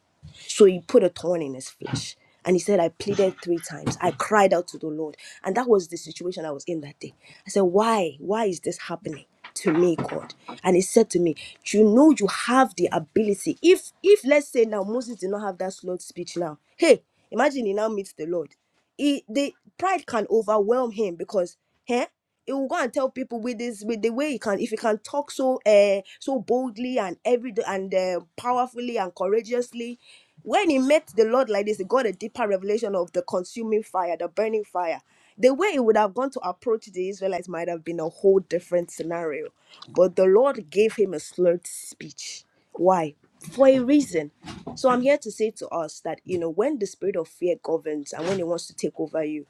S4: So he put a thorn in his flesh. And he said, I pleaded three times. I cried out to the Lord. And that was the situation I was in that day. I said, Why? Why is this happening? to me god and he said to me you know you have the ability if if let's say now moses did not have that slow speech now hey imagine he now meets the lord he the pride can overwhelm him because huh? he will go and tell people with this with the way he can if he can talk so uh so boldly and every and uh, powerfully and courageously. When he met the Lord like this, he got a deeper revelation of the consuming fire, the burning fire. The way he would have gone to approach the Israelites might have been a whole different scenario. But the Lord gave him a slurred speech. Why? For a reason. So I'm here to say to us that, you know, when the spirit of fear governs and when it wants to take over you,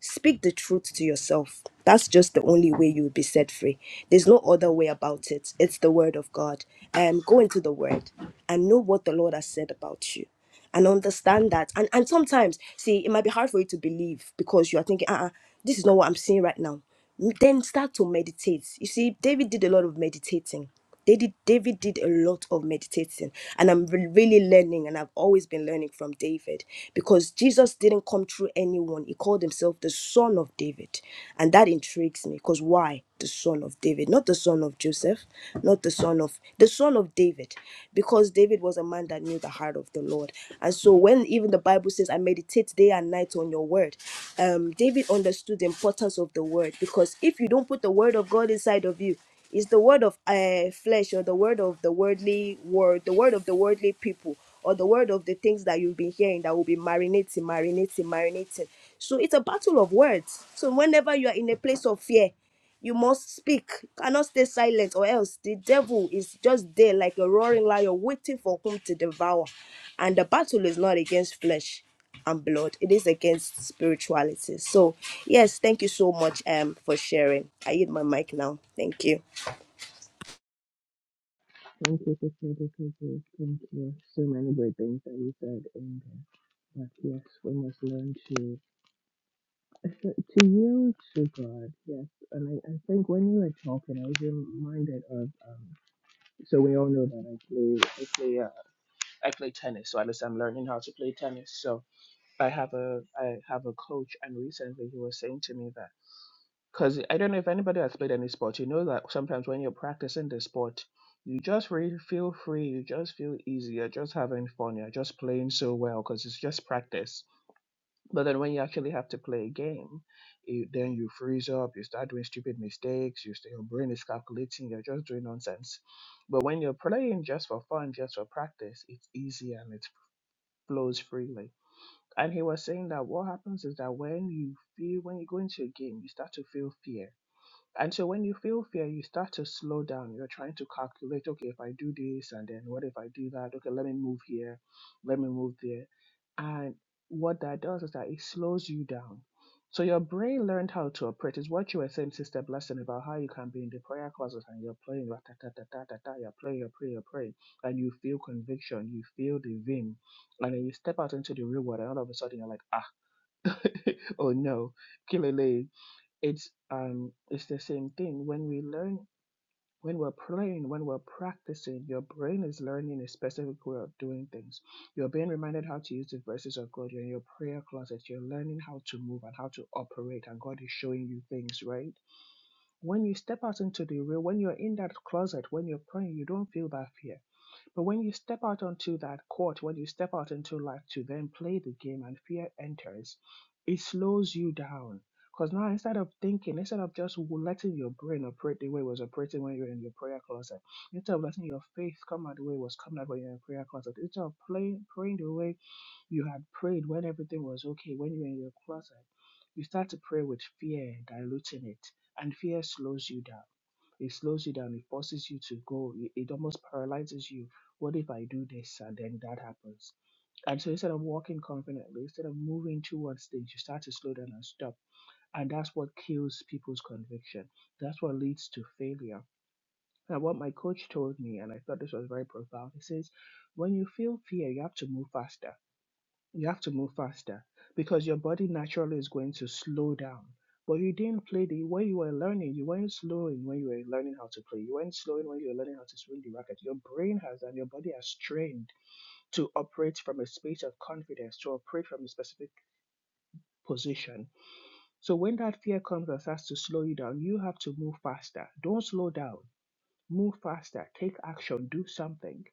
S4: speak the truth to yourself. That's just the only way you will be set free. There's no other way about it. It's the word of God. Um, go into the word and know what the Lord has said about you. And understand that. And and sometimes, see, it might be hard for you to believe because you are thinking, uh-uh, this is not what I'm seeing right now. Then start to meditate. You see, David did a lot of meditating. David, David did a lot of meditating, and I'm re- really learning, and I've always been learning from David because Jesus didn't come through anyone. He called himself the Son of David, and that intrigues me because why the Son of David, not the Son of Joseph, not the Son of the Son of David, because David was a man that knew the heart of the Lord. And so when even the Bible says, I meditate day and night on your word, um, David understood the importance of the word because if you don't put the word of God inside of you, it's the word of uh, flesh or the word of the worldly word, the word of the worldly people, or the word of the things that you've been hearing that will be marinating, marinating, marinating. So it's a battle of words. So whenever you are in a place of fear, you must speak, You cannot stay silent, or else the devil is just there like a roaring lion waiting for whom to devour. And the battle is not against flesh and blood, it is against spirituality. So, yes, thank you so much um, for sharing. I hit my mic now. Thank you.
S1: Thank you, Sister Dickie. Thank you. So many great things that you said in there. But yes, we must learn to to yield to God. Yes, and I, I think when you were talking, I was reminded of. Um, so we all know that I play I play uh, I play tennis. So at least I'm learning how to play tennis. So I have a I have a coach, and recently he was saying to me that. Because I don't know if anybody has played any sport, you know that sometimes when you're practicing the sport, you just really feel free, you just feel easy, you're just having fun, you're just playing so well because it's just practice. But then when you actually have to play a game, you, then you freeze up, you start doing stupid mistakes, you st- your brain is calculating, you're just doing nonsense. But when you're playing just for fun, just for practice, it's easy and it flows freely. And he was saying that what happens is that when you feel, when you go into a game, you start to feel fear and so when you feel fear, you start to slow down. You're trying to calculate, okay, if I do this and then what if I do that? Okay, let me move here, let me move there. And what that does is that it slows you down. So your brain learned how to operate. Is what you were saying, Sister Blessing, about how you can be in the prayer closet and you're praying, ta ta ta ta ta ta, you're praying, you're praying, you're praying, and you feel conviction, you feel the vim, and then you step out into the real world, and all of a sudden you're like, ah, oh no, kilele, it's um it's the same thing when we learn when we're playing when we're practicing your brain is learning a specific way of doing things you're being reminded how to use the verses of god you're in your prayer closet you're learning how to move and how to operate and god is showing you things right when you step out into the real when you're in that closet when you're praying you don't feel that fear but when you step out onto that court, when you step out into life to then play the game and fear enters, it slows you down. Because now instead of thinking, instead of just letting your brain operate the way it was operating when you were in your prayer closet, instead of letting your faith come out the way it was coming out when you were in prayer closet, instead of playing, praying the way you had prayed when everything was okay, when you were in your closet, you start to pray with fear, diluting it, and fear slows you down. It slows you down. It forces you to go. It, it almost paralyzes you. What if I do this and then that happens? And so instead of walking confidently, instead of moving towards things, you start to slow down and stop. And that's what kills people's conviction. That's what leads to failure. And what my coach told me, and I thought this was very profound, he says, when you feel fear, you have to move faster you have to move faster because your body naturally is going to slow down. But you didn't play the when you were learning, you weren't slowing when you were learning how to play, you weren't slowing when you were learning how to swing the racket. Your brain has and your body has trained to operate from a space of confidence, to operate from a specific position. So when that fear comes and starts to slow you down, you have to move faster. Don't slow down move faster, take action, do something.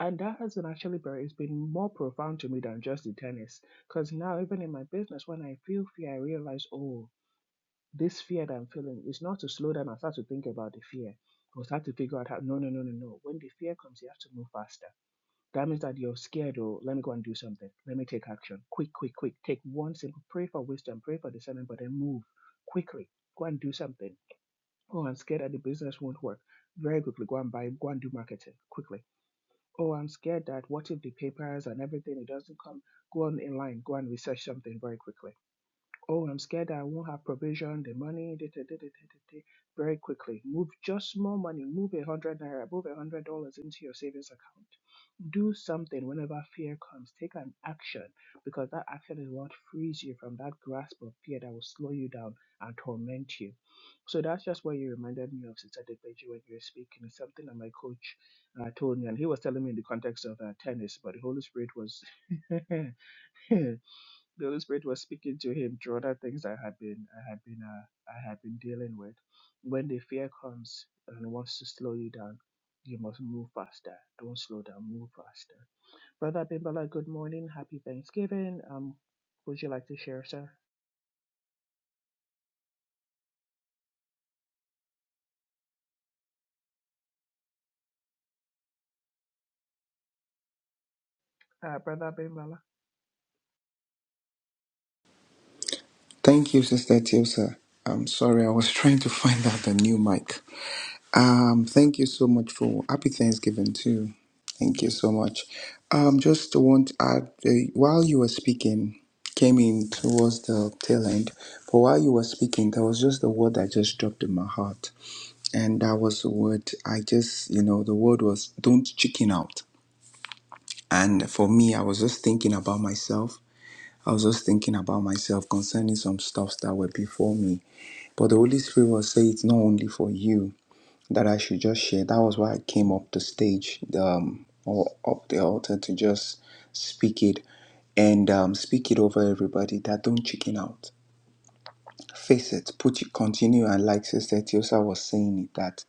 S1: And that has been actually very, it's been more profound to me than just the tennis. Because now, even in my business, when I feel fear, I realize, oh, this fear that I'm feeling is not to slow down and start to think about the fear or start to figure out how, no, no, no, no, no. When the fear comes, you have to move faster. That means that you're scared, oh, let me go and do something. Let me take action. Quick, quick, quick. Take one simple, pray for wisdom, pray for discernment, but then move quickly. Go and do something Oh, I'm scared that the business won't work. Very quickly, go and buy, go and do marketing quickly. Oh, I'm scared that what if the papers and everything it doesn't come? Go on in line, go and research something very quickly. Oh, I'm scared I won't have provision, the money, da, da, da, da, da, da, da. very quickly. Move just small money, move a hundred naira, move a hundred dollars into your savings account. Do something whenever fear comes. Take an action because that action is what frees you from that grasp of fear that will slow you down and torment you. So that's just what you reminded me of, Sister Depeji, when you were speaking. It's something that my coach uh, told me, and he was telling me in the context of uh, tennis, but the Holy Spirit was the Holy Spirit was speaking to him through other things I had been I had been uh, I had been dealing with. When the fear comes and wants to slow you down, you must move faster. Don't slow down, move faster. Brother Bimbala, good morning, happy Thanksgiving. Um, would you like to share, sir? Uh, Brother Bimbala.
S5: Thank you, Sister Tiosa. I'm sorry, I was trying to find out the new mic. Um, thank you so much for happy Thanksgiving too. Thank you so much. Um, just want to add, uh, while you were speaking, came in towards the tail end, but while you were speaking, there was just the word that just dropped in my heart, and that was the word I just, you know, the word was don't chicken out. And for me, I was just thinking about myself. I was just thinking about myself concerning some stuffs that were before me but the Holy Spirit was saying it's not only for you that I should just share. That was why I came up the stage um, or up the altar to just speak it and um, speak it over everybody that don't chicken out. Face it, put it, continue. And like Sister Tiosa was saying it, that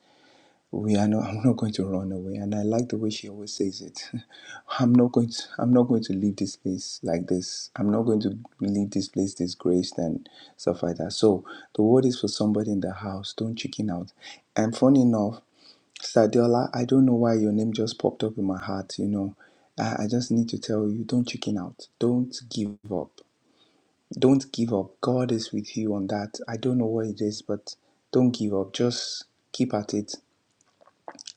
S5: we are not, I'm not going to run away. And I like the way she always says it. I'm not going to I'm not going to leave this place like this. I'm not going to leave this place disgraced and stuff like that. So the word is for somebody in the house. Don't chicken out. And funny enough, Sadiola, I don't know why your name just popped up in my heart, you know. I, I just need to tell you, don't chicken out. Don't give up. Don't give up. God is with you on that. I don't know what it is, but don't give up. Just keep at it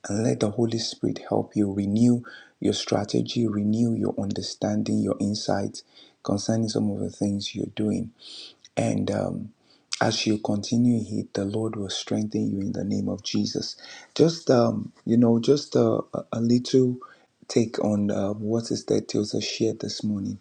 S5: and let the Holy Spirit help you renew your strategy, renew your understanding, your insights concerning some of the things you're doing. And um, as you continue here, the Lord will strengthen you in the name of Jesus. Just um, you know, just a, a little take on uh, what is that Tilsa shared this morning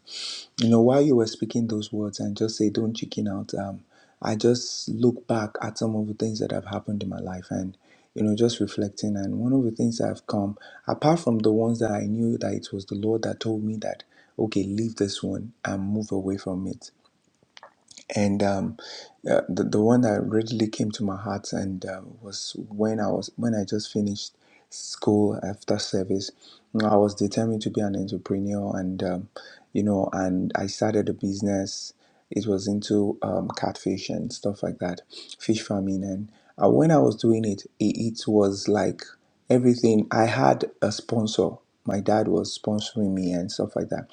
S5: you know while you were speaking those words and just say don't chicken out um i just look back at some of the things that have happened in my life and you know just reflecting and one of the things that have come apart from the ones that i knew that it was the lord that told me that okay leave this one and move away from it and um, uh, the, the one that really came to my heart and uh, was when I was when I just finished school after service I was determined to be an entrepreneur and um, you know and I started a business it was into um, catfish and stuff like that fish farming and uh, when I was doing it, it it was like everything I had a sponsor my dad was sponsoring me and stuff like that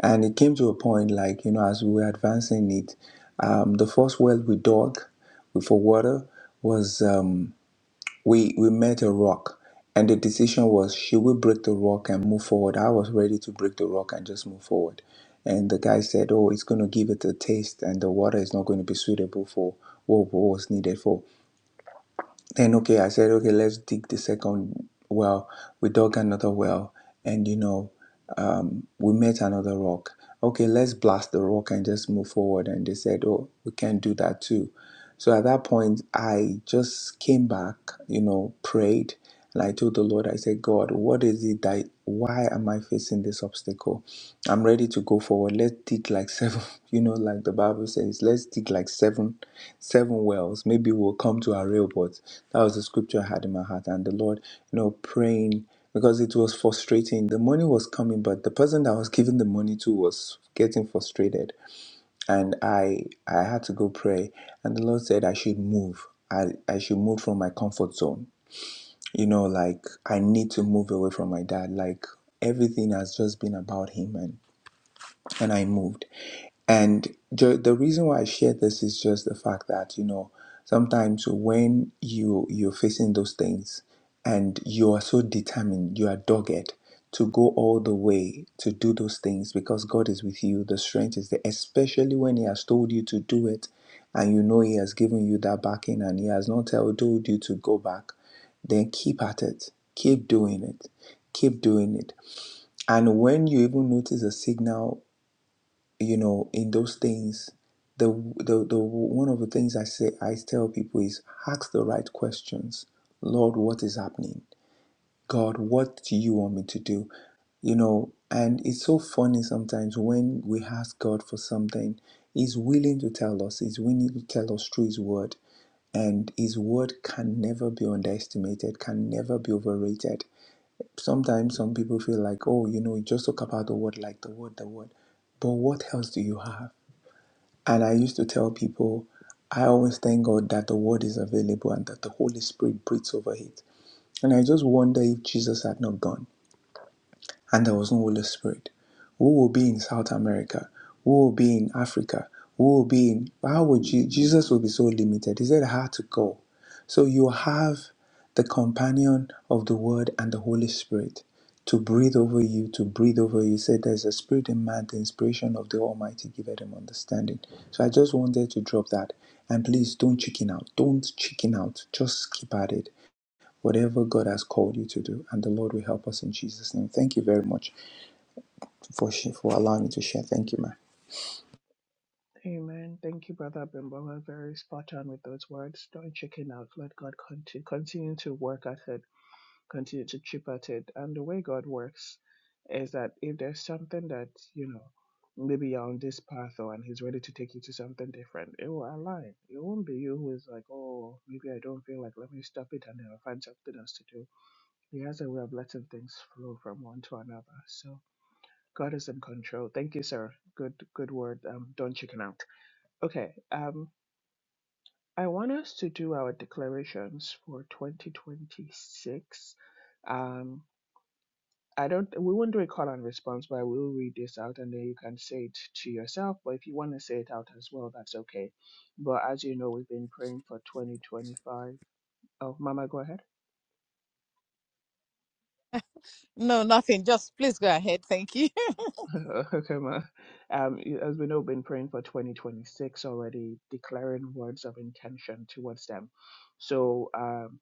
S5: and it came to a point like you know as we were advancing it um, the first well we dug for water was um, we we met a rock and the decision was should we break the rock and move forward i was ready to break the rock and just move forward and the guy said oh it's going to give it a taste and the water is not going to be suitable for what was needed for then okay, I said, okay, let's dig the second well. We dug another well, and you know, um, we met another rock. Okay, let's blast the rock and just move forward. And they said, oh, we can't do that too. So at that point, I just came back, you know, prayed, and I told the Lord, I said, God, what is it that? Why am I facing this obstacle? I'm ready to go forward. Let's dig like seven, you know, like the Bible says, let's dig like seven seven wells. Maybe we'll come to our real but That was the scripture I had in my heart. And the Lord, you know, praying because it was frustrating. The money was coming, but the person that I was giving the money to was getting frustrated. And I I had to go pray. And the Lord said I should move. I, I should move from my comfort zone. You know, like I need to move away from my dad. Like everything has just been about him and, and I moved. And the the reason why I share this is just the fact that you know sometimes when you you're facing those things and you are so determined, you are dogged to go all the way to do those things because God is with you, the strength is there, especially when He has told you to do it and you know He has given you that backing and He has not tell- told you to go back, then keep at it, keep doing it, keep doing it. And when you even notice a signal you know in those things the the, the one of the things i say i tell people is ask the right questions lord what is happening god what do you want me to do you know and it's so funny sometimes when we ask god for something he's willing to tell us he's willing to tell us through his word and his word can never be underestimated can never be overrated sometimes some people feel like oh you know you just talk about the word like the word the word but what else do you have and I used to tell people, I always thank God that the word is available and that the Holy Spirit breathes over it. And I just wonder if Jesus had not gone and there was no Holy Spirit? Who will be in South America? Who will be in Africa? Who will be in? How would you? Jesus will be so limited. He said, "How to go?" So you have the companion of the Word and the Holy Spirit to breathe over you, to breathe over you. He said, "There's a spirit in man, the inspiration of the Almighty giveth him understanding." So I just wanted to drop that, and please don't chicken out. Don't chicken out. Just keep at it. Whatever God has called you to do, and the Lord will help us in Jesus' name. Thank you very much for for allowing me to share. Thank you, ma.
S1: Amen. Thank you, Brother Bimbala. Very spot on with those words. Don't chicken out. Let God conti- continue to work at it continue to chip at it. And the way God works is that if there's something that, you know, maybe you're on this path or and he's ready to take you to something different, it will align. It won't be you who is like, Oh, maybe I don't feel like let me stop it and then I'll find something else to do. He has a way of letting things flow from one to another. So God is in control. Thank you, sir. Good good word. Um don't chicken out. Okay. Um I want us to do our declarations for 2026. Um, I don't. We won't do a call and response, but I will read this out, and then you can say it to yourself. But if you want to say it out as well, that's okay. But as you know, we've been praying for 2025. Oh, Mama, go ahead.
S2: No, nothing. Just please go ahead. Thank you.
S1: okay, Ma. Um, y- as we know, we've been praying for 2026 already, declaring words of intention towards them. So, um,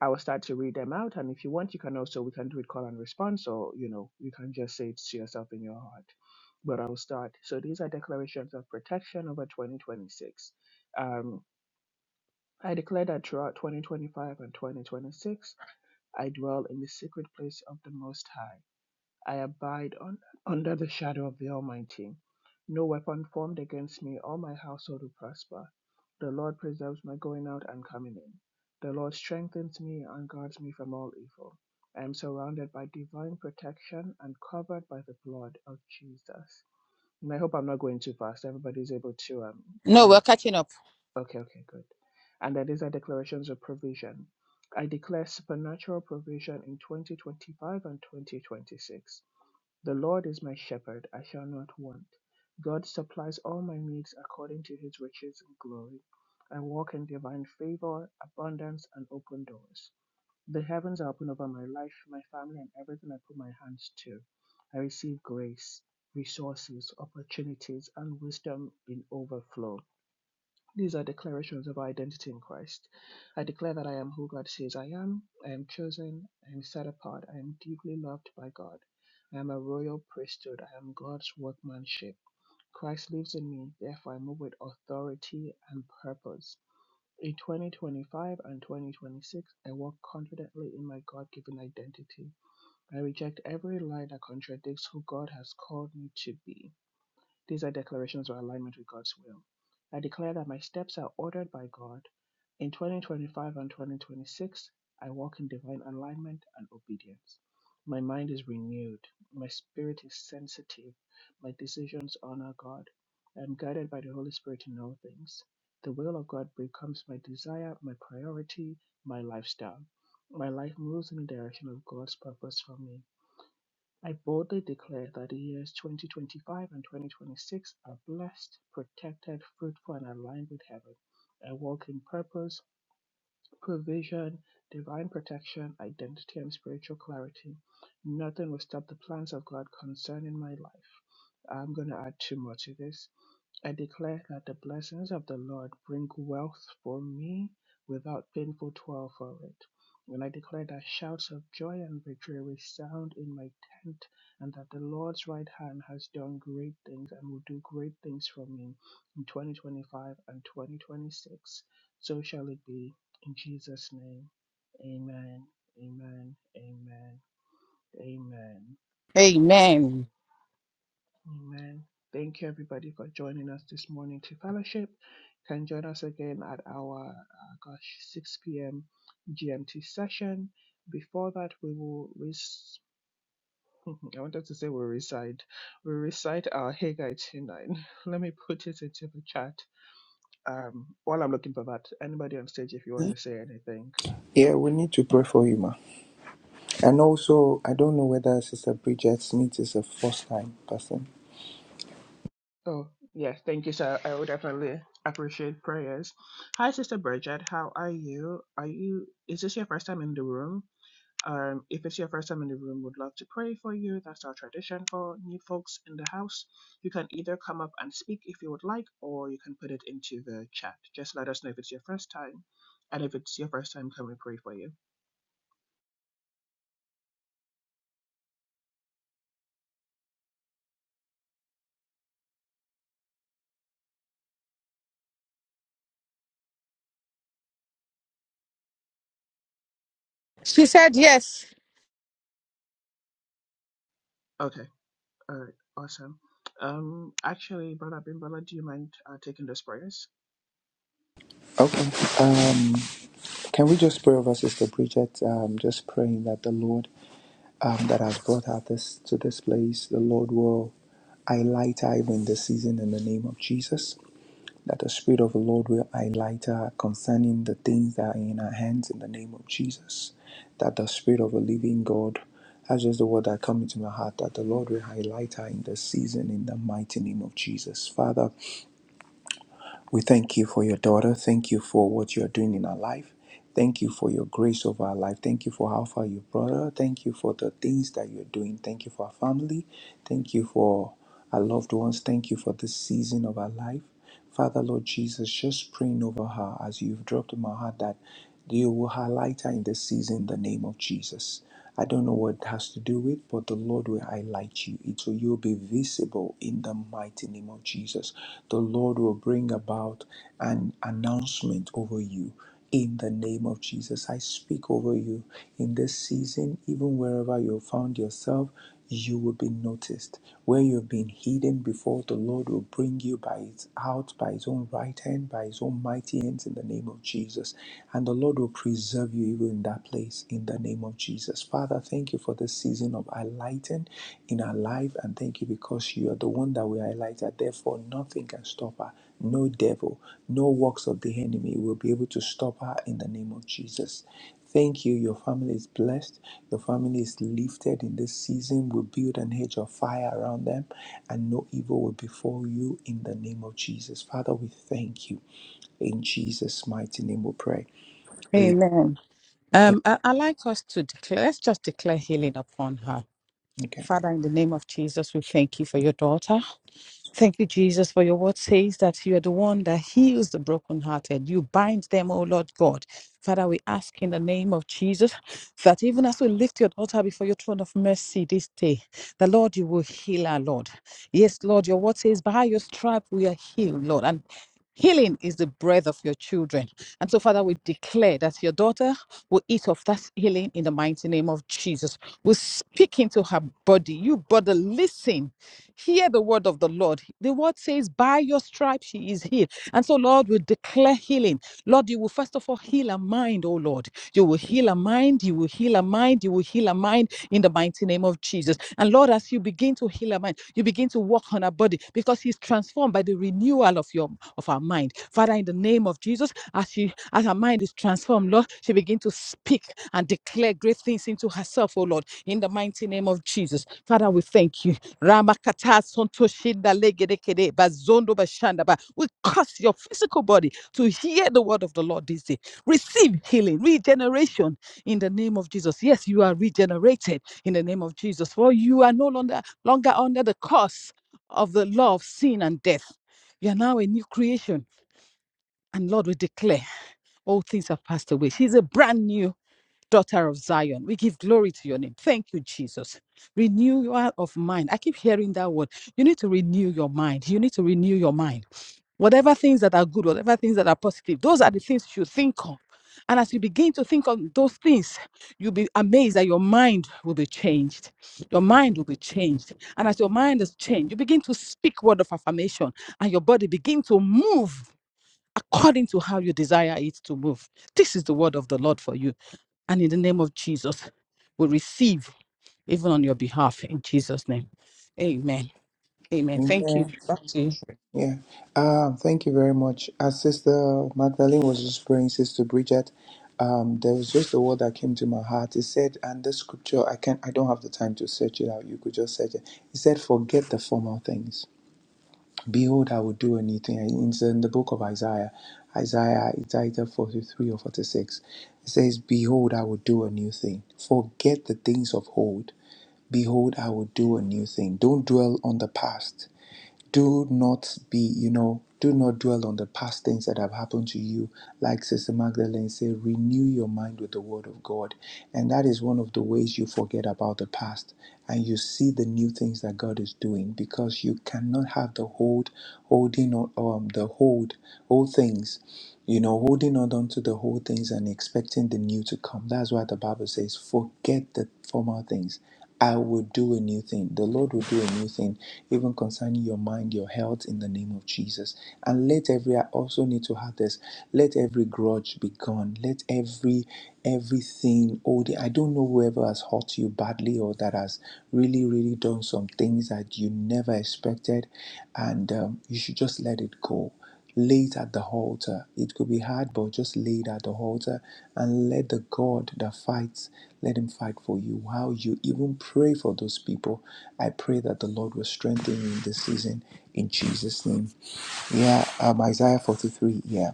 S1: I will start to read them out. And if you want, you can also, we can do it call and response, or, you know, you can just say it to yourself in your heart. But I'll start. So these are declarations of protection over 2026. Um, I declare that throughout 2025 and 2026, I dwell in the secret place of the Most High. I abide on, under the shadow of the Almighty. No weapon formed against me or my household will prosper. The Lord preserves my going out and coming in. The Lord strengthens me and guards me from all evil. I am surrounded by divine protection and covered by the blood of Jesus. And I hope I'm not going too fast. Everybody's able to, um, you
S2: No, we're catching up.
S1: know. Okay, okay, good. And then these are declarations of provision. I declare supernatural provision in 2025 and 2026. The Lord is my shepherd, I shall not want. God supplies all my needs according to his riches and glory. I walk in divine favor, abundance, and open doors. The heavens are open over my life, my family, and everything I put my hands to. I receive grace, resources, opportunities, and wisdom in overflow. These are declarations of our identity in Christ. I declare that I am who God says I am. I am chosen. I am set apart. I am deeply loved by God. I am a royal priesthood. I am God's workmanship. Christ lives in me. Therefore, I move with authority and purpose. In 2025 and 2026, I walk confidently in my God given identity. I reject every lie that contradicts who God has called me to be. These are declarations of alignment with God's will. I declare that my steps are ordered by God. In 2025 and 2026, I walk in divine alignment and obedience. My mind is renewed. My spirit is sensitive. My decisions honor God. I am guided by the Holy Spirit in all things. The will of God becomes my desire, my priority, my lifestyle. My life moves in the direction of God's purpose for me. I boldly declare that the years 2025 and 2026 are blessed, protected, fruitful, and aligned with heaven. I walk in purpose, provision, divine protection, identity, and spiritual clarity. Nothing will stop the plans of God concerning my life. I'm going to add two more to this. I declare that the blessings of the Lord bring wealth for me without painful toil for it. And I declare that shouts of joy and victory resound in my tent, and that the Lord's right hand has done great things and will do great things for me in 2025 and 2026. So shall it be in Jesus' name. Amen. Amen. Amen. Amen.
S2: Amen.
S1: Amen. Thank you, everybody, for joining us this morning to fellowship. You can join us again at our, uh, gosh, 6 p.m. GMT session. Before that, we will, res- I wanted to say we'll recite, we'll recite our Haggai 29. Let me put it into the chat um, while I'm looking for that. Anybody on stage, if you want to say anything.
S5: Yeah, we need to pray for you, ma. And also, I don't know whether Sister Bridget Smith is a first time person.
S1: Oh, yes, thank you, sir. I would definitely appreciate prayers. Hi, Sister Bridget. How are you? Are you, is this your first time in the room? Um, if it's your first time in the room, would love to pray for you. That's our tradition for new folks in the house. You can either come up and speak if you would like, or you can put it into the chat. Just let us know if it's your first time, and if it's your first time, can we pray for you?
S2: She said yes.
S1: Okay, all right, awesome. Um, actually, Brother Bimbala, do you mind uh, taking those prayers?
S5: Okay. Um, can we just pray over Sister Bridget? Um, just praying that the Lord um, that has brought her this to this place, the Lord will highlight her even this season in the name of Jesus. that the Spirit of the Lord will highlight her concerning the things that are in her hands in the name of Jesus. That the Spirit of the Living God, that's just the word that comes into my heart, that the Lord will highlight her in the season in the mighty name of Jesus. Father, we thank you for your daughter. Thank you for what you're doing in our life. Thank you for your grace over our life. Thank you for how far you brought her. Thank you for the things that you're doing. Thank you for our family. Thank you for our loved ones. Thank you for this season of our life. Father, Lord Jesus, just praying over her as you've dropped in my heart that you will highlight her in this season in the name of Jesus. I don't know what it has to do with, but the Lord will highlight you. It will you'll be visible in the mighty name of Jesus. The Lord will bring about an announcement over you. In the name of Jesus, I speak over you in this season, even wherever you found yourself you will be noticed. Where you've been hidden before, the Lord will bring you by his out by his own right hand, by his own mighty hands in the name of Jesus. And the Lord will preserve you even in that place in the name of Jesus. Father, thank you for this season of highlighting in our life and thank you because you are the one that we highlighted. Therefore, nothing can stop her. No devil, no works of the enemy will be able to stop her in the name of Jesus. Thank you. Your family is blessed. Your family is lifted in this season. We build an hedge of fire around them, and no evil will befall you in the name of Jesus. Father, we thank you. In Jesus' mighty name we pray. Amen.
S2: Amen. Um, I, I like us to declare, let's just declare healing upon her.
S5: Okay.
S2: Father, in the name of Jesus, we thank you for your daughter. Thank you, Jesus, for your word says that you are the one that heals the brokenhearted. You bind them, O Lord God. Father, we ask in the name of Jesus that even as we lift your altar before your throne of mercy this day, the Lord, you will heal our Lord. Yes, Lord, your word says, by your stripe we are healed, Lord. And Healing is the breath of your children. And so, Father, we declare that your daughter will eat of that healing in the mighty name of Jesus. We speak into her body. You, brother, listen. Hear the word of the Lord. The word says, By your stripes she is healed. And so, Lord, we declare healing. Lord, you will first of all heal a mind, oh Lord. You will heal a mind, you will heal a mind, you will heal a mind in the mighty name of Jesus. And Lord, as you begin to heal our mind, you begin to work on our body because he's transformed by the renewal of your of our mind. Father, in the name of Jesus, as she as her mind is transformed, Lord come, Lord. She begin to speak and declare great things into herself, oh Lord, in the mighty name of Jesus. Father, we thank you. We cause your physical body to hear the word of the Lord this day. Receive healing, regeneration in the name of Jesus. Yes, you are regenerated in the name of Jesus, for you are no longer, longer under the curse of the law of sin and death. You are now a new creation and Lord, we declare all things have passed away. She's a brand new daughter of Zion. We give glory to your name. Thank you, Jesus. Renewal of mind. I keep hearing that word. You need to renew your mind. You need to renew your mind. Whatever things that are good, whatever things that are positive, those are the things you think of. And as you begin to think of those things, you'll be amazed that your mind will be changed. Your mind will be changed. And as your mind is changed, you begin to speak word of affirmation and your body begin to move according to how you desire it to move. This is the word of the Lord for you. And in the name of Jesus, we receive even on your behalf in Jesus' name. Amen. Amen. Thank you.
S5: Amen.
S2: Back to you.
S5: Yeah. Um, thank you very much. As Sister Magdalene was just praying, Sister Bridget, um, there was just a word that came to my heart. It said, and the scripture, I can't, I don't have the time to search it out. You could just search it. It said, forget the formal things Behold, I will do a new thing. And It's in the book of Isaiah, Isaiah, it's either 43 or 46. It says, Behold, I will do a new thing. Forget the things of old. Behold, I will do a new thing. Don't dwell on the past do not be, you know, do not dwell on the past things that have happened to you. Like Sister Magdalene said, renew your mind with the Word of God. And that is one of the ways you forget about the past and you see the new things that God is doing because you cannot have the hold, holding on, um, the hold, all things, you know, holding on onto the whole things and expecting the new to come. That's why the Bible says, forget the former things I will do a new thing. The Lord will do a new thing, even concerning your mind, your health, in the name of Jesus. And let every, I also need to have this, let every grudge be gone. Let every, everything, all the, I don't know whoever has hurt you badly or that has really, really done some things that you never expected. And um, you should just let it go laid at the altar. It could be hard, but just laid at the altar and let the God that fights, let him fight for you. While you even pray for those people, I pray that the Lord will strengthen you in this season in Jesus' name. Yeah, um, Isaiah 43. yeah.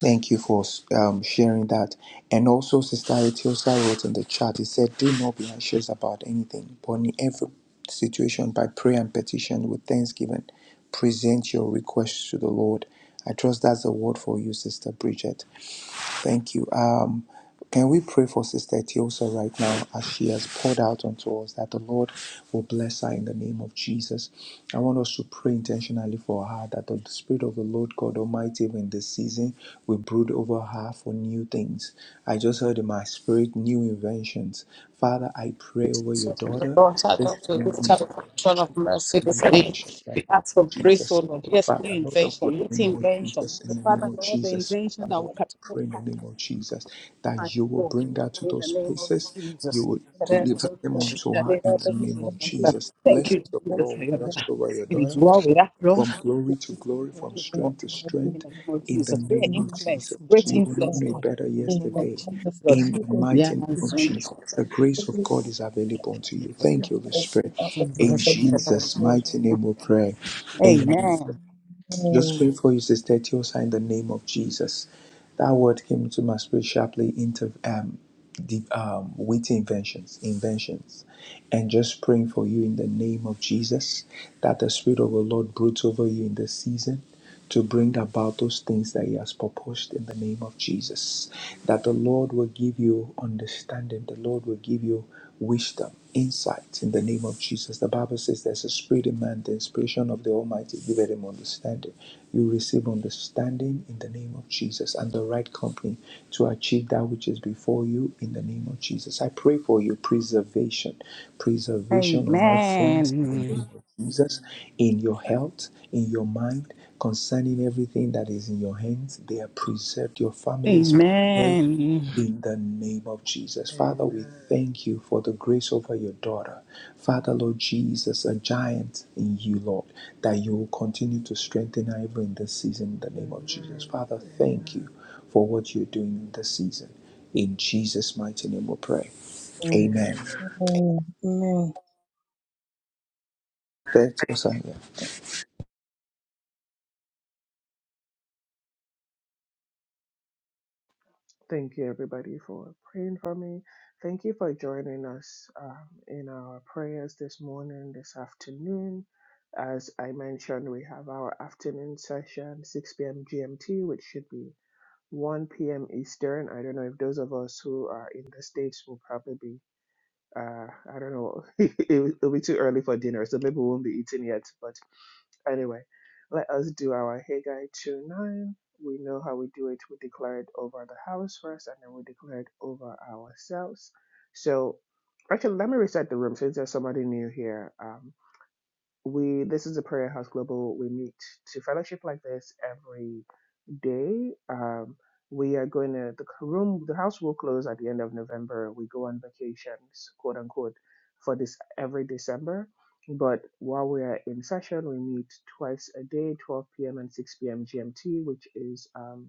S5: Thank you for um, sharing that. And also, Sister Etiosa wrote in the chat, it said, Do not be anxious about anything, but in every situation, by prayer and petition with thanksgiving, present your requests to the Lord. I trust that's the word for you, Sister Bridget. Thank you. Um, can we pray for Sister Tiosa right now as she has poured out onto us that the Lord will bless her in the name of Jesus? I want us to pray intentionally for her that the Spirit of the Lord God Almighty in this season will brood over her for new things. I just heard in my spirit new inventions. Father, I pray over your
S2: Jesus, the
S5: daughter
S2: Lord, I
S5: this
S2: don't feel this
S5: morning.
S2: type of control of mercy this day. We ask for grace, O
S5: Jesus.
S2: Lord. Yes, new
S5: Father, Lord of the
S2: invention, new
S5: name of
S2: invention.
S5: Jesus, in the name
S2: Father,
S5: of
S2: Lord, the
S5: Jesus,
S2: invention
S5: Father,
S2: that
S5: Lord
S2: will catapult
S5: pray in the
S2: her
S5: name of Jesus
S2: heart,
S5: that you will
S2: Lord,
S5: bring her to
S2: in the
S5: those
S2: name of
S5: places. You
S2: Jesus.
S5: will deliver them unto her in the name of Jesus.
S2: Thank
S5: Blessings
S2: you,
S5: of the
S2: Jesus.
S5: Lord
S2: your
S5: will
S2: love.
S5: rest over your
S2: It is
S5: daughter
S2: well with us, Lord.
S5: from glory to
S2: Speak
S5: glory, from
S2: life, Lord.
S5: strength to
S2: In
S5: strength
S2: the name of
S5: in the
S2: Jesus. Great
S5: name of Jesus.
S2: influence, great
S5: You will not
S2: influence,
S5: know
S2: Lord.
S5: better
S2: In the name of
S5: yesterday
S2: Jesus, Lord.
S5: in the
S2: Yeah,
S5: mighty name
S2: my
S5: of
S2: son.
S5: Jesus. The grace of God is available unto you.
S3: of
S5: Thank you, Holy Spirit.
S3: uh, of the
S5: In
S2: Jesus.
S3: Lord.
S5: Jesus'
S3: Lord.
S5: mighty name we pray. Amen.
S2: Amen.
S5: Just
S3: Amen.
S5: pray for you, Sister Tiosa, in the name of Jesus. That word came to my spirit sharply into um, the um, witty inventions, inventions, and just praying for you in the name of Jesus that the Spirit of the Lord broods over you in this season to bring about those things that He has proposed in the name of Jesus. That the Lord will give you understanding, the Lord will give you wisdom, insight in the name of Jesus. The Bible says there's a spirit in man, the inspiration of the Almighty giveth him understanding. You receive understanding in the name of Jesus and the right company to achieve that which is before you in the name of Jesus. I pray for you preservation, preservation on all fronts in the name
S2: Amen.
S5: of Jesus, in your health, in your mind, concerning everything that is in your hands. They are preserved. Your family is preserved
S2: Amen.
S5: in the name of Jesus. Father, we
S1: Amen.
S5: thank you for the grace over your daughter. Father, Lord Jesus, a giant in you, Lord, that you will continue to strengthen her even in this season in the name of Jesus.
S1: Amen.
S5: Father,
S1: Amen.
S5: thank you for what you're doing in this season. In Jesus' mighty name we pray.
S3: Amen.
S5: Amen.
S1: Amen.
S3: Amen.
S5: That's all,
S1: Thank you, everybody, for praying for me. Thank you for joining us um, in our prayers this morning, this afternoon. As I mentioned, we have our afternoon session, 6 p.m. GMT, which should be 1 p.m. Eastern. I don't know if those of us who are in the States will probably be, uh, I don't know, it will- it'll be too early for dinner, so maybe we won't be eating yet. But Anyway, let us do our Haggai 2 9. We know how we do it. We declare it over the house first, and then we declare it over ourselves. So, actually, let me reset the room since there's somebody new here. Um, we this is a prayer house global. We meet to fellowship like this every day. Um, we are going to the c- room. The house will close at the end of November. We go on vacations, quote unquote, for this every December. But while we are in session, we meet twice a day, 12 p.m. and 6 p.m. GMT, which is um,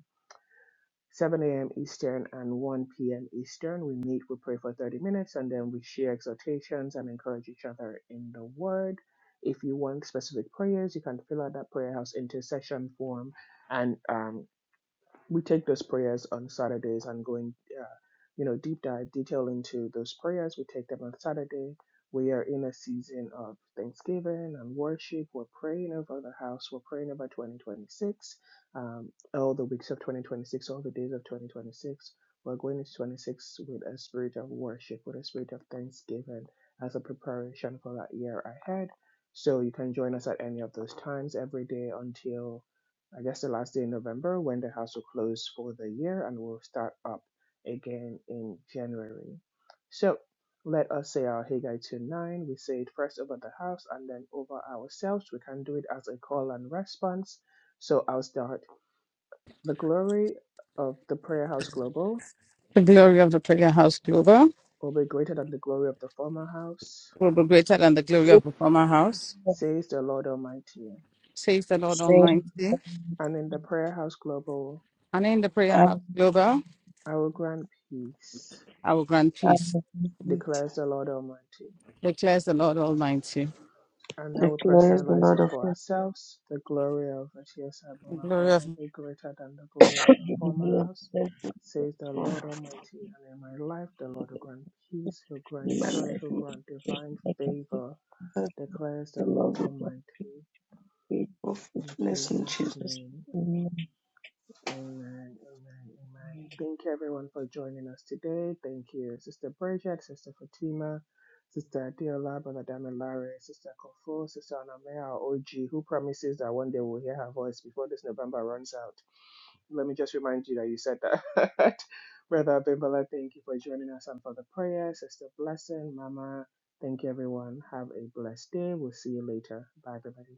S1: 7 a.m. Eastern and 1 p.m. Eastern. We meet, we pray for 30 minutes, and then we share exhortations and encourage each other in the Word. If you want specific prayers, you can fill out that prayer house intercession form and um, we take those prayers on Saturdays and going. uh, you know, deep dive detail into those prayers. We take them on Saturday. We are in a season of thanksgiving and worship. We're praying over the house. We're praying over 2026, um, all the weeks of 2026, all the days of 2026. We're going into 26 with a spirit of worship, with a spirit of thanksgiving as a preparation for that year ahead. So you can join us at any of those times every day until I guess the last day in November when the house will close for the year and we'll start up again in January. So let us say our Haggai 2 9. We say it first over the house and then over ourselves. We can do it as a call and response. So I'll start. The glory of the prayer house global
S2: The glory of the prayer house, Glover,
S1: will be greater than the glory of the former house,
S2: will be greater than the glory of
S3: Great
S2: the former house.
S1: says the Lord Almighty.
S2: says the Lord
S3: saying
S2: Almighty.
S1: And in the prayer house global,
S2: And in the prayer
S3: I
S2: house global,
S1: I will grant peace,
S2: I will grant
S3: I
S2: peace,
S3: am
S1: declares the Lord Almighty.
S2: declares the Lord Almighty.
S1: and now we
S3: declares the
S1: personalize
S3: Lord
S1: it
S3: of
S1: for
S3: hosts
S1: ourselves. The glory of Atiesa
S2: The
S1: Abuna
S2: Glory of.
S1: Hall be greater than the glory of the
S3: you
S1: former
S3: declare
S1: house,
S3: blessings
S1: says the
S3: for
S1: Lord Almighty. And in my life, the Lord will grant peace, he'll grant
S3: in my
S1: joy,
S3: life.
S1: he'll
S3: In my
S1: grant
S3: life,
S1: divine
S3: I can see
S1: favor,
S3: that
S1: declares
S3: the
S1: the Lord
S3: Lord will be
S1: Almighty.
S3: faithful,
S1: In
S3: faithfulness in
S1: Jesus'
S3: Jesus.
S1: name.
S3: Amen.
S1: Amen. Amen. Amen. Thank you, everyone, for joining us today. Thank you, Sister Bridget, Sister Fatima, Sister Adiola, Brother Damilare, Sister Kofo, Sister Anamea, our OG, who promises that one day we'll hear her voice before this November runs out. Let me just remind you that you said that. Brother Bimbala, thank you for joining us and for the prayer. Sister Blessing, Mama, thank you, everyone. Have a blessed day. We'll see you later. Bye, everybody.